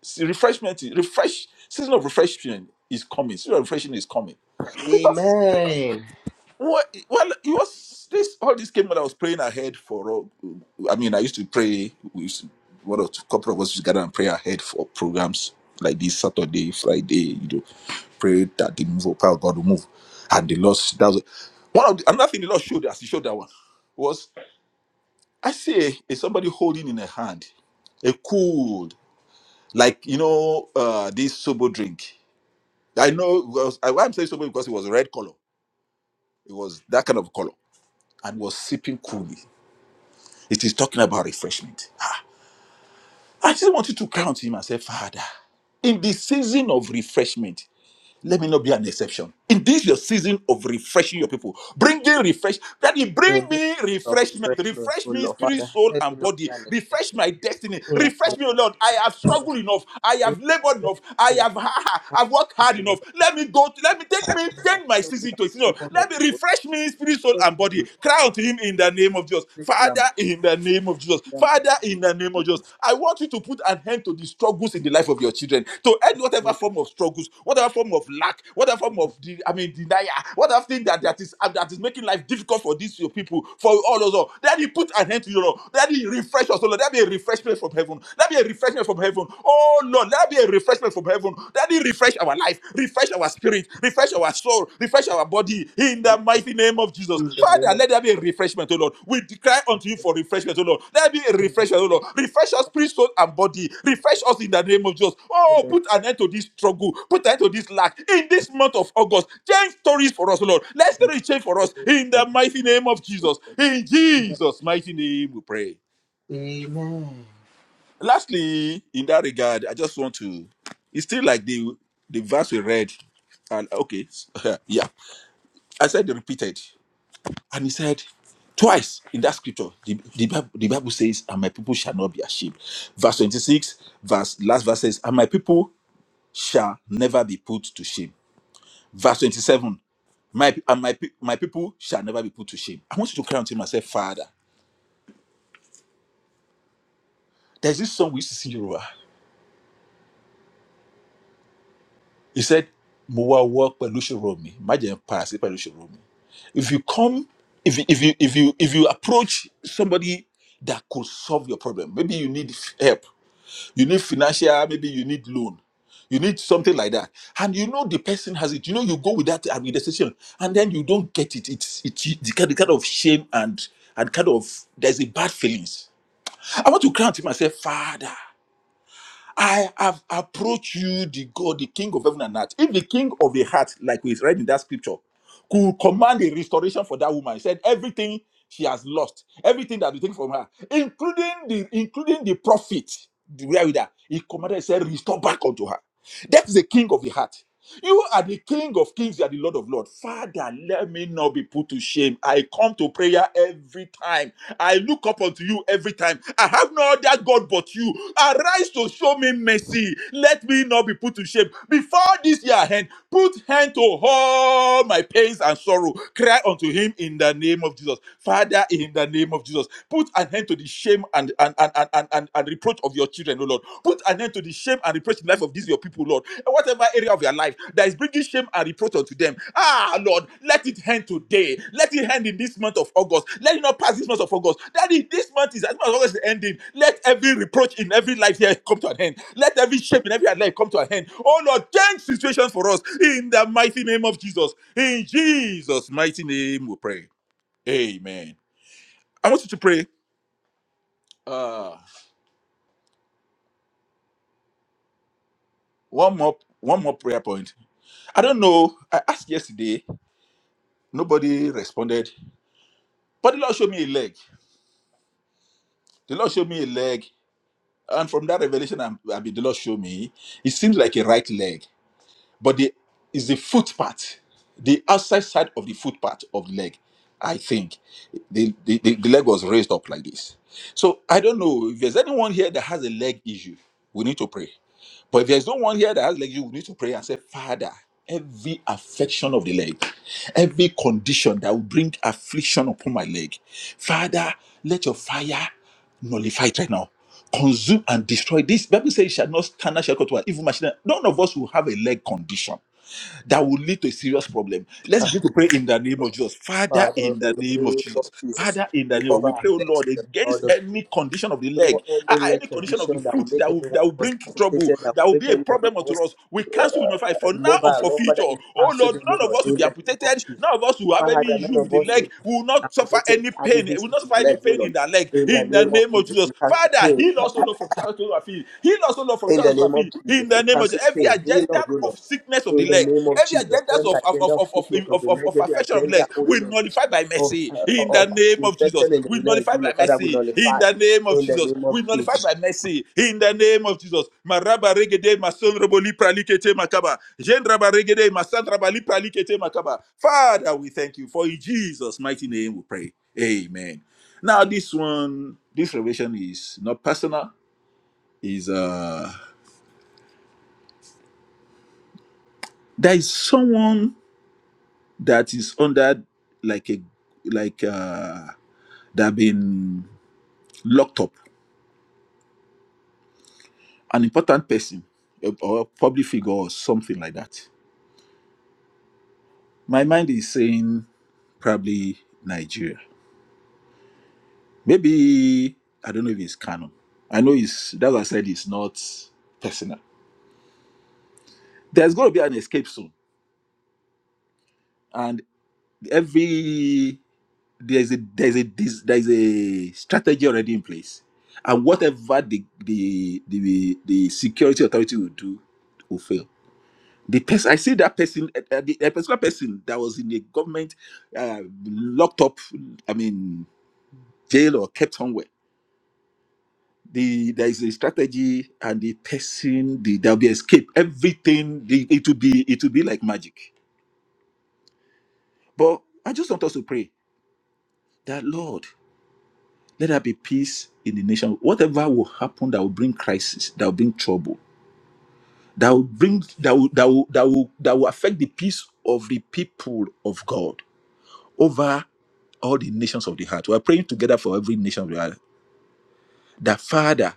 [SPEAKER 2] See, refreshment, is- refresh season of refreshment is coming. Season of refreshing is coming. Because
[SPEAKER 1] Amen.
[SPEAKER 2] what, well, it was this all this came when I was praying ahead for. uh, I mean, I used to pray. We used to, one or two couple of us used to gather and pray ahead for programs like this Saturday, Friday. You know, pray that the move of power of God will move, and the Lord. That was one of the, another thing the Lord showed us. He showed that one was I see a somebody holding in a hand a cool like you know uh this sober drink I know because I, why I'm saying so much because it was a red color. It was that kind of color and was sipping coolly. It is talking about refreshment. Ah, I just wanted to crown to him and say, Father, in the season of refreshment, Let me not be an exception. In this your season of refreshing your people, bringing refresh. Daddy,
[SPEAKER 1] In
[SPEAKER 2] bring
[SPEAKER 1] this season
[SPEAKER 2] me
[SPEAKER 1] of
[SPEAKER 2] refreshment.
[SPEAKER 1] refreshment,
[SPEAKER 2] Refresh
[SPEAKER 1] O
[SPEAKER 2] me,
[SPEAKER 1] Lord
[SPEAKER 2] spirit,
[SPEAKER 1] Father,
[SPEAKER 2] soul,
[SPEAKER 1] let me
[SPEAKER 2] and
[SPEAKER 1] not be
[SPEAKER 2] body.
[SPEAKER 1] an exception.
[SPEAKER 2] Refresh my destiny.
[SPEAKER 1] O Lord
[SPEAKER 2] Refresh
[SPEAKER 1] Father,
[SPEAKER 2] me, O Lord. I have struggled enough. I
[SPEAKER 1] let let me
[SPEAKER 2] have labored
[SPEAKER 1] be an
[SPEAKER 2] enough. I
[SPEAKER 1] exception. Let
[SPEAKER 2] have I've worked
[SPEAKER 1] me
[SPEAKER 2] hard
[SPEAKER 1] be an
[SPEAKER 2] enough. Let me go. To, let me take me turn my
[SPEAKER 1] exception
[SPEAKER 2] season
[SPEAKER 1] that
[SPEAKER 2] to a season. of-
[SPEAKER 1] people have
[SPEAKER 2] Let me
[SPEAKER 1] forgotten.
[SPEAKER 2] refresh me, spirit, soul,
[SPEAKER 1] Let
[SPEAKER 2] and
[SPEAKER 1] me be
[SPEAKER 2] body.
[SPEAKER 1] a
[SPEAKER 2] Cry unto Him in the name of Jesus,
[SPEAKER 1] great lamb
[SPEAKER 2] Father.
[SPEAKER 1] in
[SPEAKER 2] In the name name of Jesus.
[SPEAKER 1] the mighty name
[SPEAKER 2] Father, in
[SPEAKER 1] of
[SPEAKER 2] the name of Jesus,
[SPEAKER 1] Jesus.
[SPEAKER 2] I want you to put an end to the struggles in the life of your children, to end
[SPEAKER 1] Let
[SPEAKER 2] whatever
[SPEAKER 1] me
[SPEAKER 2] form of struggles, whatever form of lack, whatever form of, de- I mean, denial, whatever thing that,
[SPEAKER 1] be
[SPEAKER 2] that is uh, that is making life difficult for these your people, for all of us all. Daddy, put an end to your Lord. Daddy, refresh us, O Lord. That be a refreshment from heaven. That be a refreshment from heaven. Oh Lord, that be a refreshment from heaven. Daddy, refresh our life, refresh our spirit, refresh our soul, refresh our body in the mighty name of Jesus.
[SPEAKER 1] In the name
[SPEAKER 2] Father,
[SPEAKER 1] of
[SPEAKER 2] let
[SPEAKER 1] Jesus.
[SPEAKER 2] there be a refreshment, O Lord. We declare unto you for refreshment, O Lord. Let there be a
[SPEAKER 1] In the
[SPEAKER 2] refreshment, O Lord. Refresh us, spirit, soul, and body. Refresh us in the name of Jesus.
[SPEAKER 1] in the-
[SPEAKER 2] Oh,
[SPEAKER 1] in the
[SPEAKER 2] put an end to this struggle, put an end to this lack. In this month of August, change stories for us, O Lord. Let
[SPEAKER 1] name
[SPEAKER 2] stories change for
[SPEAKER 1] of
[SPEAKER 2] us in the
[SPEAKER 1] Jesus.
[SPEAKER 2] mighty name of Jesus. In Jesus' mighty name, we pray. Lastly, in that regard, I just want to, it's still like the the verse we read and okay yeah I said they repeated. And he said, twice in that scripture, the, the, Bible, the Bible says, and my people shall not be ashamed. Verse 26, verse last verse says, and my people shall never be put to shame. Verse 27, my and my, pe- my people shall never be put to shame. I want you to cry unto him and say, Father, there's this this Yoruba. He said, Mo wa wo pẹ̀lú ìṣòro mi, má jẹ́ n padà sí pẹ̀lú ìṣòro mi. If you come, if you, if you if you if you approach somebody that could solve your problem, maybe you need help you need financial maybe you need loan you need something like that and you know the person has it you know you go with that administration and then you don't get it it's it's the kind, the kind of shame and and kind of there's a bad feelings i want to cry unto myself father I have approached you, the God, the King of heaven and earth. If the King of the heart, like we read in that scripture, could command a restoration for that woman, he said everything she has lost, everything that we take from her, including the including the profit, the where with her, he commanded, he said, restore back unto her. That is the King of the heart. You are the King of Kings, you are the Lord of Lords. Father, let me not be put to shame. I come to prayer every time. I look up unto you every time. I have no other God but you. Arise to show me mercy. Let me not be put to shame. Before this year end, put hand to all my pains and sorrow. Cry unto him in the name of Jesus. Father, in the name of Jesus, put an end to the shame and and and and and, and and reproach of your children, O Lord. Put an end to the shame and reproach in the life of these your people, Lord. And whatever area of your life that is bringing shame and reproach unto them, ah, Lord, let it end today. Let it end in this month of August. Let it not pass this month of August. Daddy, this month is as much as August is ending. Let every reproach in every life here come to an end. Let every shame in every life come to an end. Oh Lord, change situations for us in the mighty name of Jesus. In Jesus' mighty name, we pray. Amen. I want you to pray. Uh, one more, one more prayer point. I don't know. I asked yesterday. Nobody responded. But the Lord showed me a leg. The Lord showed me a leg. And from that revelation, I, I mean, the Lord showed me, it seems like a right leg. But the is the foot part, the outside side of the foot part of the leg, I think. The, the, the, the leg was raised up like this. So I don't know. If there's anyone here that has a leg issue, we need to pray. But if there's no one here that has leg, you need to pray and say, Father, every affection of the leg, every condition that will bring affliction upon my leg, Father, let your fire nullify it right now. Consume and destroy this. Bible says, "It shall not stand, shall come to us." Even machine. None of us will have a leg condition that will lead to a serious problem. Let's begin to pray in the name of Jesus. Father,
[SPEAKER 1] Father, in
[SPEAKER 2] in the
[SPEAKER 1] the
[SPEAKER 2] name of
[SPEAKER 1] name of
[SPEAKER 2] Jesus.
[SPEAKER 1] Jesus,
[SPEAKER 2] Father, in the
[SPEAKER 1] we
[SPEAKER 2] name of
[SPEAKER 1] cover
[SPEAKER 2] we
[SPEAKER 1] our
[SPEAKER 2] pray, oh
[SPEAKER 1] legs
[SPEAKER 2] Lord,
[SPEAKER 1] with the blood
[SPEAKER 2] against
[SPEAKER 1] of
[SPEAKER 2] any condition of the leg,
[SPEAKER 1] no
[SPEAKER 2] uh,
[SPEAKER 1] any
[SPEAKER 2] uh,
[SPEAKER 1] leg
[SPEAKER 2] any condition of the
[SPEAKER 1] condition that will
[SPEAKER 2] foot
[SPEAKER 1] make
[SPEAKER 2] that will
[SPEAKER 1] anyone
[SPEAKER 2] that will
[SPEAKER 1] of us
[SPEAKER 2] bring trouble,
[SPEAKER 1] amputated, that
[SPEAKER 2] that will
[SPEAKER 1] will make
[SPEAKER 2] be a
[SPEAKER 1] any one
[SPEAKER 2] problem
[SPEAKER 1] of
[SPEAKER 2] unto
[SPEAKER 1] us
[SPEAKER 2] us. We cancel in fight
[SPEAKER 1] uh,
[SPEAKER 2] for now and
[SPEAKER 1] immobile,
[SPEAKER 2] for
[SPEAKER 1] Lord
[SPEAKER 2] future.
[SPEAKER 1] Father, in
[SPEAKER 2] Oh
[SPEAKER 1] cancel
[SPEAKER 2] Lord,
[SPEAKER 1] the moon
[SPEAKER 2] none of
[SPEAKER 1] or
[SPEAKER 2] us
[SPEAKER 1] in
[SPEAKER 2] will be
[SPEAKER 1] the name of
[SPEAKER 2] amputated,
[SPEAKER 1] Jesus.
[SPEAKER 2] none of us will have
[SPEAKER 1] Father,
[SPEAKER 2] any
[SPEAKER 1] none
[SPEAKER 2] issue
[SPEAKER 1] of
[SPEAKER 2] with the
[SPEAKER 1] us will be
[SPEAKER 2] leg, we will not suffer
[SPEAKER 1] amputated
[SPEAKER 2] any
[SPEAKER 1] any
[SPEAKER 2] pain, we
[SPEAKER 1] issues
[SPEAKER 2] will not
[SPEAKER 1] with
[SPEAKER 2] suffer any
[SPEAKER 1] legs, oh
[SPEAKER 2] pain
[SPEAKER 1] Lord.
[SPEAKER 2] in the leg.
[SPEAKER 1] In the
[SPEAKER 2] In the
[SPEAKER 1] name of
[SPEAKER 2] name of
[SPEAKER 1] Jesus, we
[SPEAKER 2] Jesus.
[SPEAKER 1] cancel
[SPEAKER 2] Father,
[SPEAKER 1] pain.
[SPEAKER 2] heal us, oh Lord, from Heal us, O Lord, from
[SPEAKER 1] In the
[SPEAKER 2] thousands of
[SPEAKER 1] name of
[SPEAKER 2] feet. In
[SPEAKER 1] Jesus, we
[SPEAKER 2] the name of
[SPEAKER 1] cancel
[SPEAKER 2] Jesus. Every
[SPEAKER 1] pain. Heal
[SPEAKER 2] agenda
[SPEAKER 1] Lord, oh
[SPEAKER 2] of
[SPEAKER 1] Lord.
[SPEAKER 2] sickness of the
[SPEAKER 1] In the
[SPEAKER 2] leg,
[SPEAKER 1] name of
[SPEAKER 2] every
[SPEAKER 1] Jesus,
[SPEAKER 2] agenda
[SPEAKER 1] every
[SPEAKER 2] of, of,
[SPEAKER 1] agenda
[SPEAKER 2] of,
[SPEAKER 1] of
[SPEAKER 2] of, of,
[SPEAKER 1] sickness of
[SPEAKER 2] of,
[SPEAKER 1] the
[SPEAKER 2] of, of
[SPEAKER 1] negative
[SPEAKER 2] affection of the
[SPEAKER 1] agenda,
[SPEAKER 2] legs,
[SPEAKER 1] oh
[SPEAKER 2] we
[SPEAKER 1] Lord,
[SPEAKER 2] nullify by
[SPEAKER 1] of,
[SPEAKER 2] mercy.
[SPEAKER 1] uh,
[SPEAKER 2] In the
[SPEAKER 1] of
[SPEAKER 2] name of Jesus.
[SPEAKER 1] infection in
[SPEAKER 2] We
[SPEAKER 1] the leg, oh
[SPEAKER 2] nullify by
[SPEAKER 1] Lord, Father, we
[SPEAKER 2] mercy. In
[SPEAKER 1] nullify.
[SPEAKER 2] the name of
[SPEAKER 1] In the
[SPEAKER 2] Jesus.
[SPEAKER 1] name of
[SPEAKER 2] We nullify
[SPEAKER 1] Jesus.
[SPEAKER 2] by mercy. In the name of Jesus. Maraba regede mason roboli pralikete makaba. Jen raba regede masan rabali pralikete makaba. Father, we thank you. For in Jesus' mighty name we pray. Amen. Now, this one, this revelation is not personal is uh there is someone that is under like a like uh that been locked up an important person or or public figure or something like that my mind is saying probably nigeria maybe i don't know if it's canon i know it's that's why i said it's not personal there's going to be an escape soon and every there's a there's a this, there's a strategy already in place and whatever the the the, the security authority will do will fail the person i see that person uh, uh, the a particular person that was in the government uh, locked up i mean jail or kept somewhere the there is a strategy and the person the there'll be escape everything the, it will be it will be like magic but i just want us to pray that lord Let there be peace in the nation. Whatever will happen that will bring crisis, that will bring trouble, that will bring that will that will that will, that will affect the peace of the people of God over all the nations of the earth. We are praying together for every nation of the earth. That Father,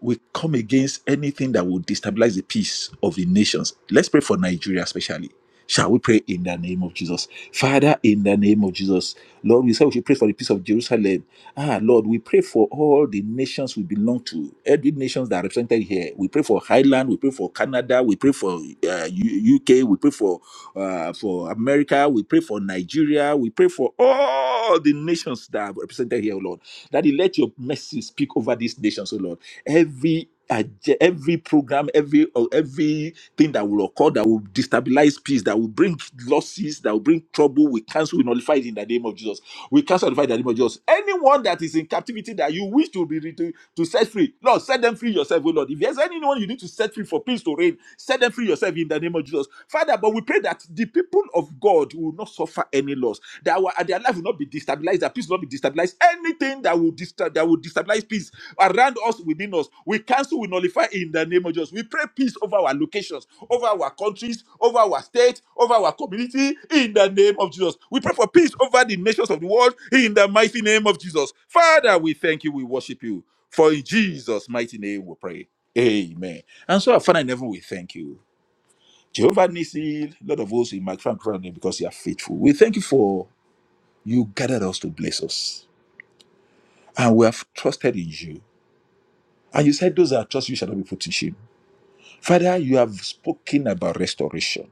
[SPEAKER 2] we come against anything that will destabilize the peace of the nations. Let's pray for Nigeria, especially. Shall we pray in the name of Jesus? Father, in the name of Jesus, Lord, we say we should pray for the peace of Jerusalem. Ah, Lord, we pray for all the nations we belong to, every nations that are represented here. We pray for Highland, we pray for Canada, we pray for uh, U- UK, we pray for uh, for America, we pray for Nigeria, we pray for all the nations that are represented represented here, O Lord. Daddy, let your mercy speak over these nations, O Lord. Every ag- every program, every or everything that will occur that will destabilize peace, that will bring losses, that will bring trouble, we cancel, we nullify it in the name of Jesus. We cancel, nullify it in the name of Jesus. Anyone that is in captivity that you wish to be to, to set free, Lord, set them free yourself, O Lord. If there's anyone you need to set free for peace to reign, set them free yourself in the name of Jesus, Father. But we pray that the people of God will will not suffer any loss. That our, their life will not be destabilized. That peace will not be destabilized. Anything that will disturb, that will destabilize peace around us, within us, we cancel, we nullify in the name of Jesus. We pray peace over our locations, over our countries, over our state, over our community, in the name of Jesus. We pray for peace over the nations of the world, in the mighty name of Jesus. Father, we thank you. We worship you. For in Jesus' mighty name we pray. Amen. And so, our Father in heaven, we thank you. Jehovah Nissi, Lord of hosts, we magnify and glorify your because you are faithful. We thank you for you gathered us to bless us, and we have trusted in you. And you said, Those that trust you shall not be put to shame. Father, you have spoken about restoration,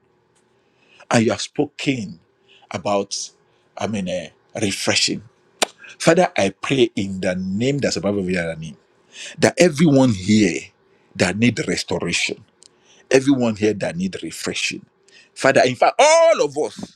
[SPEAKER 2] and you have spoken about, I mean, eh, refreshing. Father, I pray in the name that's above every other name that everyone here that need restoration, everyone here that need refreshing, Father, in fact, all of us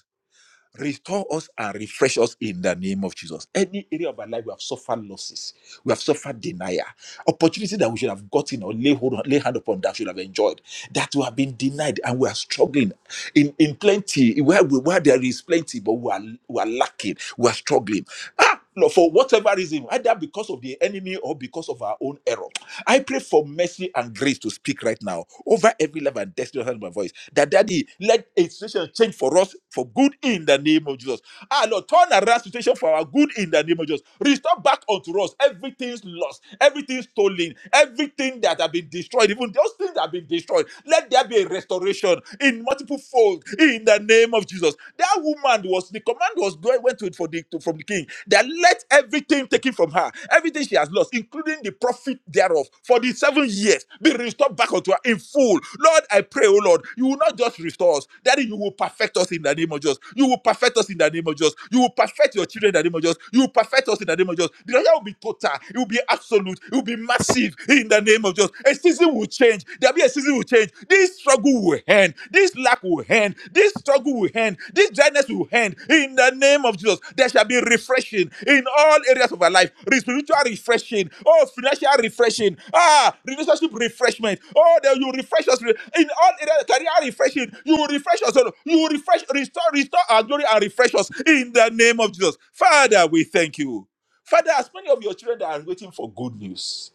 [SPEAKER 2] Restore us and refresh us in the name of Jesus. Any area of our life we have suffered losses, we have suffered denial, opportunity that we should have gotten or lay hold on, lay hand upon that we should have enjoyed, that we have been denied and we are struggling in, in plenty, where, we- where there is plenty, but we are, we are lacking, we are struggling. Ah, no, for whatever reason, either because of the enemy or because of our own error. I pray for mercy and grace to speak right now over every level and destiny of my voice. That daddy, let a situation change for us for good in the name of Jesus. Ah Lord, turn around situation for our good in the name of Jesus. Restore back unto us everything's lost, everything stolen, everything that have been destroyed, even those things that have been destroyed. Let there be a restoration in multiple fold in the name of Jesus. Jesus. That woman was the command was going went to it for the to, from the king that let everything taken from her, everything she has lost, including the profit thereof, for the seven years be restored back unto her in full. Lord, I pray, oh Lord, you will not just restore us, that you will perfect us in the name of Jesus. You will perfect us in the name of Jesus. You will perfect your children in the name of Jesus. You will perfect us in the name of Jesus. The Lord will be total, it will be absolute, it will be massive in the name of Jesus. A season will change. There'll be a season will change. This struggle will end. This lack will end. This struggle will end. This dryness will end. In the name of Jesus, there shall be refreshing in all areas of our life. Re- Spiritual refreshing. Oh, financial refreshing. Ah, relationship refreshment. Oh, that you refresh us re- in all areas. Career refreshing. You will refresh us. oh Lord. You will refresh, restore, restore our glory and refresh us in the name of Jesus. Father, we thank you. Father, as many of your children that are waiting for good news,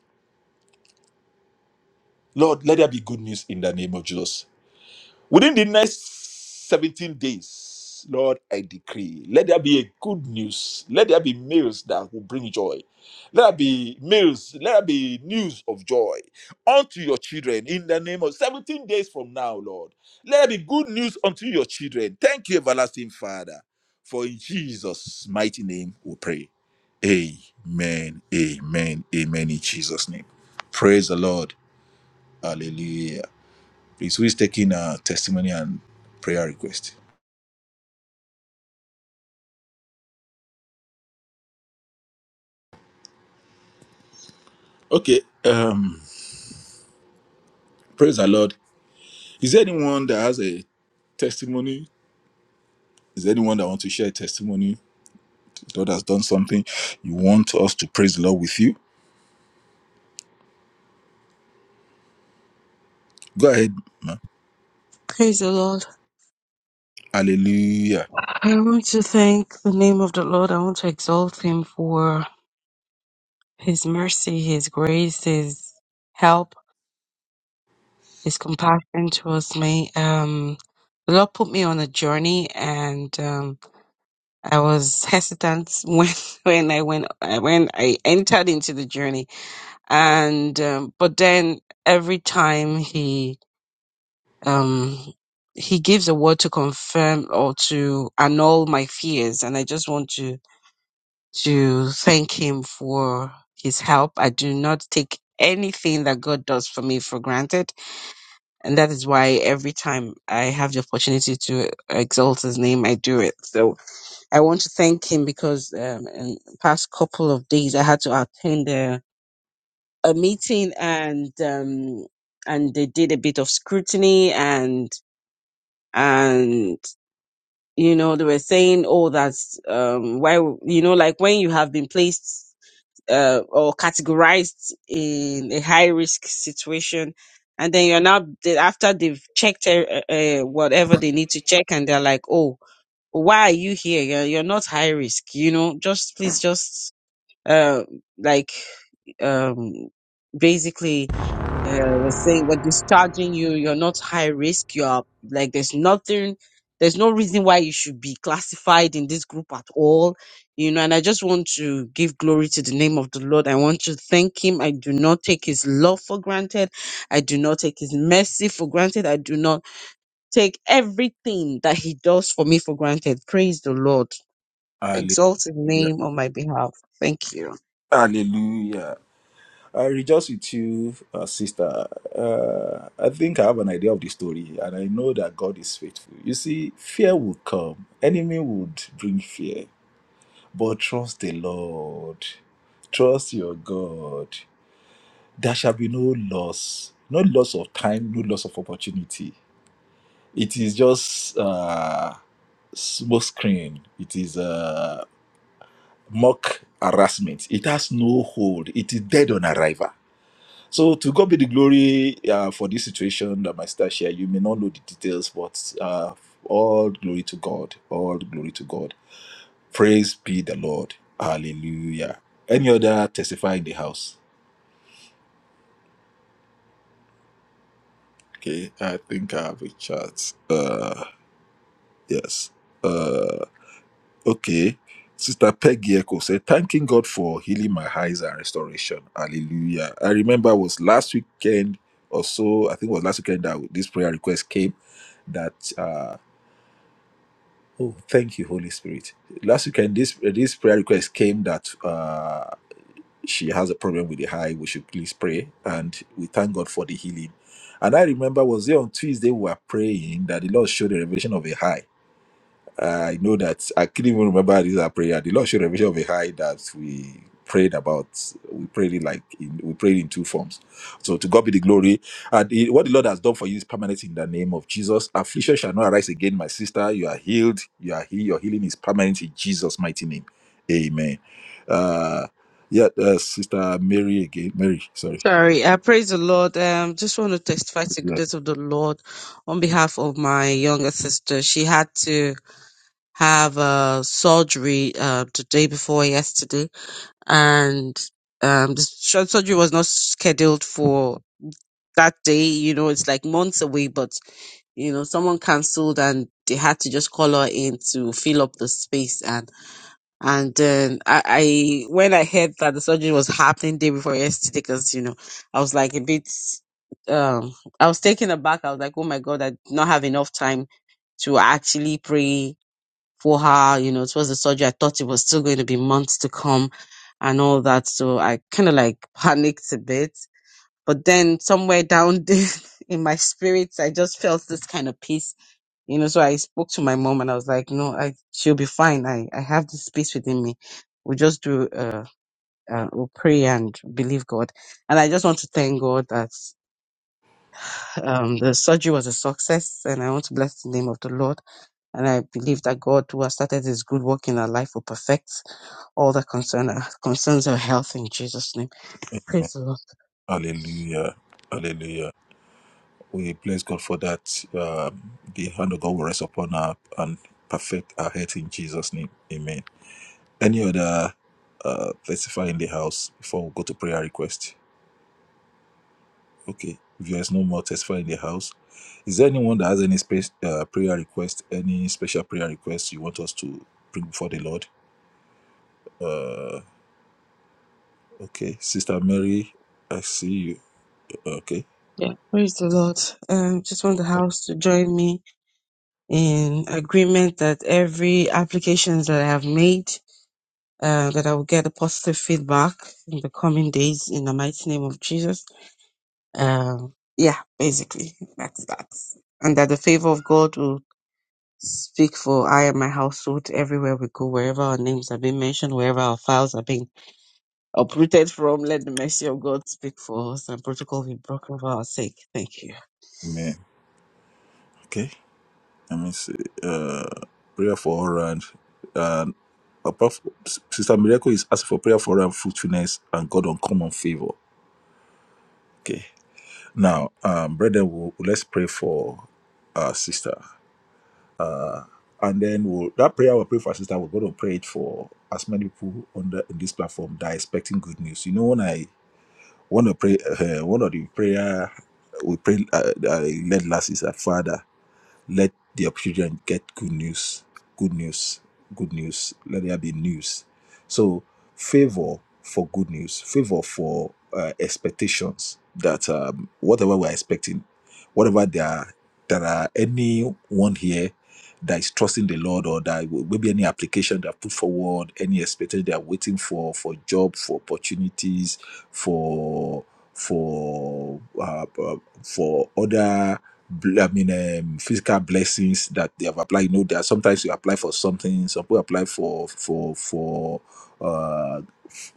[SPEAKER 2] Lord, let there be good news in the name of Jesus. Within the next 17 days, Lord, I decree, let there be a good news. Let there be meals that will bring joy. Let there be meals. Let there be news of joy unto your children in the name of 17 days from now, Lord. Let there be good news unto your children. Thank you, everlasting Father. For in Jesus' mighty name we pray. Amen. Amen. Amen. In Jesus' name. Praise the Lord. Hallelujah. Please, who is taking a testimony and prayer request? Okay. Um, praise the Lord. Is there anyone that has a testimony? Is there anyone that wants to share a testimony? God has done something. You want us to praise the Lord with you? Go ahead, man.
[SPEAKER 4] Praise the Lord.
[SPEAKER 2] Hallelujah.
[SPEAKER 4] I want to thank the name of the Lord. I want to exalt him for His mercy, His grace, His help, His compassion towards me. Um, the Lord put me on a journey, and um, I was hesitant when when I went when I entered into the journey. And um, but then every time He um, He gives a word to confirm or to annul my fears, and I just want to to thank him for his help. I do not take anything that God does for me for granted. And that is why every time I have the opportunity to exalt his name, I do it. So I want to thank him because um, in the past couple of days, I had to attend a, a meeting and, um, and they did a bit of scrutiny and and you know they were saying oh that's um why you know like when you have been placed uh, or categorized in a high risk situation. And then you're now, they- after they've checked uh, uh, uh, whatever they need to check, and they're like, oh, why are you here? You're, you're not high risk, you know, just please, just, uh, like, um, basically uh, was saying we're discharging you. You're not high risk. You're like there's nothing, there's no reason why you should be classified in this group at all. You know, and I just want to give glory to the name of the Lord. I want to thank Him. I do not take His love for granted. I do not take His mercy for granted. I do not take everything that He does for me for granted. Praise the Lord. Exalt His
[SPEAKER 2] Hallelujah.
[SPEAKER 4] name on my behalf. Thank you.
[SPEAKER 2] Hallelujah. I rejoice with you, uh, sister. Uh, I think I have an idea of the story, and I know that God is faithful. You see, fear will come. Enemy would bring fear, But trust the Lord. Trust your God. There shall be no loss, no loss of time, no loss of opportunity. It is just uh, smoke screen. It is uh, mock harassment. It has no hold. It is dead on arrival. So to God be the glory uh, for this situation that my sister shared. You may not know the details, but uh, all glory to God. All glory to God. Praise be the Lord. Hallelujah. Any other testify in the house? Okay, I think I have a chat. Uh yes. Uh okay. Sister Peggy Echo said, thanking God for healing my eyes and restoration. Hallelujah. I remember it was last weekend or so. I think it was last weekend that this prayer request came that uh oh thank you, Holy Spirit. Last weekend this this prayer request came that uh, she has a problem with the high. We should please pray. And we thank God for the healing. And I remember, was there on Tuesday we were praying that the Lord showed a revelation of a high. I know that I couldn't even remember this our prayer. The Lord showed a of a high that we prayed about. We prayed it like in, we prayed in two forms. So to God be the glory. And it- what the Lord has done for you is permanent in the name of Jesus. Affliction shall not arise again, my sister. You are healed. You are healed. Your healing is permanent in Jesus' mighty name. Amen. Uh, yeah, uh, Sister Mary again. Mary, sorry.
[SPEAKER 4] Sorry, I praise the Lord. Um, just want to testify to the
[SPEAKER 2] Yeah.
[SPEAKER 4] goodness of the Lord on behalf of my younger sister. She had to have uh, surgery uh, the day before yesterday, and um, the sur- surgery was not scheduled for that day. You know, it's like months away, but you know, someone cancelled and they had to just call her in to fill up the space, and then I, I when I heard that the surgery was happening day before yesterday, because you know, I was like a bit um I was taken aback. I was like, Oh my god, I did not have enough time to actually pray for her, you know, it was the surgery. I thought it was still going to be months to come and all that. So I kinda like panicked a bit. But then somewhere down in my spirits I just felt this kind of peace you know, so I spoke to my mom and I was like, no, I, she'll be fine. I, I have this peace within me. We'll just do, uh, uh, we'll pray and believe God. And I just want to thank God that, um, the surgery was a success and I want to bless the name of the Lord. And I believe that God who has started his good work in our life will perfect all that concern, uh, concerns our health in Jesus name. Praise the Lord.
[SPEAKER 2] Hallelujah. Hallelujah. We bless God for that. Um, the hand of God will rest upon her and perfect our health in Jesus' name. Amen. Any other uh, testify in the house before we go to prayer request? Okay. If there's no more testify in the house, is there anyone that has any space, uh, prayer request, any special prayer request you want us to bring before the Lord? Uh, okay. Sister Mary, I see you. Okay.
[SPEAKER 4] Yeah. Praise the Lord. Um, just want the house to join me in agreement that every applications that I have made uh, that I will get a positive feedback in the coming days in the mighty name of Jesus. Um, yeah, basically, that's that. And that the favor of God will speak for I and my household everywhere we go, wherever our names are being mentioned, wherever our files are being uprooted from. Let the mercy of God speak for us and protocol be broken for our sake. Thank you.
[SPEAKER 2] Amen. Okay. Let me see. Uh, prayer for all round. Apart Sister Miracle is asking for prayer for her fruitfulness and God uncommon favor. Okay. Now, um, brethren, we'll, let's pray for our sister. And then we'll, that prayer we'll pray for our sister, we're going to pray it for as many people on, the, on this platform that are expecting good news. You know, when I want to pray, uh, one of the prayer we prayed, uh, that I led last is that Father. Let your children get good news, good news, good news. Let there be news. So, favor for good news, favor for uh, expectations that um, whatever we're expecting, whatever there are, there are anyone here that is trusting the Lord or that maybe any application they have put forward, any expectation they are waiting for, for job, for opportunities, for for uh, uh, for other bl- I mean, um, physical blessings that they have applied. You know, there are sometimes you apply for something. Some people apply for for for uh,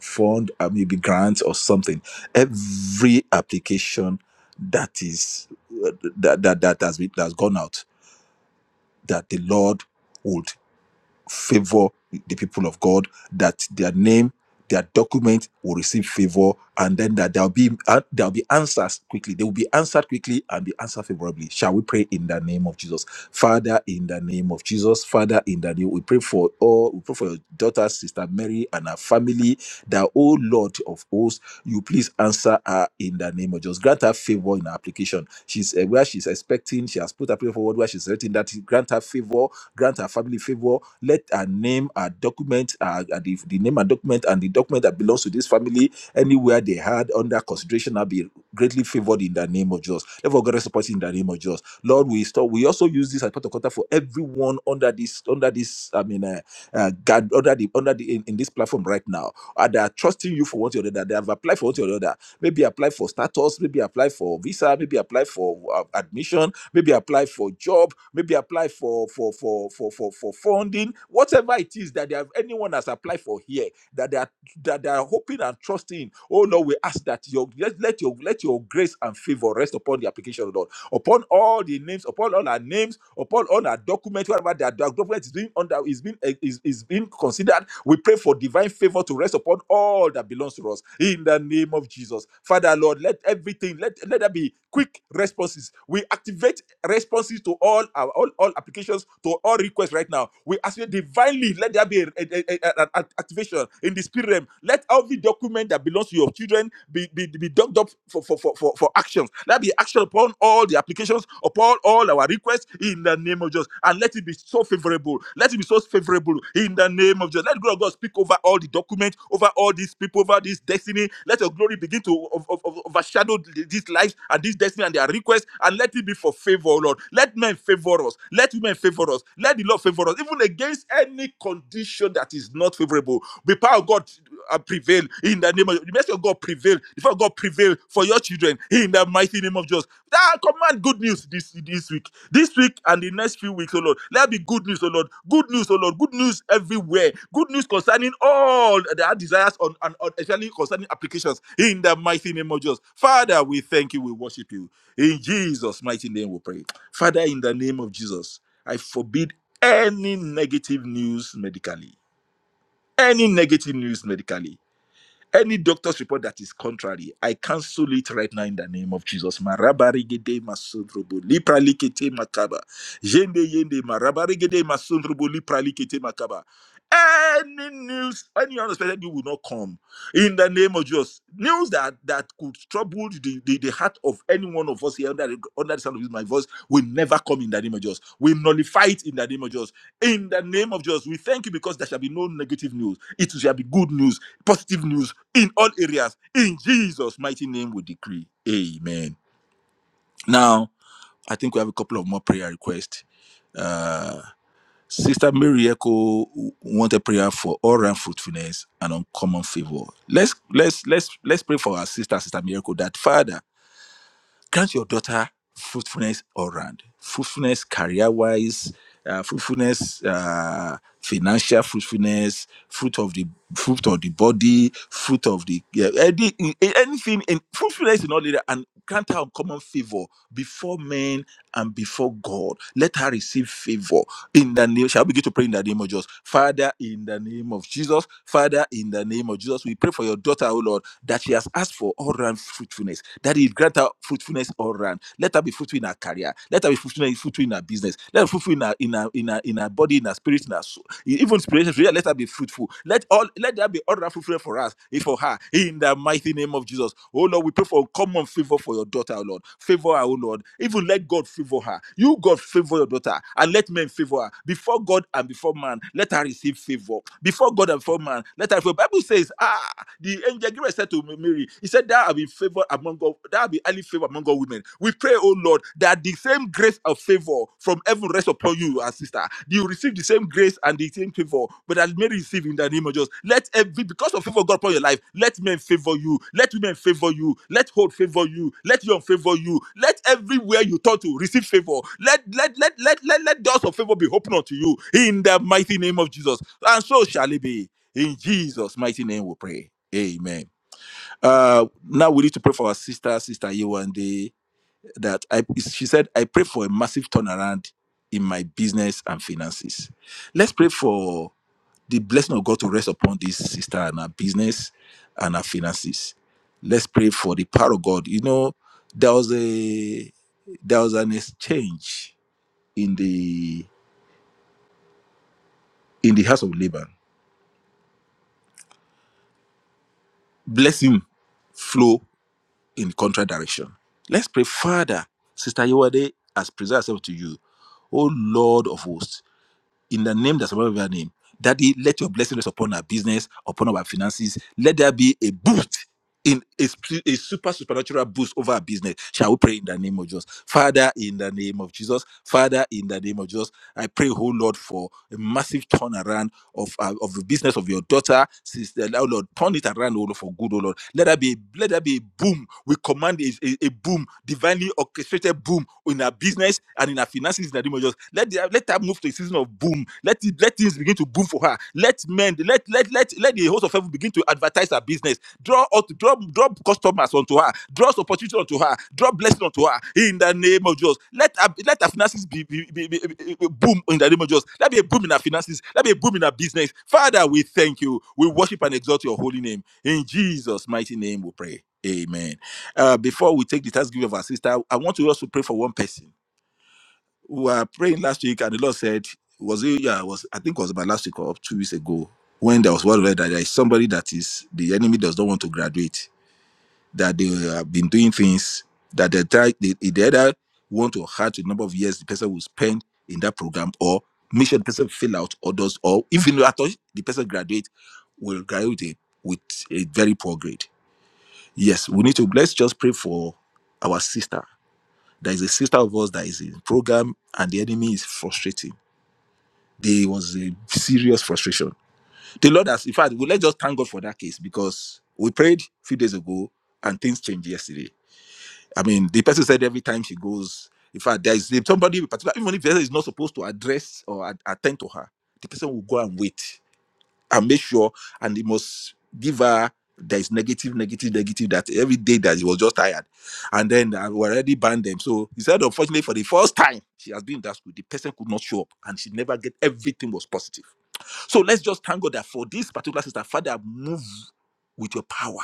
[SPEAKER 2] fund, uh, maybe grant or something. Every application that is uh, that that that has been that's gone out that the Lord would favor the people of God, that their name, their document will receive favor, and then that there'll be uh, there'll be answers quickly. They will be answered quickly and be answered favorably. Shall we pray in the name of Jesus? Father, in the name of Jesus, Father, in the name, we pray for all, we pray for your daughter, sister Mary, and her family, that oh Lord of hosts, you please answer her in the name of Jesus. Grant her favor in her application. She's uh, where she's expecting, she has put her prayer forward where she's written that grant her favor, grant her family favor, let our name, our document, our, our- the, the name and document, and the document that belongs to this family, anywhere they had under consideration, I'll be greatly favored in the name of Jesus. Therefore, God support in the name of Jesus. Lord, we stop. We also use this as part of contact for everyone under this, under this. I mean, uh, uh, God, under the, under the, in, in this platform right now, uh, they are trusting you for one thing or the other. They have applied for one thing or the other. Maybe apply for status, maybe apply for visa, maybe apply for uh, admission, maybe apply for job, maybe apply for for for for for, for funding, whatever it is that they have anyone has applied for here that they are that they are hoping and trusting. Oh Lord, we ask that your let, let your let your grace and favor rest upon the application, Lord upon all the names, upon all our names, upon all our documents, whatever their documents is being under is being eh, is, is being considered. We pray for divine favor to rest upon all that belongs to us in the name of Jesus. Father Lord, let everything let let there be quick responses. We activate responses to all our all, all applications to all requests right now. We ask you divinely let there be a- a- a- a- an activation in the spirit realm. Let every document document that belongs to your children be, be, be docked up for, for, for, for, for actions. Let be action upon all the applications, upon all our requests in the name of Jesus. And let it be so favorable. Let it be so favorable in the name of Jesus. Let God, God speak over all the documents, over all these people, over this destiny. Let your glory begin to ov- ov- ov- overshadow these lives and this destiny and their requests. And let it be for favor, Lord. Let men favor us. Let women favor us. Let the Lord favor us for us, even against any condition that is not favorable. The power of God uh, prevail in the name of the mercy of God prevail. The power of God prevail for your children in the mighty name of Jesus. That command good news this this week, this week and the next few weeks, oh Lord. Let there be good news, oh Lord. Good news, oh Lord. Good news everywhere. Good news concerning all their desires on and on, especially concerning applications in the mighty name of Jesus. Father, we thank you. We worship you in Jesus' mighty name. We pray, Father, in the name of Jesus. I forbid any negative news medically, any negative news medically. Any doctor's report that is contrary, I cancel it right now in the name of Jesus. Marabarigede masundrubu, lipralikete makaba. Yende yende marabarigede masundrubu, lipralikete makaba. Any news, any unexpected news will not come in the name of Jesus. News that that could trouble the, the, the heart of any one of us here under, the- under the sound of my voice will never come in the name of Jesus. We nullify it in the name of Jesus. In the name of Jesus, we thank you because there shall be no negative news. It shall be good news positive news in all areas. In Jesus' mighty name, we decree. Amen. Now, I think we have a couple of more prayer requests. Uh, Sister Mary Echo want a prayer for all round fruitfulness and uncommon favor. Let's let's let's let's pray for our sister, Sister Miracle, that Father grant your daughter fruitfulness all round fruitfulness career wise uh, fruitfulness uh, financial fruitfulness fruit of the fruit of the body fruit of the yeah, any, anything in fruitfulness in all area and grant her uncommon favor before men and before god let her receive favor in the name shall we begin to pray in the name of jesus father in the name of jesus father in the name of jesus we pray for your daughter O lord that she has asked for all round all round fruitfulness. Daddy, grant her fruitfulness all round. Let her be fruitful in her career. Let her be fruitful in, fruitful in her business. Let her be fruitful in her in her in her, in her body, in her spirit, in her soul. E- Even spiritually, let her be fruitful. Let all let there be all round fruitfulness for us, eh, for her. In the mighty name of Jesus. Oh Lord, we pray for common favor for your daughter, oh Lord. Favor her, oh Lord. Even let God favor her. You God favor your daughter and let men favor her. Before God and before man, let her receive favor. Before God and before man, let her favor. Bible says, ah. The angel Gabriel said to Mary, He said, Thou have been favored among God, thou art be highly favored among all women. We pray, O Lord, that the same grace of favor from heaven rest upon you, our sister. You receive the same grace and the same favor, but that Mary receive in the name of Jesus. Let every because of favor of God upon your life, let men favor you, let women favor you, let hold favor you, let young favor you, let everywhere you turn to receive favor. Let let let let let, let doors of favor be open unto you in the mighty name of Jesus. And so shall it be. In Jesus' mighty name we pray. Amen. Uh, now we need to pray for our sister, Sister Yewande, that I, she said, I pray for a massive turnaround in my business and finances. Let's pray for the blessing of God to rest upon this sister and her business and her finances. Let's pray for the power of God. You know, there was a there was an exchange in the in the house of Laban. Blessing flow in contrary direction. Let's pray, Father, Sister Yewade has presented herself to you. O Lord of hosts, in the name that's above your name, Daddy, let your blessing rest upon our business, upon our finances. Let there be a boost in a, sp- a super supernatural boost over our business. Shall we pray in the name of Jesus? Father, in the name of Jesus. Father, in the name of Jesus. I pray, oh Lord, for a massive turnaround of uh, of the business of your daughter, sister. Oh Lord, turn it around, oh Lord, for good, oh Lord. Let there be let there be a boom. We command a, a, a boom, divinely orchestrated boom in our business and in our finances in the name of Jesus. Let the, let that move to a season of boom. Let it let things begin to boom for her. Let men, let let let let the host of heaven begin to advertise her business. Draw out, draw draw customers onto her. Draw opportunity onto her. Draw blessing onto her. In the name of Jesus, let her, let her finances be, be, be, be- be- be- boom in the name of Jesus. Let be a boom in her finances. Let be a boom in her business. Father, we thank you. We worship and exalt your holy name. In Jesus' mighty name, we pray. Amen. Uh, before we take the thanksgiving of our sister, I want to also pray for one person we were praying last week, and the Lord said, "Was it? Yeah, it was I think it was about last week or two weeks ago when there was one word that there is somebody that is the enemy does not want to graduate. That they have been doing things that they try they, they either want to hurt the number of years the person will spend in that program, or make sure the person fill out, or does, or even though at all the person graduate will graduate with a very poor grade. Yes, we need to let's just pray for our sister. There is a sister of us that is in program, and the enemy is frustrating there was a serious frustration. The Lord has, in fact, we let's just thank God for that case because we prayed a few days ago and things changed yesterday. I mean, the person said every time she goes, in fact, there is somebody in particular, even if the person is not supposed to address or at- attend to her, the person will go and wait and make sure, and he must give her. There is negative, negative, negative. That every day that he was just tired, and then I already banned them. So he said, unfortunately, for the first time she has been in that school, the person could not show up, and she never get everything was positive so let's just thank God that for this particular sister, Father, move with your power.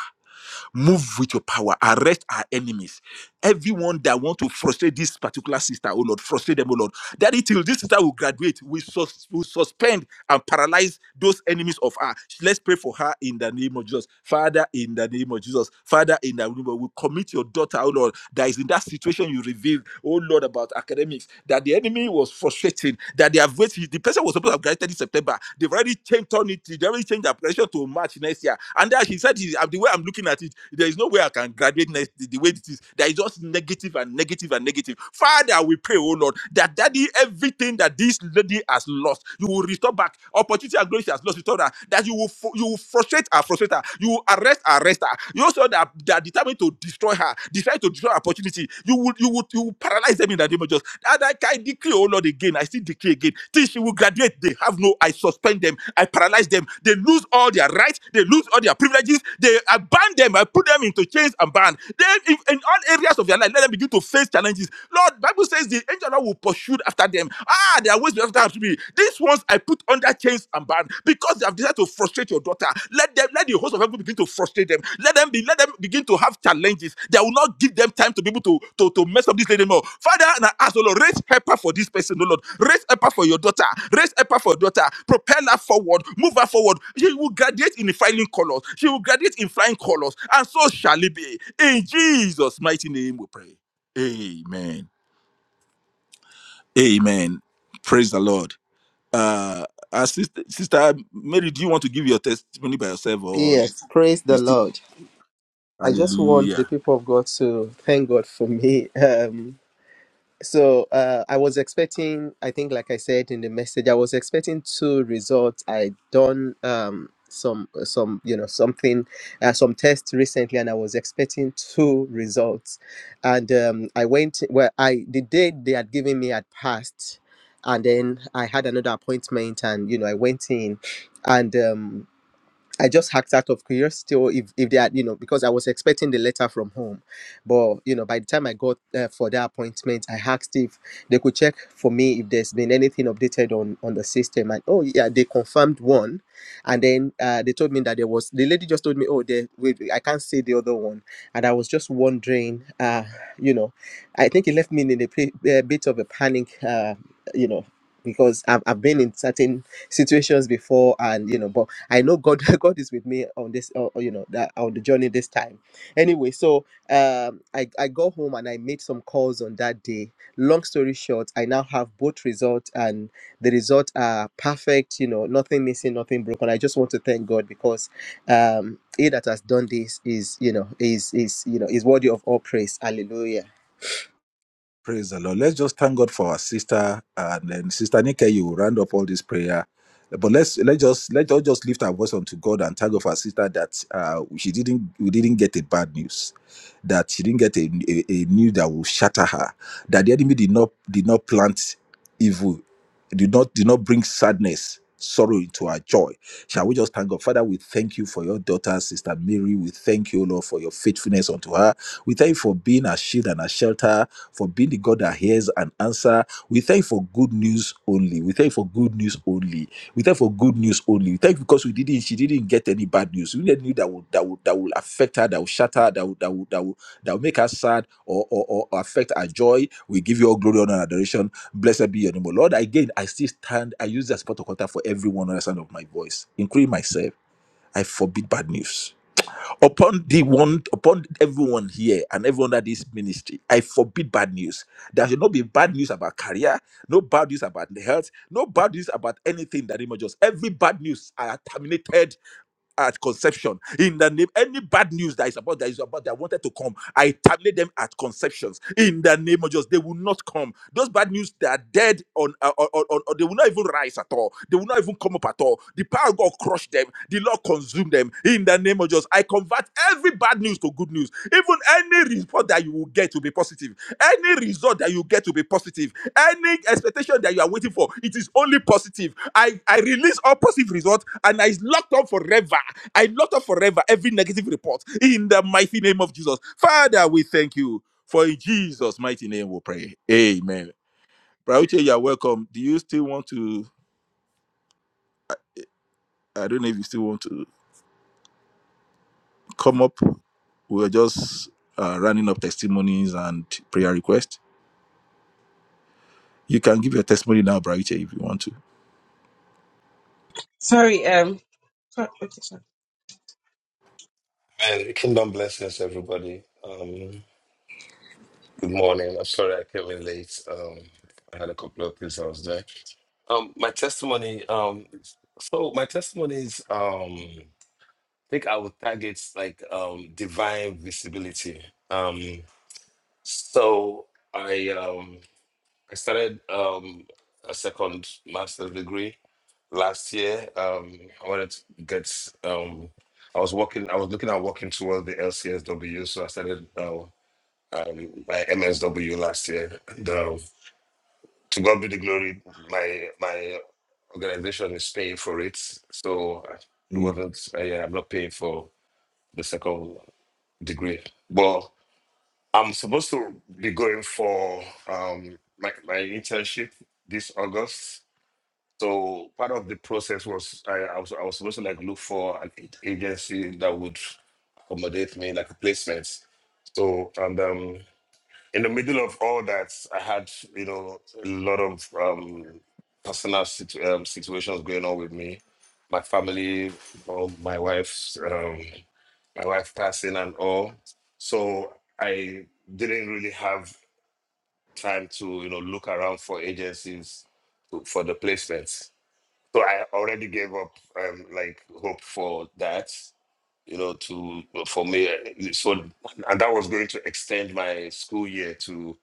[SPEAKER 2] Move with your power. Arrest our enemies. Everyone that want to frustrate this particular sister, oh Lord, frustrate them, oh Lord. Daddy, till this sister will graduate, we sus- we suspend and paralyze those enemies of her. Let's pray for her in the name of Jesus. Father, in the name of Jesus. Father, in the name of we commit your daughter, oh Lord, that is in that situation you revealed, oh Lord, about academics, that the enemy was frustrating, that they have waited. The person was supposed to have graduated in September. They've already already changed on it. They already changed the pressure to March next year. And then she said, "Is- uh, the way I'm looking at it, there is no way I can graduate next the the way it is. There is just negative and negative and negative. Father, we pray, oh Lord, that daddy, everything that this lady has lost, you will restore back. Opportunity and glory she has lost, restore her. That you will fu- you will frustrate her, frustrate her. You will arrest, arrest her. You also that, that determined to destroy her, decided to destroy her opportunity opportunity. You will, you would, you will paralyze them in the name of Jesus. And I, I decree, oh Lord, again. I still declare again. Till she will graduate, they have no. I suspend them. I paralyze them. They lose all their rights. They lose all their privileges. They I ban them. I put them into chains and ban. Then, if, in all areas of their life, let them begin to face challenges. Lord, Bible says the angel of the Lord will pursue after them. Ah, they are always after me. These ones I put under chains and ban because they have decided to frustrate your daughter. Let them, let the host of heaven begin to frustrate them. Let them be, let them begin to have challenges that will not give them time to be able to, to, to mess up this lady more. Father, and I ask, oh Lord, raise helper for this person, oh Lord. Raise helper for your daughter. Raise helper for your daughter. Propel her forward. Move her forward. She will graduate in flying colors. She will graduate in flying colors. And so shall it be. In Jesus' mighty name we pray. Amen. Amen. Praise the Lord. Uh, uh sister, sister Mary, do you want to give your testimony by yourself, or
[SPEAKER 1] Yes, praise
[SPEAKER 2] you
[SPEAKER 1] the
[SPEAKER 2] still?
[SPEAKER 1] Lord. I just want the
[SPEAKER 2] Hallelujah.
[SPEAKER 1] people of God to thank God for me. Um, so uh, I was expecting, I think, like I said in the message, I was expecting two results. I done um, some, some, you know, something, uh, some tests recently, and I was expecting two results. And um, I went, well, I the date they had given me had passed, and then I had another appointment, and you know, I went in, and. Um, I just hacked out of curiosity, or if, if they had, you know, because I was expecting the letter from home. But, you know, by the time I got uh, for that appointment, I asked if they could check for me if there's been anything updated on, on the system. And, oh, yeah, they confirmed one. And then uh, they told me that there was, the lady just told me, oh, there, wait, I can't see the other one. And I was just wondering, uh, you know, I think it left me in a, pre- a bit of a panic, uh, you know, because I've, I've been in certain situations before and, you know, but I know God God is with me on this uh, uh, you know that on the journey this time. Anyway, so um I, I go home and I made some calls on that day. Long story short, I now have both results and the results are perfect, you know, nothing missing, nothing broken. I just want to thank God because um he that has done this is you know is is you know is worthy of all praise. Hallelujah.
[SPEAKER 2] Praise the Lord. Let's just thank God for our sister, and then Sister Nika, you will round up all this prayer. But let's let just let us just lift our voice unto God and thank God for our sister that uh, she didn't we didn't get a bad news, that she didn't get a, a, a news that will shatter her, that the enemy did not did not plant evil did not did not bring sadness sorrow into our joy shall we just thank god father we thank you for your daughter sister mary we thank you lord for your faithfulness unto her we thank you for being our shield and our shelter for being the god that hears and answer we thank you for good news only we thank you for good news only We thank for good news only. Thank you because we didn't. She didn't get any bad news. We didn't need that would that would that will affect her. That will shatter. her, That will that will that will that will make her sad or or, or or affect her joy. We give you all glory, honor, and adoration. Blessed be your name, O Lord. Again, I still stand. I use that spot of contact for everyone on the sound of my voice, including myself. I forbid bad news upon the one upon everyone here and everyone that is ministry i forbid bad news there should not be bad news about career no bad news about the health no bad news about anything that images every bad news are terminated at conception in the name any bad news that is about that is about that wanted to come i tabulate them at conceptions in the name of jesus they will not come those bad news they are dead on uh, on, on, on- they will not even rise at all they will not even come up at all the power of god crush them the lord consume them in the name of jesus i convert every bad bad news to good news. Even any report that you will get to be positive. Any result that you get to be positive. Any expectation that you are waiting for, it is only positive. I, I release all positive results and I locked up forever. I locked up forever every negative report in the mighty name of Jesus. Father, we thank you. For in Jesus' mighty name we pray. Amen. Brauche, you are welcome. Do you still want to? I don't know if you still want to come up. We are just uh, running up testimonies and prayer requests. You can give your testimony now, Braiche, if you want to.
[SPEAKER 4] Sorry, um, sorry, okay, sorry.
[SPEAKER 6] Man, kingdom blessings, everybody. Um, good morning. I'm sorry I came in late. Um, I had a couple of things I was doing. Um, my testimony. Um, so my testimony is. Um, I think I would target like um divine visibility. Um, so I um I started um, a second master's degree last year. Um, I wanted to get. Um, I was working. I was looking at working towards the LCSW, so I started uh, um, my MSW last year. And, um, to God be the glory. My my organization is paying for it, so uh, it
[SPEAKER 2] Hallelujah.
[SPEAKER 6] wasn't. Uh, yeah, I'm not paying for the second degree, but I'm supposed to be going for um, my my internship this August So part of the process was I, I was I was supposed to like look for an a- agency that would accommodate me like a placement. So and um in the middle of all that, I had you know a lot of um personal situ- um, situations going on with me, my family, you know, my wife's um my wife passing and all. So I didn't really have time to you know look around for agencies to- for the placements. So I already gave up, um, like hope for that, you know, to for me. uh, So and that was going to extend my school year to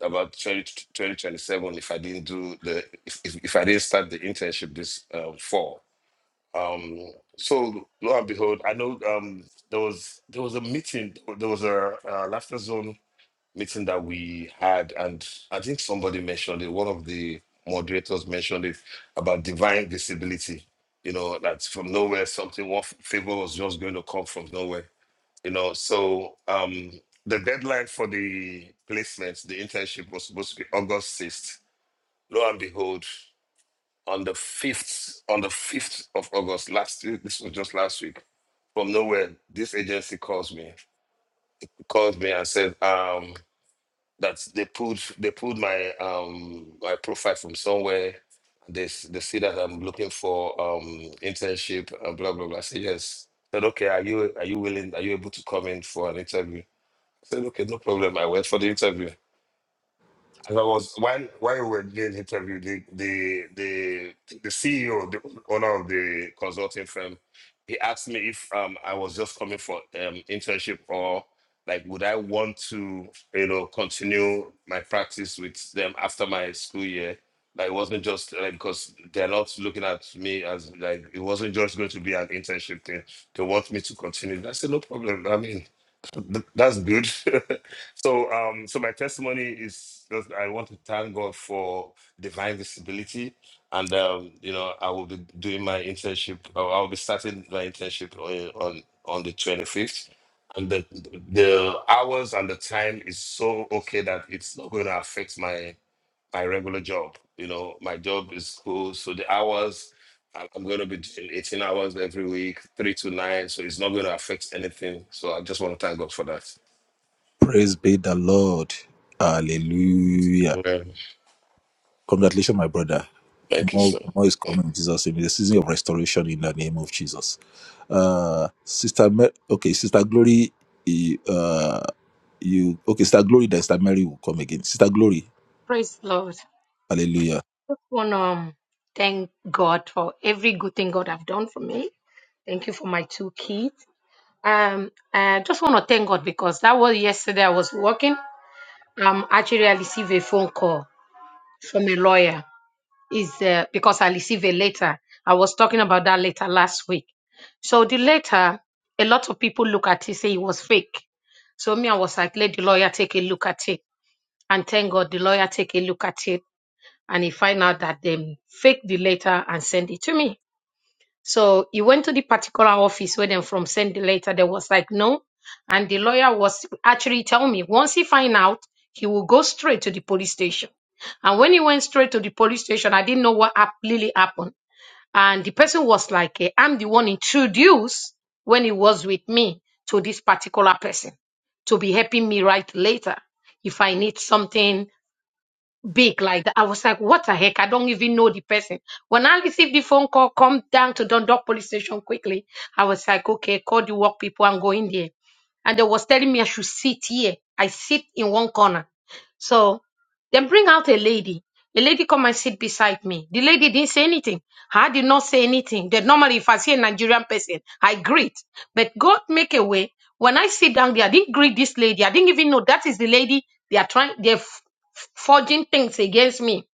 [SPEAKER 6] about 20 2027 if I didn't do the if, if, if I didn't start the internship this uh, fall. Um, so lo and behold, I know um, there was there was a meeting, there was a uh, laughter zone meeting that we had, and I think somebody mentioned it. One of the moderators mentioned it about divine visibility. You know, that from nowhere something one favor was just going to come from nowhere. You know, so um the deadline for the placements, the internship was supposed to be August sixth. Lo and behold, on the fifth, on the fifth of August last week, this was just last week. From nowhere, this agency calls me, calls me and said, um, That's they pulled they pulled my um my profile from somewhere. They s- they see that I'm looking for um internship and blah blah blah. I said yes. said okay, are you are you willing? Are you able to come in for an interview? I said okay, no problem. I went for the interview. As I was while while we were doing the interview, the the the, the CEO, the owner of the consulting firm, he asked me if um I was just coming for um internship or like would I want to you know continue my practice with them after my school year. Like it wasn't just like because they're not looking at me as like it wasn't just going to be an internship thing. They want me to continue. I said no problem. I mean Th- That's good. so, um, so my testimony is that I want to thank God for divine visibility, and um, you know, I will be doing my internship. Or I'll be starting my internship on on, on the twenty fifth, and the the hours and the time is so okay that it's not going to affect my my regular job. You know, my job is school, so the hours I- I'm going to be doing 18 hours every week, three to nine. So it's not going to affect anything. So I just want to thank God for that.
[SPEAKER 2] Praise be the Lord. Hallelujah.
[SPEAKER 6] Amen.
[SPEAKER 2] Congratulations, my brother.
[SPEAKER 6] Thank you,
[SPEAKER 2] More,
[SPEAKER 6] sir.
[SPEAKER 2] more is coming in Jesus' name. The season of restoration in the name of Jesus. Uh, Sister Mary, okay, Sister Glory, you- uh, you, okay, Sister Glory, then Sister Mary will come again. Sister Glory,
[SPEAKER 7] Praise the Lord.
[SPEAKER 2] hallelujah.
[SPEAKER 7] Just want to thank God for every good thing God have done for me. Thank you for my two kids. Um, I just want to thank God because that was yesterday. I was working. Um, actually, I received a phone call from a lawyer. Is uh, because I received a letter. I was talking about that letter last week. So the letter, a lot of people look at it say it was fake. So me, I was like, let the lawyer take a look at it, and thank God the lawyer take a look at it and he find out that them faked the letter and sent it to me. So he went to the particular office where them from sent the letter. They was like no, and the lawyer was actually tell me once he find out, he will go straight to the police station. And when he went straight to the police station, I didn't know what hap- really happened. And the person was like, eh, I'm the one introduced when he was with me to this particular person to be helping me write later if I need something big like that. I was like, what the heck? I don't even know the person. When I received the phone call, come down to Dundalk police station quickly. I was like, okay, call the work people and go in there. And they was telling me I should sit here. I sit in one corner. So then bring out a lady. A lady come and sit beside me. The lady didn't say anything. I did not say anything. That normally if I see a Nigerian person, I greet. But God make a way. When I sit down there, I didn't greet this lady. I didn't even know that is the lady they are trying. They forging things against me.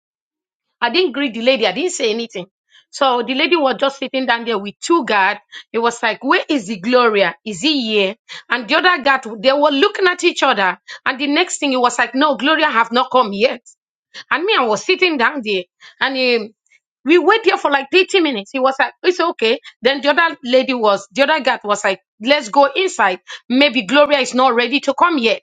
[SPEAKER 7] I didn't greet the lady. I didn't say anything. So the lady was just sitting down there with two guards. It was like, where is the Gloria? Is he here? And the other guard, they were looking at each other. And the next thing, it was like, no, Gloria have not come yet. And me, I was sitting down there. And um, we wait here for like 30 minutes. He was like, it's okay. Then the other lady was, the other guard was like, let's go inside. Maybe Gloria is not ready to come yet.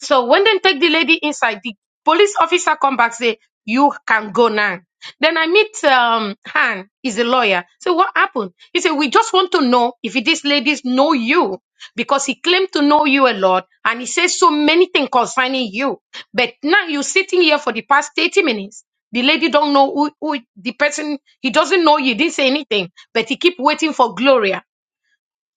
[SPEAKER 7] So when they take the lady inside, the police officer come back say, "You can go now." Then I meet um Han, he's a lawyer. So what happened? He said, "We just want to know if these ladies know you." Because he claimed to know you a lot and he says so many things concerning you. But now you're sitting here for the past 30 minutes. The lady don't know who, who the person, he doesn't know you, didn't say anything, but he keep waiting for Gloria.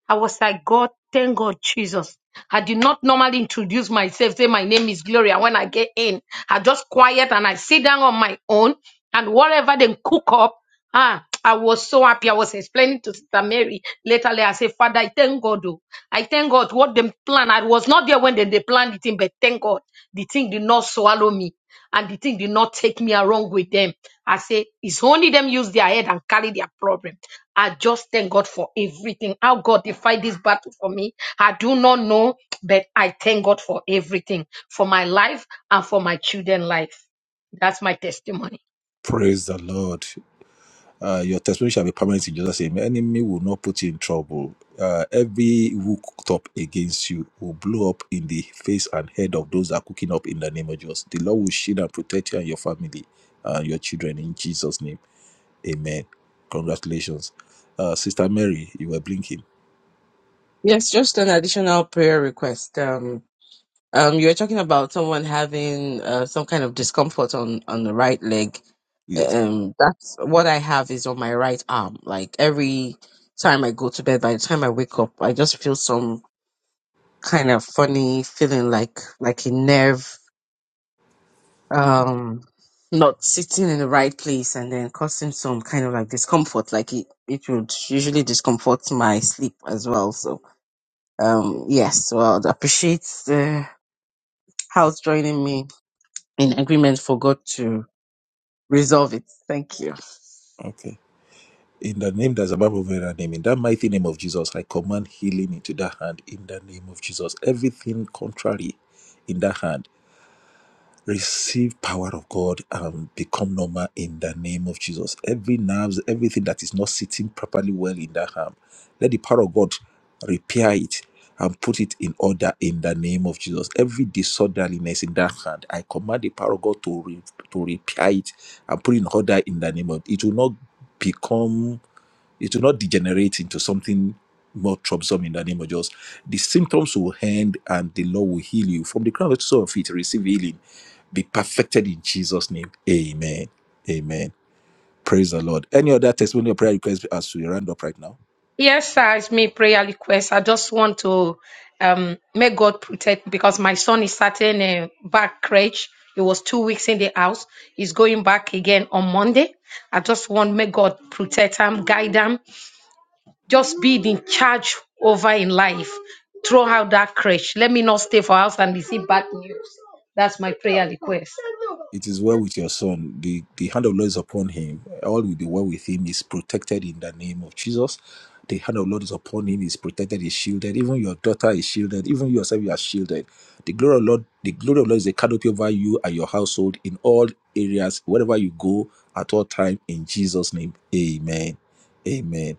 [SPEAKER 7] I was like, God, thank God, Jesus. I did not normally introduce myself, say my name is Gloria. When I get in, I just quiet and I sit down on my own and whatever they cook up. Ah, I was so happy. I was explaining to Sister Mary later. later, I said, Father, I thank God. Oh. I thank God what them plan. I was not there when they, they planned the thing, but thank God the thing did not swallow me and the thing did not take me along with them. I say, it's only them use their head and carry their problem. I just thank God for everything. How God defied this battle for me, I do not know, but I thank God for everything, for my life and for my children' life. That's my testimony.
[SPEAKER 2] Praise the Lord. Uh, your testimony shall be permanent in Jesus' name. Enemy will not put you in trouble. Uh, every evil cooked up against you will blow up in the face and head of those that are cooking up in the name of Jesus. The Lord will shield and protect you and your family and your children in Jesus' name. Amen. Congratulations. Uh, Sister Mary, you were blinking.
[SPEAKER 4] yes, just an additional prayer request. Um, Um, you were talking about someone having uh, some kind of discomfort on on the right leg.
[SPEAKER 2] Yes.
[SPEAKER 4] Um, that's what I have is on my right arm. Like every time I go to bed, by the time I wake up, I just feel some kind of funny feeling, like like a nerve um not sitting in the right place, and then causing some kind of like discomfort. Like it it would usually discomfort my sleep as well. So um, yes, well, I'd appreciate the house joining me in agreement for God to resolve it. Thank you.
[SPEAKER 2] Okay. In the name that's above every other name, in that mighty name of Jesus, I command healing into that hand in the name of Jesus. Everything contrary in that hand. receive power of God and become normal in the name of Jesus. Every nerves, everything that is not sitting properly well in that arm, let the power of God repair it and put it in order in the name of Jesus. Every disorderliness in that hand, I command the power of God to, re- to repair it and put it in order in the name of it will not become it will not degenerate into something more troublesome in the name of Jesus. The symptoms will end and the Lord will heal you. From the crown of your feet, receive healing be perfected in Jesus' name. Amen. Amen. Praise the Lord. Any other testimony or prayer request as we round up right now?
[SPEAKER 7] Yes, sir, it's me prayer request. I just want to um make God protect because my son is starting a back crèche. He was two weeks in the house. He's going back again on Monday. I just want make God protect him, guide him. just be in charge over in life. Throw out that crash. Let me not stay for house and receive bad news. That's my prayer request.
[SPEAKER 2] It is well with your son. The, the hand of the Lord is upon him. All will be well with him. He's protected in the name of Jesus. The hand of the Lord is upon him. He's protected. He's shielded. Even your daughter is shielded. Even yourself, you are shielded. The glory of the Lord, the glory of the Lord is a canopy over you and your household in all areas, wherever you go at all time. In Jesus' name, Amen. Amen.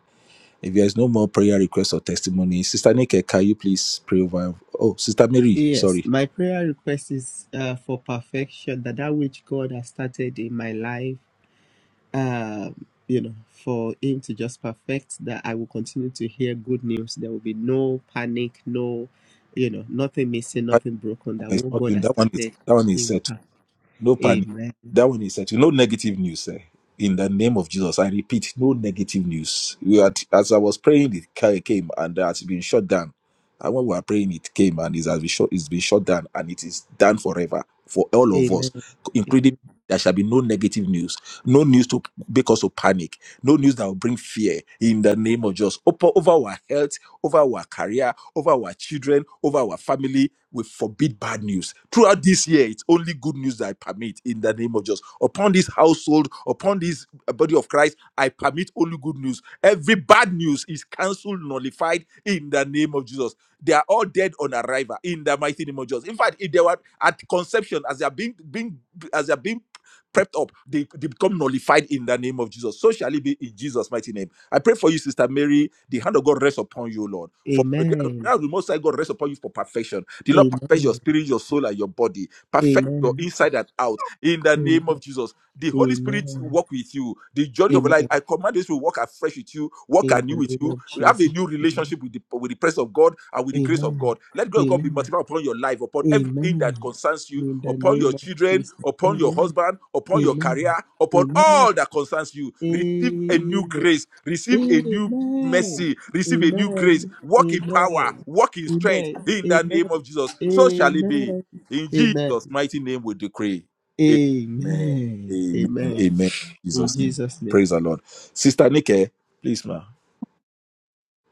[SPEAKER 2] If there is no more prayer requests or testimony, Sister Nike, can you please pray over? Oh, Sister Mary,
[SPEAKER 1] Yes,
[SPEAKER 2] sorry.
[SPEAKER 1] my prayer request is uh, for perfection that that which God has started in my life, um, you know, for Him to just perfect that I will continue to hear good news. There will be no panic, no, you know, nothing missing, nothing broken. That what God has
[SPEAKER 2] It's-
[SPEAKER 1] started,
[SPEAKER 2] That one
[SPEAKER 1] He
[SPEAKER 2] is
[SPEAKER 1] will
[SPEAKER 2] set.
[SPEAKER 1] perfect.
[SPEAKER 2] No panic.
[SPEAKER 1] Amen.
[SPEAKER 2] That one is set. No negative news. Eh? In the name of Jesus, I repeat, no negative news. We had, as I was praying, it ca- came and that has been shut down And when we were praying, it came and it has been shut, it's been shut down and it is done forever for all of us,
[SPEAKER 1] Amen.
[SPEAKER 2] including there shall be no negative news, no news to make us to panic, no news that will bring fear in the name of Jesus. Over, over our health, over our career, over our children, over our family, we forbid bad news. Throughout this year, it's only good news that I permit in the name of Jesus. Upon this household, upon this body of Christ, I permit only good news. Every bad news is cancelled, nullified in the name of Jesus. They are all dead on arrival in the mighty name of Jesus. In fact, if they were at conception, as they are being being as they are being prepped up, they, they become nullified in the name of Jesus. So shall it be in Jesus' mighty name. I pray for you, Sister Mary. The hand of God rests upon you, Lord. For the
[SPEAKER 1] Amen.
[SPEAKER 2] hand of the Most High God rests upon you for perfection. The Lord perfect your
[SPEAKER 1] Amen.
[SPEAKER 2] spirit, your soul, and your body. Perfect your
[SPEAKER 1] Amen.
[SPEAKER 2] inside and out in the name
[SPEAKER 1] Amen.
[SPEAKER 2] of Jesus. The Holy Spirit
[SPEAKER 1] Amen.
[SPEAKER 2] walk with you. The joy of life,
[SPEAKER 1] Amen.
[SPEAKER 2] I command this will walk afresh with you, walk
[SPEAKER 1] In the
[SPEAKER 2] anew with
[SPEAKER 1] name
[SPEAKER 2] you.
[SPEAKER 1] of
[SPEAKER 2] Have a
[SPEAKER 1] Jesus.
[SPEAKER 2] new relationship with the, with the presence of God and with the grace of
[SPEAKER 1] Amen.
[SPEAKER 2] God. Let God, God be
[SPEAKER 1] Amen.
[SPEAKER 2] multiplied upon your life, upon everything that
[SPEAKER 1] Amen.
[SPEAKER 2] concerns you,
[SPEAKER 1] In the
[SPEAKER 2] upon your
[SPEAKER 1] name of
[SPEAKER 2] children,
[SPEAKER 1] Jesus.
[SPEAKER 2] upon your
[SPEAKER 1] Amen.
[SPEAKER 2] husband, upon your
[SPEAKER 1] Amen.
[SPEAKER 2] career, upon
[SPEAKER 1] Amen.
[SPEAKER 2] all that concerns you.
[SPEAKER 1] Amen.
[SPEAKER 2] Receive a new grace. Receive a new
[SPEAKER 1] Amen.
[SPEAKER 2] mercy,
[SPEAKER 1] Amen. Amen. Amen.
[SPEAKER 2] receive a new grace,
[SPEAKER 1] Amen.
[SPEAKER 2] walk in power,
[SPEAKER 1] Amen.
[SPEAKER 2] walk in strength in the name of Jesus. So shall it be. In
[SPEAKER 1] Amen.
[SPEAKER 2] Jesus' mighty name we decree. Amen.
[SPEAKER 1] Amen.
[SPEAKER 2] Amen.
[SPEAKER 1] Amen.
[SPEAKER 2] Amen. In
[SPEAKER 1] In
[SPEAKER 2] Jesus' name.
[SPEAKER 1] Jesus' name.
[SPEAKER 2] Praise the Lord. Sister Nike, please, ma.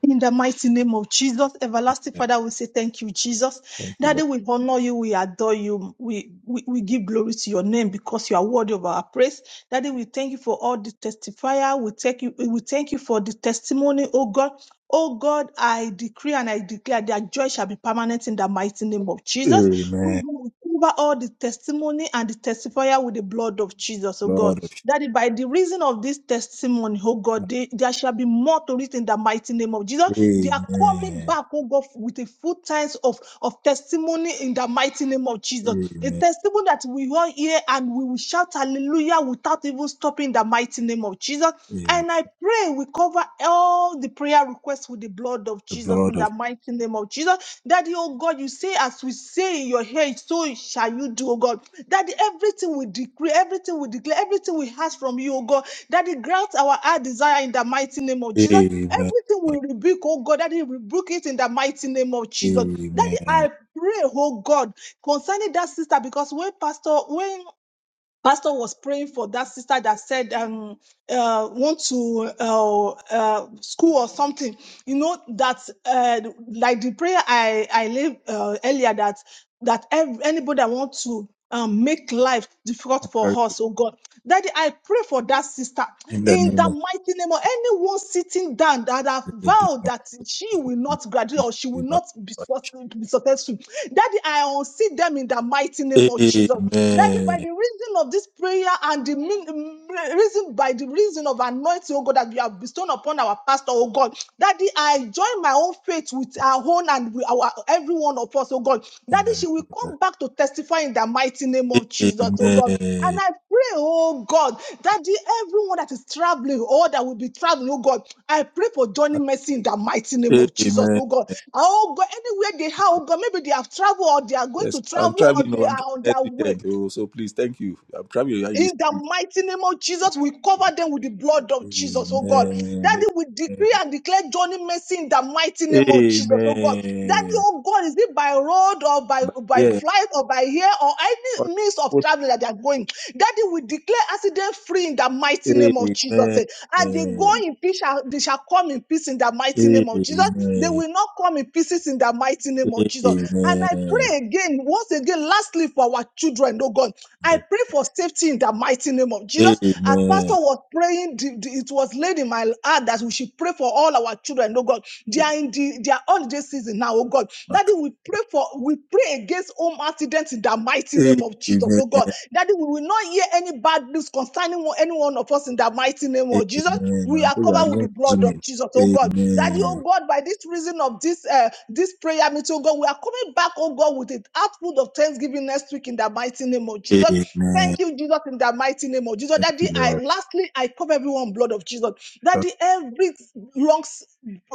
[SPEAKER 5] In the mighty name of Jesus, everlasting
[SPEAKER 2] Yeah,
[SPEAKER 5] Father, we say thank you, Jesus.
[SPEAKER 2] Thank you,
[SPEAKER 5] Daddy,
[SPEAKER 2] Lord.
[SPEAKER 5] we honor you, we adore you, we, we, we give glory to your name because you are worthy of our praise. Daddy, we thank you for all the testifier. We thank you, we thank you for the testimony, oh God. Oh God, I decree and I declare their joy shall be permanent in the mighty name of Jesus. Oh God, we cover all the testimony and the testifier with the blood of Jesus, oh God. Daddy, it by the reason of this testimony, oh God, they- there shall be more to it in the mighty name of Jesus. They are coming back, oh God, with a full times of, of testimony in the mighty name of Jesus. A
[SPEAKER 2] Amen.
[SPEAKER 5] testimony that we all hear and we will shout hallelujah without even stopping in the mighty name of Jesus.
[SPEAKER 2] Amen.
[SPEAKER 5] And I pray we cover all the prayer requests with the blood of Jesus
[SPEAKER 2] Lord
[SPEAKER 5] in
[SPEAKER 2] of
[SPEAKER 5] the the mighty name of Jesus. Daddy, oh God, you say, as we say in your head, so shall you do, oh God. Daddy, everything we decree, everything we declare, everything we ask from you, oh God. Daddy, grant our heart desire in the mighty name of Jesus. Everything we rebuke, oh God, Daddy, rebuke it in the mighty name of Jesus. Daddy, I pray, oh God, concerning that sister, because when Pastor, when pastor was praying for that sister that said um uh want to uh, uh school or something you know that uh like the prayer i i laid uh, earlier that that ev- anybody that want to um, make life difficult for us, oh God. Daddy, I pray for that sister in the mighty name of anyone sitting down that have vowed that she will not graduate or she will not be success- be successful. Daddy, I unseat them in the mighty name of Jesus. Daddy, by by the reason of this prayer and the mm, reason by the reason of anointing, oh God, that you have bestowed upon our pastor, oh God, Daddy, I join my own faith with our own and with our every one of us, oh God. Daddy, she will come back to testify in the mighty name of Jesus, oh God. And I pray, oh God, Daddy, everyone that is traveling or that will be traveling, oh God, I pray for Johnny Mercy in the mighty name
[SPEAKER 2] peace.
[SPEAKER 5] of Jesus,
[SPEAKER 2] Amen.
[SPEAKER 5] oh God. Oh God, anywhere they have, oh God, maybe they have traveled or they are going
[SPEAKER 2] Yes,
[SPEAKER 5] to
[SPEAKER 2] I'm
[SPEAKER 5] travel or
[SPEAKER 2] traveling.
[SPEAKER 5] they
[SPEAKER 2] No, I'm
[SPEAKER 5] are
[SPEAKER 2] traveling
[SPEAKER 5] on
[SPEAKER 2] next
[SPEAKER 5] their way.
[SPEAKER 2] weekend. Oh, so please, thank you. I'm traveling in
[SPEAKER 5] In
[SPEAKER 2] this.
[SPEAKER 5] the mighty name of Jesus, we cover them with the blood of Jesus, oh God. Daddy,
[SPEAKER 2] Amen.
[SPEAKER 5] we decree and declare Johnny mercy in the mighty
[SPEAKER 2] Amen.
[SPEAKER 5] name of Jesus, oh God. Daddy, oh God, is it by road or by, by
[SPEAKER 2] Yes,
[SPEAKER 5] flight or by air or any means of
[SPEAKER 2] What
[SPEAKER 5] traveling that they are going? Daddy, we declare accident free in the mighty name of Jesus. eh. And they go in peace, shall- they shall come in peace in the mighty name of Jesus. They will not come in pieces in the mighty name of Jesus. And I pray again, once again, lastly for our children, oh God. I pray for safety in the mighty name of Jesus. As Pastor was praying, the- the- it was laid in my heart that we should pray for all our children, oh God. They are in the, their holiday season now, oh God. Daddy, we pray for, we pray against home accidents in the mighty name of Jesus, oh God. Daddy, we will not hear any bad news concerning one- any one of us in the mighty name of Jesus. We are covered with the blood of Jesus, oh God. Daddy, oh God, by this reason of this uh, this prayer meeting, oh God, we are coming back, oh God, with an output of thanksgiving next week in the mighty name of Jesus. Thank you, Jesus, in the mighty name of Jesus. Daddy, I lastly I cover everyone blood of Jesus. Daddy, every lungs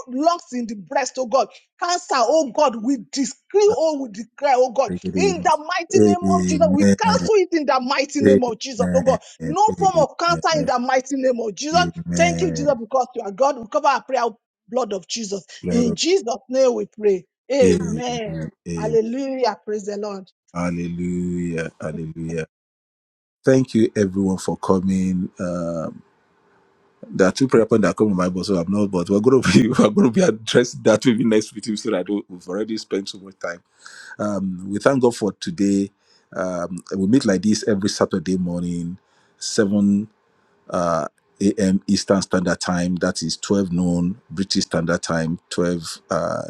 [SPEAKER 5] lungs in the breast, oh God, cancer, oh God, we decree, oh, we declare, oh God,
[SPEAKER 2] it is,
[SPEAKER 5] in
[SPEAKER 2] ma.
[SPEAKER 5] the mighty name of Jesus, we
[SPEAKER 2] Amen.
[SPEAKER 5] cancel it in the mighty name of Jesus, oh
[SPEAKER 2] Amen.
[SPEAKER 5] God. No form of cancer in
[SPEAKER 2] Amen.
[SPEAKER 5] the mighty name of Jesus. Thank you, Jesus,
[SPEAKER 2] Amen.
[SPEAKER 5] because you are God. We cover our prayer with the blood of Jesus.
[SPEAKER 2] Lord
[SPEAKER 5] In
[SPEAKER 2] of
[SPEAKER 5] Jesus' name we pray. Amen.
[SPEAKER 2] Amen. Amen.
[SPEAKER 5] Hallelujah. Praise the Lord.
[SPEAKER 2] Hallelujah. Hallelujah. Thank you, everyone, for coming. Um, There are two prayer points that come to my mind, so I'm not. But we're going to be we're going to be addressing that maybe next week so that I don't- we've already spent so much time. Um, we thank God for today. Um, we meet like this every Saturday morning, seven uh, a.m. Eastern Standard Time. That is 12 noon British Standard Time, 12 uh,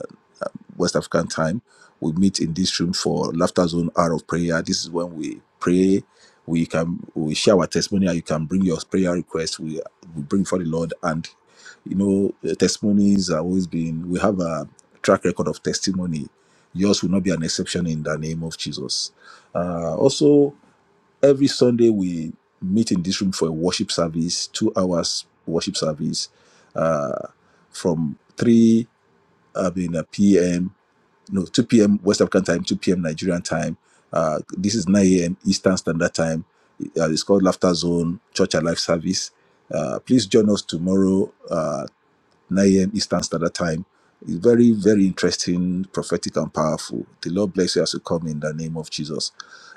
[SPEAKER 2] um, West African time. We meet in this room for Laughter Zone Hour of Prayer. This is when we pray. We can we share our testimony. You can bring your prayer requests. We we bring for the Lord, and you know the testimonies are always been. We have a track record of testimony. Yours will not be an exception in the name of Jesus. Uh, also. Every Sunday we meet in this room for a worship service, two hours worship service, uh, from three I mean uh, p.m. no two p.m. West African time, two p.m. Nigerian time. Uh, this is nine a.m. Eastern Standard Time. Uh, it's called Laughter Zone Church Alive Service. Uh, please join us tomorrow. uh, 9 a.m. Eastern Standard Time. It's very, very interesting, prophetic, and powerful. The Lord bless you as you come in the name of Jesus.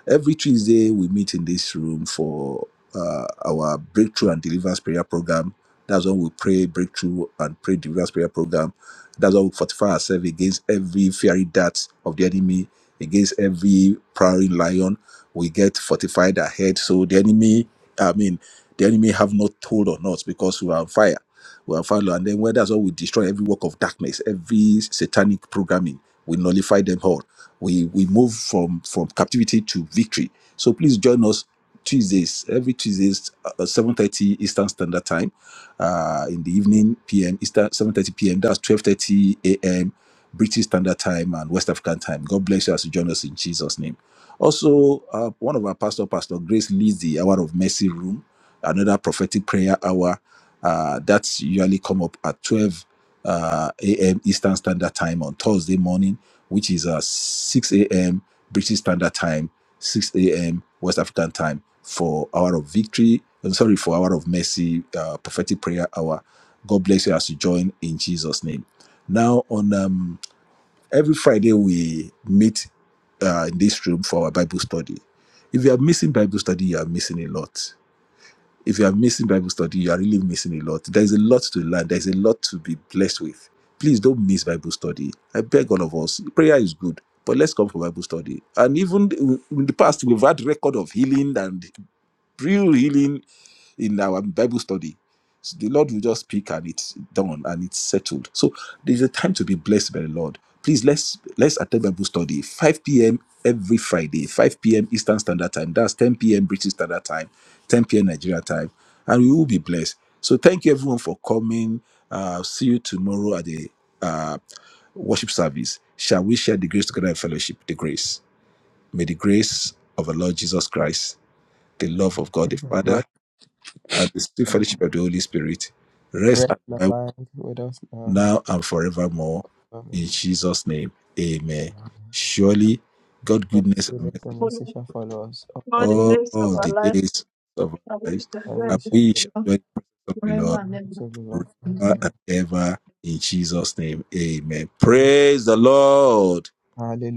[SPEAKER 2] Every Tuesday, we meet in this room for uh, our Breakthrough and Deliverance Prayer Program. That's when we pray breakthrough and pray deliverance prayer program. That's when we fortify ourselves against every fiery dart of the enemy against every prowling lion. We get fortified ahead, so the enemy, I mean, the enemy have not told on us because we are on fire. We are on fire, and then when that's all, we destroy every work of darkness, every satanic programming. We nullify them all. We we move from from captivity to victory. So please join us Tuesdays, every Tuesdays, uh, seven thirty Eastern Standard Time, uh, in the evening PM Eastern seven thirty PM. That's twelve thirty AM British Standard Time and West African Time. God bless you as you join us in Jesus' name. Also, uh, one of our pastor, Pastor Grace, leads the Hour of Mercy Room, another prophetic prayer hour uh, that's usually come up at 12 uh, a.m. Eastern Standard Time on Thursday morning, which is uh, 6 a.m. British Standard Time, 6 a.m. West African Time for Hour of Victory. I'm sorry, for Hour of Mercy, uh, prophetic prayer hour. God bless you as you join in Jesus' name. Now, on um, every Friday, we meet uh, in this room for our Bible study. If you are missing Bible study, you are missing a lot. If you are missing Bible study, you are really missing a lot. There is a lot to learn, there is a lot to be blessed with. Please don't miss Bible study. I beg all of us. Prayer is good, but let's come for Bible study. And even in the past, we've had record of healing, and real healing in our Bible study. So the Lord will just speak and it's done and it's settled. So there's a time to be blessed by the Lord. Please let's let's attend Bible study 5 p.m. every Friday, 5 p.m. Eastern Standard Time. That's 10 p.m. British Standard Time, 10 p.m. Nigeria time, and we will be blessed. So thank you everyone for coming. Uh, see you tomorrow at the uh, worship service. Shall we share the grace together in fellowship? The grace. May the grace of our Lord Jesus Christ, the love of God the Father and the sweet
[SPEAKER 1] God.
[SPEAKER 2] fellowship of the Holy Spirit rest
[SPEAKER 1] Rest
[SPEAKER 2] and
[SPEAKER 1] and
[SPEAKER 2] abide
[SPEAKER 1] abide with us now,
[SPEAKER 2] now and forevermore. In
[SPEAKER 1] Amen.
[SPEAKER 2] Jesus' name, amen. Surely, God
[SPEAKER 1] Christ
[SPEAKER 2] goodness
[SPEAKER 1] will
[SPEAKER 2] and
[SPEAKER 1] live
[SPEAKER 2] mercy
[SPEAKER 1] and
[SPEAKER 5] For
[SPEAKER 1] essential followers of the
[SPEAKER 5] all the
[SPEAKER 1] day.
[SPEAKER 2] all
[SPEAKER 5] days
[SPEAKER 1] of
[SPEAKER 5] of
[SPEAKER 1] our
[SPEAKER 5] our
[SPEAKER 2] the
[SPEAKER 1] life,
[SPEAKER 5] life,
[SPEAKER 2] days of our
[SPEAKER 5] and we
[SPEAKER 2] lives,
[SPEAKER 5] shall
[SPEAKER 1] And
[SPEAKER 5] dwell in
[SPEAKER 1] we
[SPEAKER 2] and we
[SPEAKER 1] be
[SPEAKER 2] shall
[SPEAKER 5] the Lord
[SPEAKER 2] dwell in the presence of
[SPEAKER 1] in
[SPEAKER 5] forever
[SPEAKER 2] the
[SPEAKER 1] the
[SPEAKER 5] and
[SPEAKER 1] house
[SPEAKER 5] ever.
[SPEAKER 1] of the Lord
[SPEAKER 2] Lord forever
[SPEAKER 1] forever
[SPEAKER 2] and ever. In Jesus' name, amen. Praise the Lord.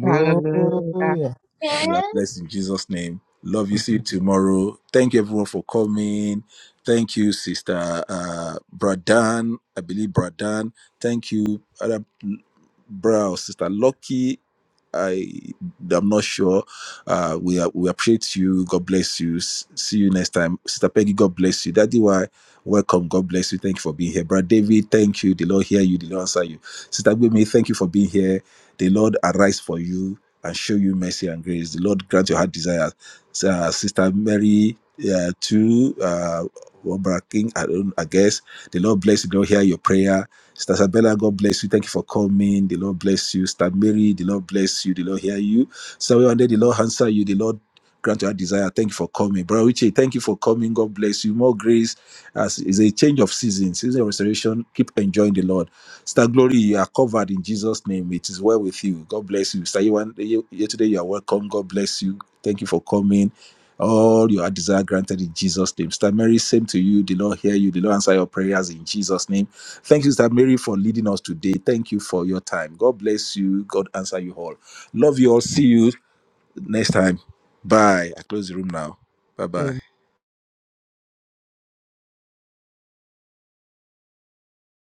[SPEAKER 4] Hallelujah.
[SPEAKER 1] Hallelujah.
[SPEAKER 2] You are blessed in Jesus' name. Love you. See you tomorrow. Thank you everyone for coming. Thank you, Sister uh, Bradan. I believe Bradan. Thank you, other bro, or Sister Lucky. I I'm not sure. Uh, we are, we appreciate you. God bless you. S- See you next time, Sister Peggy. God bless you, Daddy. Why? Welcome. God bless you. Thank you for being here, Brother David. Thank you. The Lord hear you. The Lord answer you, Sister Gwemi. Thank you for being here. The Lord arise for you and show you mercy and grace. The Lord grant your heart desires. So, uh, Sister Mary, uh, to uh, Obra King, I, don't, I guess. The Lord bless you. The Lord hear your prayer. Sister Isabella, God bless you. Thank you for coming. The Lord bless you. Sister Mary, the Lord bless you. The Lord hear you. Sister Wande, the Lord answer you. The Lord grant our desire. Thank you for coming. Brother Uche, thank you for coming. God bless you. More grace as is a change of season, season of restoration. Keep enjoying the Lord. Star Glory, you are covered in Jesus' name. It is well with you. God bless you. Star Yewan- you here today, you are welcome. God bless you. Thank you for coming. All your desire granted in Jesus' name. Sister Mary, same to you. The Lord hear you. The Lord answer your prayers in Jesus' name. Thank you, Sister Mary, for leading us today. Thank you for your time. God bless you. God answer you all. Love you all. See you time. I close the room now. Bye bye.